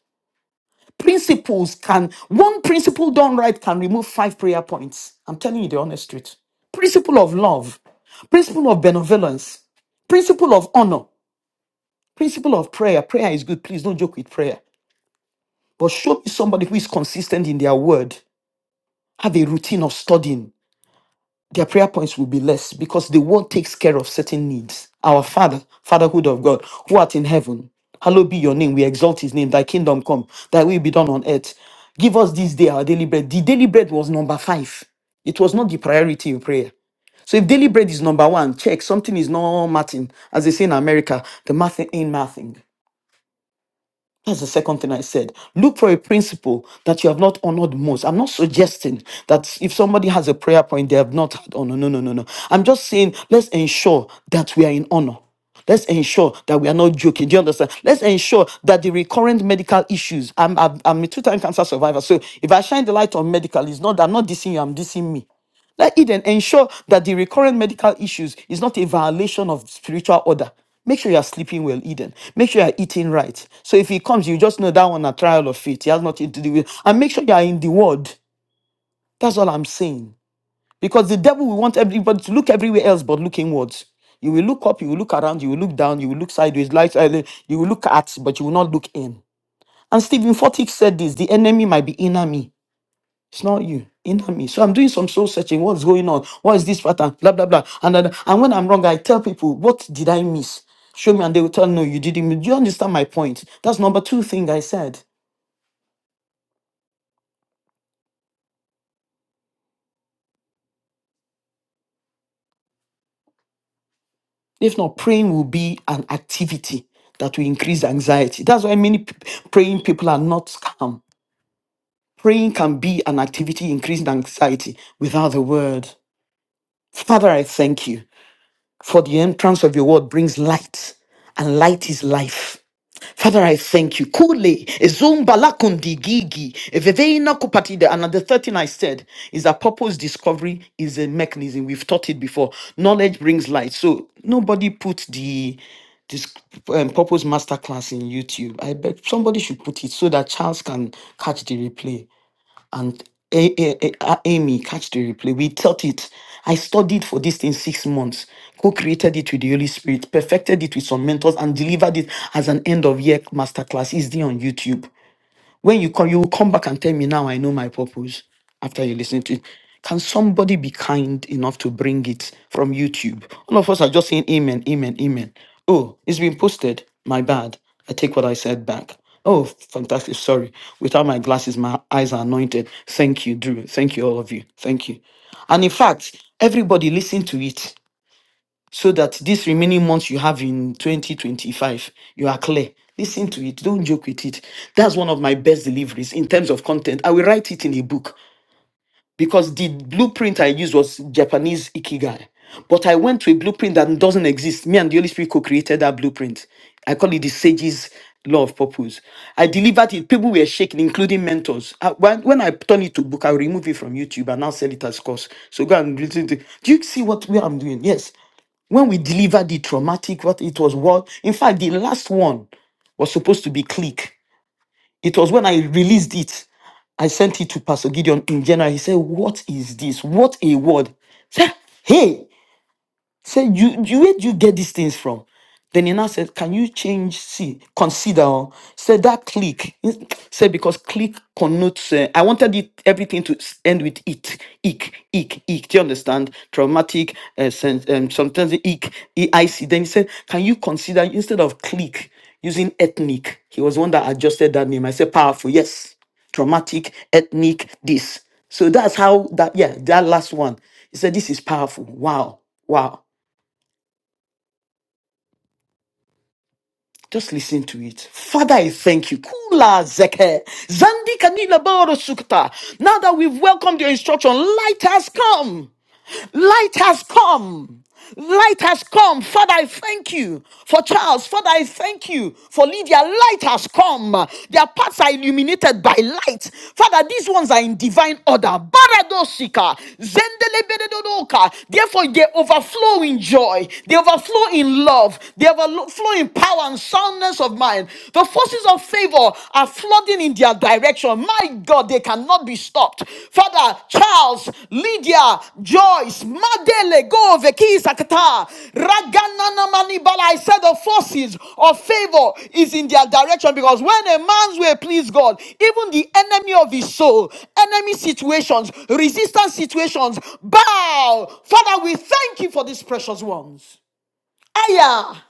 Principles can one principle done right can remove five prayer points. I'm telling you the honest truth. Principle of love, principle of benevolence, principle of honor, principle of prayer. Prayer is good. Please don't joke with prayer. But show me somebody who is consistent in their word, have a routine of studying, their prayer points will be less because the word takes care of certain needs. Our Father, Fatherhood of God, who art in heaven, hallowed be your name. We exalt his name. Thy kingdom come, thy will be done on earth. Give us this day our daily bread. The daily bread was number five. It was not the priority in prayer. So if daily bread is number one, check something is not mathing. As they say in America, the math ain't mathing. That's the second thing I said. Look for a principle that you have not honored most. I'm not suggesting that if somebody has a prayer point, they have not had honor. No, no, no, no. I'm just saying let's ensure that we are in honor. Let's ensure that we are not joking. Do you understand? Let's ensure that the recurrent medical issues. I'm, I'm, I'm a two-time cancer survivor, so if I shine the light on medic me, then ensure medical issues is not a violation of spiritual order. Make sure you are sleeping well, Eden. Make sure you are eating right. So if he comes, you just know that one a trial of faith. He has nothing to do with. And make sure you are in the word. That's all I'm saying. Because the devil will want everybody to look everywhere else but look inwards. You will look up, you will look around, you will look down, you will look sideways, like uh, you will look at, but you will not look in. And Stephen Furtick said this: the enemy might be inner me, it's not you. Inner me. So I'm doing some soul searching. What's going on? What is this pattern? Blah blah blah. And then- and when I'm wrong, I tell people, what did I miss? Show me, and they will tell no, you didn't. miss." Do you understand my point? That's number two thing I said. If not, praying will be an activity that will increase anxiety. That's why many p- praying people are not calm. Praying can be an activity increasing anxiety without the word. Father, I thank you for the entrance of your word brings light, and light is life. Father, I thank you. Kule, ezumbalakundigi, eveveina kupatida. And the third thing I said is that purpose discovery is a mechanism. We've taught it before. Knowledge brings light. So nobody put the this um, purpose masterclass in YouTube. I beg somebody should put it so that Charles can catch the replay and A- A- A- A- Amy, catch the replay. We taught it. I studied for this thing six months, co created it with the Holy Spirit, perfected it with some mentors, and delivered it as an end of year masterclass. Is there on YouTube. When you come, you will come back and tell me now I know my purpose after you listen to it. Can somebody be kind enough to bring it from YouTube? All of us are just saying amen, amen, amen. Oh, it's been posted. My bad. I take what I said back. Oh, fantastic. Sorry. Without my glasses, my eyes are anointed. Thank you, Drew. Thank you, all of you. Thank you. And in fact, everybody listen to it so that these remaining months you have in 2025, you are clear. Listen to it. Don't joke with it. That's one of my best deliveries in terms of content. I will write it in a book because the blueprint I used was Japanese Ikigai. But I went to a blueprint that doesn't exist. Me and Kokri blueprint. In fact, it- people were shaking, including mentors. Uh, When, when I turn it to book, I reach you, but now sell it as course. So go and listen to either the traumatic, what it was. What, in fact, the last supposed to be clean. It was when I released it sent it to Pastor Gideon in general. He said, What is this? What a word. Say, hey, you wait. Said, can said, and traumatic, sen- um, sometimes ick. I see. Then he said, Can you consider instead of clique using ethnic? He was one that adjusted that name. I said, Powerful, yes. Traumatic, ethnic, this. So that's how that, yeah, that last one. He said, This is powerful. Wow. Wow. Just listen to it. Father, I thank you. Kula zeke. Zandi kanila boro sukta. Now that we've welcomed your instruction, light has come. Light has come. Light has come. Father, I thank you for Charles. Father, I thank you for Lydia. Light has come. Their paths are illuminated by light. Father, these ones are in divine order. Baradosika, zendelebededodoka. Therefore, they overflow in joy. They overflow in love. They overflow in power and soundness of mind. The forces of favor are flooding in their direction sure My God, they cannot be stopped. Father, Charles, Lydia, Joyce, Madele, Go, Veki, Sakata, Raganana Manibala. I said the forces of favor is in their direction because when a man's way please God, even the enemy of his soul, enemy situations, resistance situations, bow. Father, we thank you for these precious ones. Aya.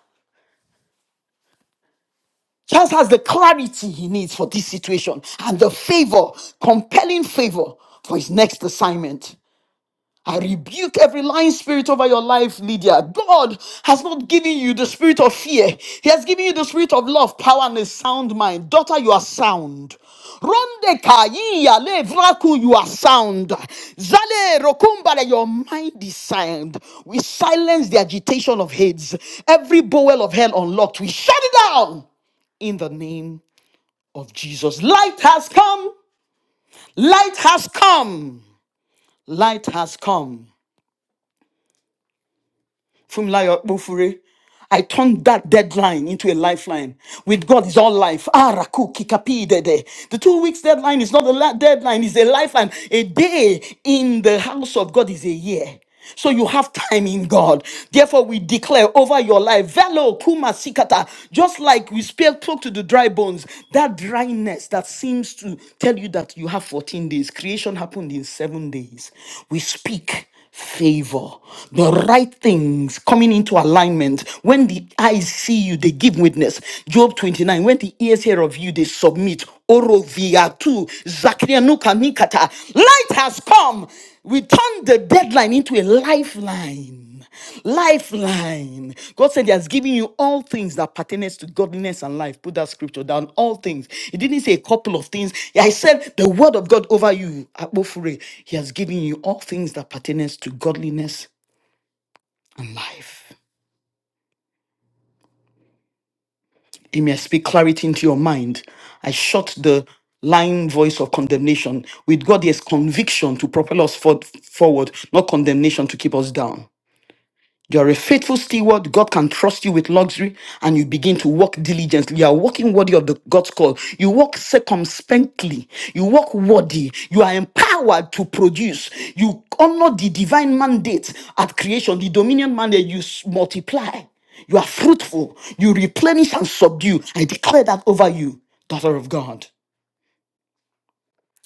Charles has the clarity he needs for this situation and the favor, compelling favor for his next assignment. I rebuke every lying spirit over your life, Lydia. God has not given you the spirit of fear. He has given you the spirit of love, power, and a sound mind. Daughter, you are sound. Ronde kaiya le vraku, you are sound. Zale rokumbale, your mind is sound. We silence the agitation of heads. Every bowel of hell unlocked, we shut it down in the name of Jesus. Light has come. Light has come. Light has come. Funmilayo Bufure. I turned that deadline into a lifeline. With God is all life. Ah, raku, kikapi, dede. The two weeks deadline is not a la- deadline, it's a lifeline. A day in the house of God is a year. So you have time in God. Therefore, we declare over your life, velo kuma sikata, just like we spoke spoke to the dry bones, that dryness that seems to tell you that you have 14 days, creation happened in seven days. We speak favor, the right things coming into alignment. When the eyes see you, they give witness. Job 29, when the ears hear of you, they submit. Oro via tu, Zachariah nuka nikata. Light has come. We turn the deadline into a lifeline. Lifeline. God said He has given you all things that pertains to godliness and life. Put that scripture down. All things. He didn't say a couple of things. I said the word of God over you. Akpofure. He has given you all things that pertains to godliness. Speak clarity into your mind. Shut the lying voice of condemnation. With God, there's conviction to propel us for- forward, not condemnation to keep us down. You're a faithful steward. God can trust you with luxury and you begin to walk diligently. You are walking worthy of the God's call. You walk circumspectly. You walk worthy. You are empowered to produce. You honor the divine mandate at creation, the dominion mandate. You s- multiply. You are fruitful. You replenish and subdue. I declare that over you, daughter of God.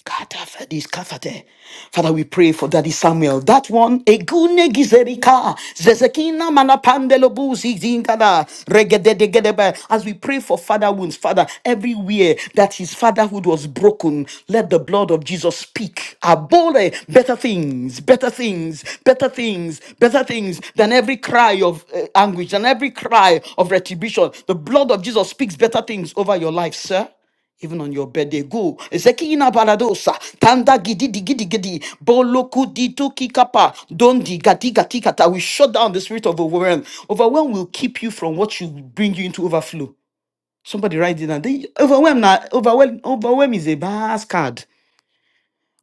Katafadiskafate. Father, we pray for Daddy Samuel. That one, Egune Gizerika, Zezekina Manapandelobu Zingada, Regedegedebe. As we pray for father wounds, Father, everywhere that his fatherhood was broken, let the blood of Jesus speak. Abole, better things, better things, better things, better things than every cry of uh, anguish, than every cry of retribution. The blood of Jesus speaks better things over your life, sir even on your birthday. Go. Zekina baladosa. Tanda gidi di gidi gidi. Boloku di tu kikapa. Dondi gati gati kata. We shut down the spirit of overwhelm. Overwhelm will keep you from what you bring you into overflow. Somebody write it down. They- Overwhelm na overwhelm overwhelm is a bad card.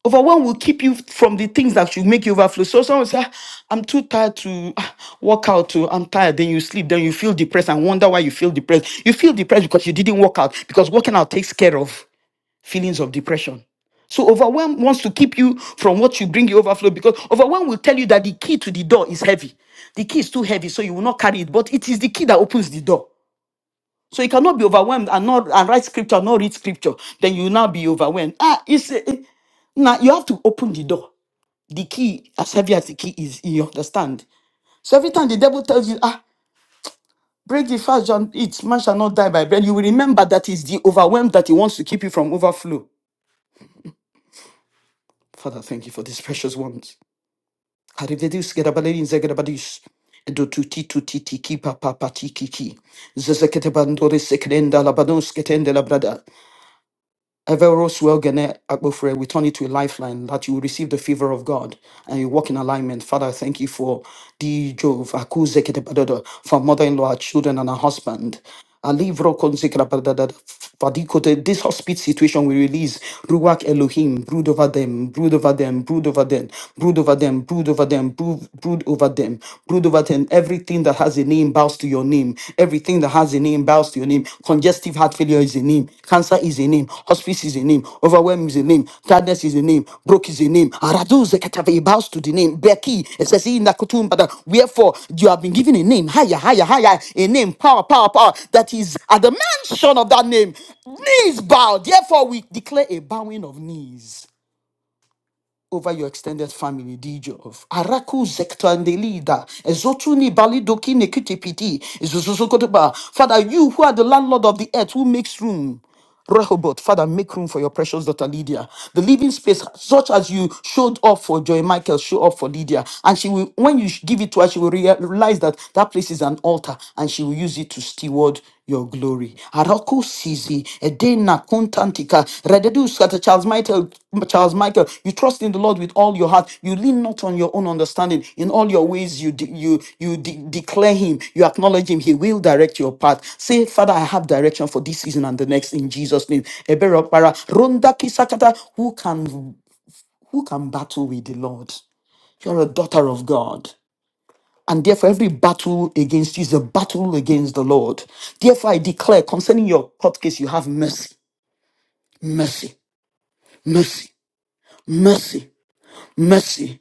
Overwhelm will keep you from the things that you make you overflow. So someone say, "Ah, I'm too tired to ah, work out. To, I'm tired. Then you sleep. Then you feel depressed and wonder why you feel depressed. You feel depressed because you didn't work out. Because working out takes care of feelings of depression so overwhelm wants to keep you from what you bring your overflow because overwhelm will tell you that the key to the door is heavy. The key is too heavy, so you will not carry it. But it is the key that opens the door. So you cannot be overwhelmed and not and write scripture, not read scripture. Then you will now be overwhelmed. Ah, it's eh, eh, now you have to open the door. The key, as heavy as the key is, you understand. So every time the devil tells you, ah, break the fast and eat, man shall not die by bread. You will remember that is the overwhelmed that he wants to keep you from overflow. Father, thank you for these precious ones. Harivedus gerabalin zegrabadis. Do tuti tuti tiki papa patiki ki. Zezekete bandore sekrenda labados ketende labrada. Everoswell Gene Akpofre, we turn it to a lifeline that you will receive the favor of God and you walk in alignment. Father, I thank you for D. Jove, Akuze Ketepadodo, for mother in law, her children, and her husband. Alivro Konzekrabadada, Fadikote, This hospice situation we release. Ruach Elohim, brood over them, brood over them, brood over them, brood over them, brood over them, brood, brood over them, brood over them. Everything that has a name bows to your name. Everything that has a name bows to your name. Congestive heart failure is a name. Cancer is a name. Hospice is a name. Overwhelm is a name. Tiredness is a name. Broke is a name. Aradu zekatave he bows to the name. Beki esesi nakutumbada. Wherefore you have been given a name higher, higher, higher. A name, power, power, power. That is at the mention of that name. Knees bow. Therefore we declare a bowing of knees over your extended family, Dijov. Araku Zektandelida, Ezotuni Balidoki Nekitipiti, Ezuzuzukotoba. Father, you who are the landlord of the earth, who makes room. Rehoboth, Father, make room for your precious daughter Lydia. The living space, such as you showed up for Joy Michael, show up for Lydia. And she will, when you give it to her, she will rea- realize that that place is an altar and she will use it to steward your glory. Arako Sisi, Edena Kontantika, Rededu Scatter Charles Michael, Charles Michael, you trust in the Lord with all your heart. You lean not on your own understanding. In all your ways, you de- you you de- declare Him. You acknowledge Him. He will direct your path. Say, Father, I have direction for this season and the next in Jesus' name. Eberopara, Ronda Kita, battle with the power of God. And therefore, every battle against you is a battle against the Lord. Therefore, I declare concerning your court case, you have mercy, mercy, mercy, mercy, mercy.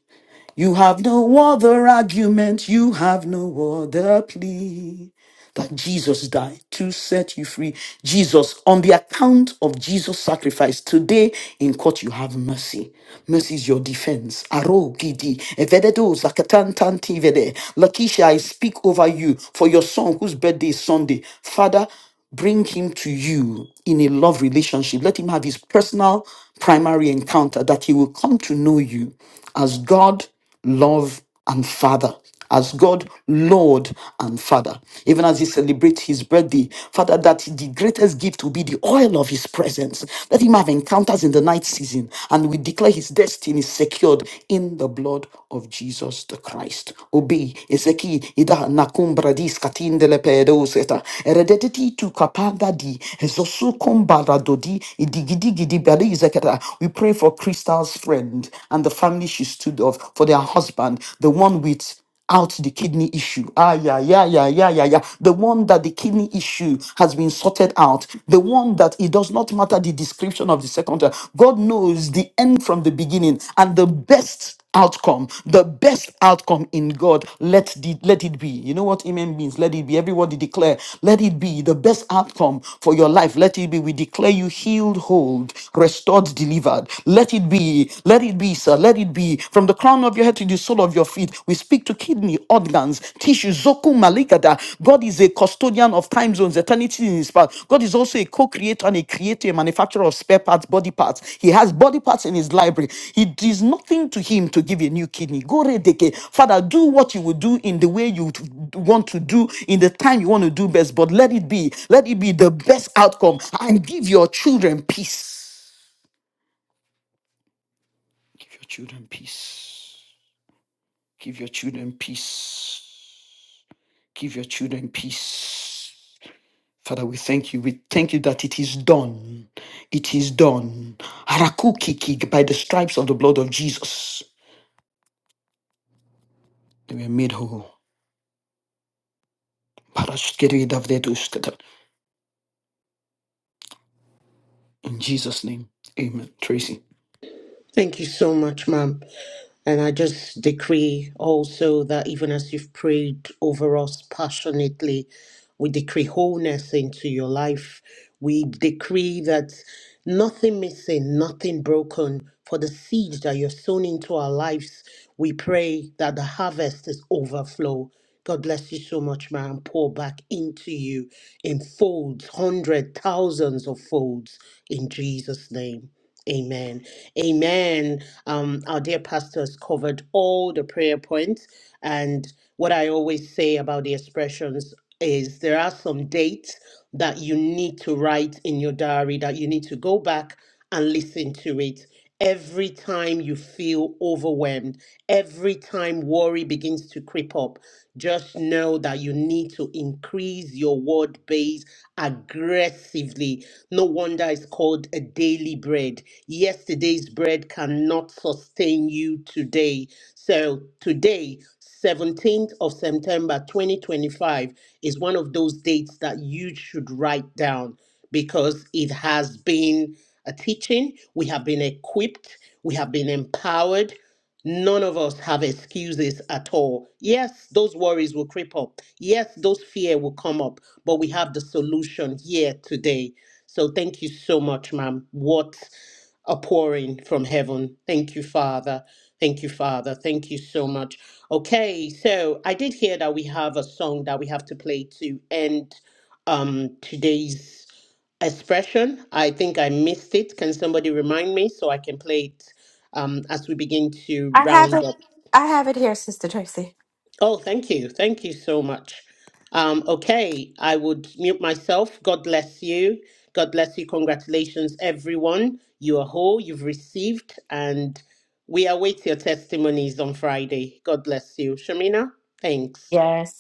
You have no other argument, you have no other plea. that Jesus died to set you free. Jesus, on the account of Jesus' sacrifice, today in court you have mercy. Mercy is your defense. Aro gidi, evededo zakatan tanti vede. Lakeisha, I speak over you for your son whose birthday is Sunday. Father, bring him to you in a love relationship. Let him have his personal primary encounter that he will come to know you as God, love, and Father. As God, Lord, and Father. Even as he celebrates his birthday, Father, that the greatest gift will be the oil of his presence. Let him have encounters in the night season, and we declare his destiny secured in the blood of Jesus the Christ. Obi, Ezeki, Ida, Nakumbra, Dis, Katindele, Pedoseta, eredetiti tu Kapanda, Di, Ezosu, Kumbara, Dodi, Idigidi, Gidi, Bari, Zeketa. We pray for Crystal's friend and the family she stood of, for their husband, the one with out the kidney issue. Ah, yeah, yeah, yeah, yeah, yeah, yeah. The one that the kidney issue has been sorted out. The one that it does not matter the description of the second. child. God knows the end from the beginning and the best outcome the best outcome in god let the let it be you know what amen means let it be everybody declare let it be the best outcome for your life let it be we declare you healed whole restored delivered let it be let it be sir let it be from the crown of your head to the sole of your feet. We speak to kidney, organs, tissue, zoku maligada. God is a custodian of time zones, eternity in his path. God is also a co-creator and a creator, a manufacturer of spare parts, body parts. He has body parts in his library. It is nothing to him to give a new kidney. Go redeke. Father, do what you will do in the way you t- want to do, in the time you want to do best, but let it be, let it be the best outcome and give your children peace. Give your children peace. Give your children peace. Give your children peace. Father, we thank you. We thank you that it is done. It is done. Harakukiki, by the stripes of the blood of Jesus, they were made whole. Parashkeri davdedushkata. In Jesus' name, amen. Tracy. Thank you so much, ma'am. And I just decree also that even as you've prayed over us passionately, we decree wholeness into your life. We decree that nothing missing, nothing broken. For the seeds that you're sown into our lives, we pray that the harvest is overflow. God bless you so much, man. Pour back into you in folds, hundred, thousands of folds in Jesus' name. Amen. Amen. Um, our dear pastor has covered all the prayer points. And what I always say about the expressions is there are some dates that you need to write in your diary that you need to go back and listen to it. Every time you feel overwhelmed, every time worry begins to creep up, just know that you need to increase your word base aggressively. No wonder it's called a daily bread. Yesterday's bread cannot sustain you today. So, today, 17th of September 2025, is one of those dates that you should write down because it has been a teaching. We have been equipped, we have been empowered. None of us have excuses at all. Yes, those worries will creep up. Yes, those fear will come up but we have the solution here today. So thank you so much, ma'am. What a pouring from heaven. Thank you, Father. Thank you, Father. Thank you so much. Okay, so I did hear that we have a song that we have to play to end um today's expression. I think I missed it. Can somebody remind me so I can play it um as we begin to I have round it. up? I have it here, Sister Tracy. Oh, thank you. Thank you so much. Um, okay, I would mute myself. God bless you. God bless you. Congratulations, everyone. You are whole, you've received, and we await your testimonies on Friday. God bless you. Shamina, thanks. Yes.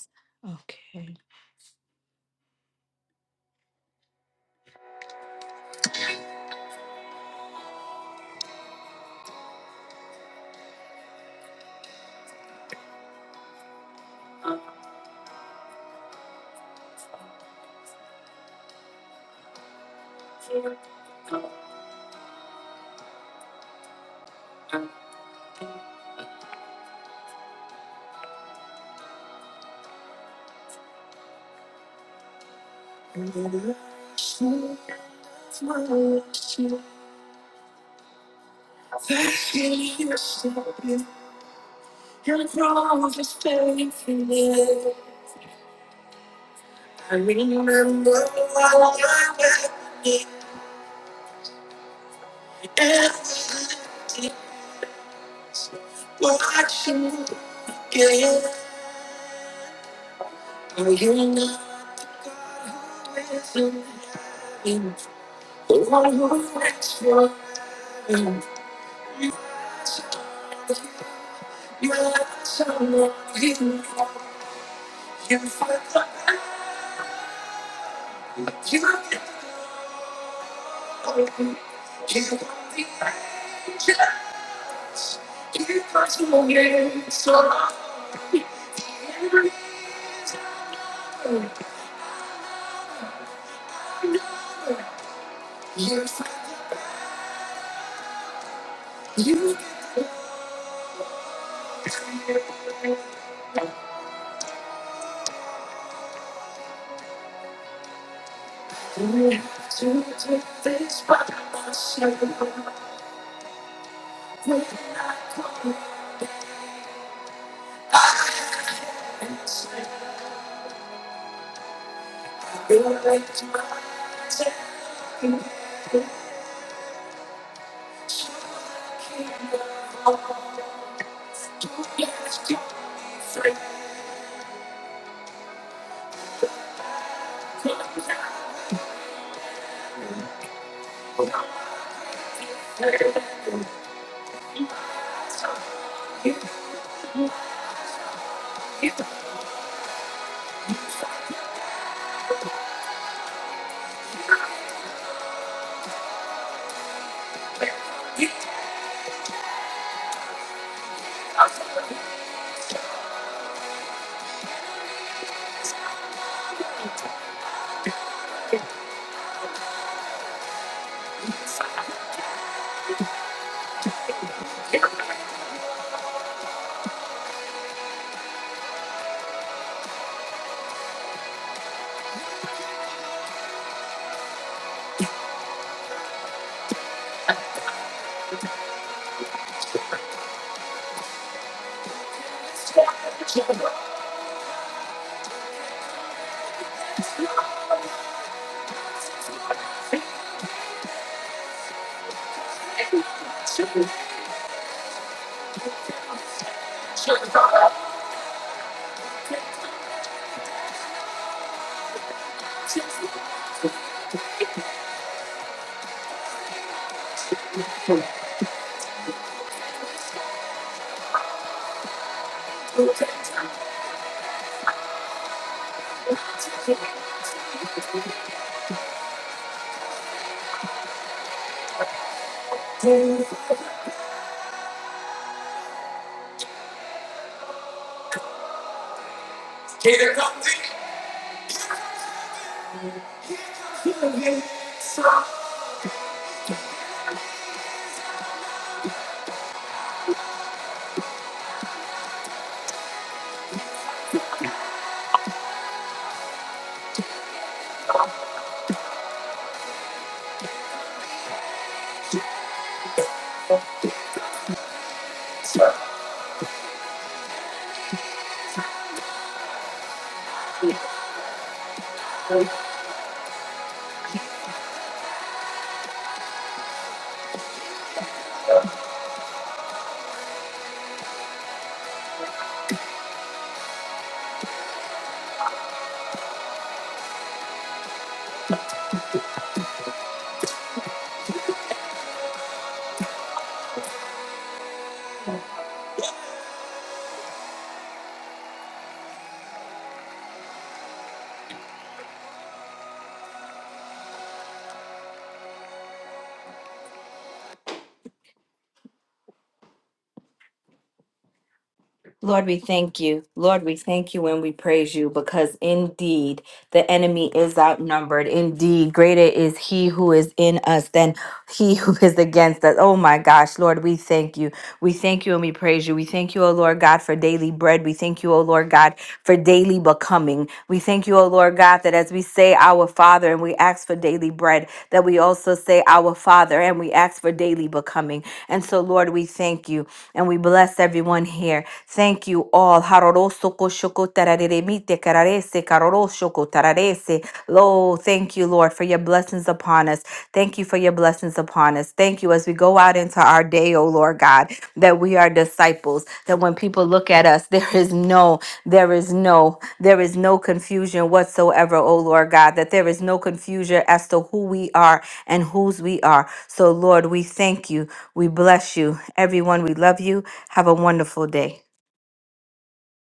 Lord, we thank you. Lord, we thank you and we praise you because indeed the enemy is outnumbered. Indeed, greater is he who is in us than he (laughs) who is against us. Oh my gosh, Lord, we thank you. We thank you and we praise you. We thank you, O Lord God, for daily bread. We thank you, O Lord God, for daily becoming. We thank you, O Lord God, that as we say our Father and we ask for daily bread, that we also say our Father and we ask for daily becoming. And so, Lord, we thank you and we bless everyone here. Thank you all. Harorosokoshokotareremite kararese, karoroshokotararese. Oh, thank you, Lord, for your blessings upon us. Thank you for your blessings upon us. Thank you as we go out into our day, oh Lord God, that we are disciples, that when people look at us, (laughs) there is no, there is no, there is no confusion whatsoever, oh Lord God, that there is no confusion as to who we are and whose we are. So, Lord, we thank you. We bless you. Everyone, we love you. Have a wonderful day.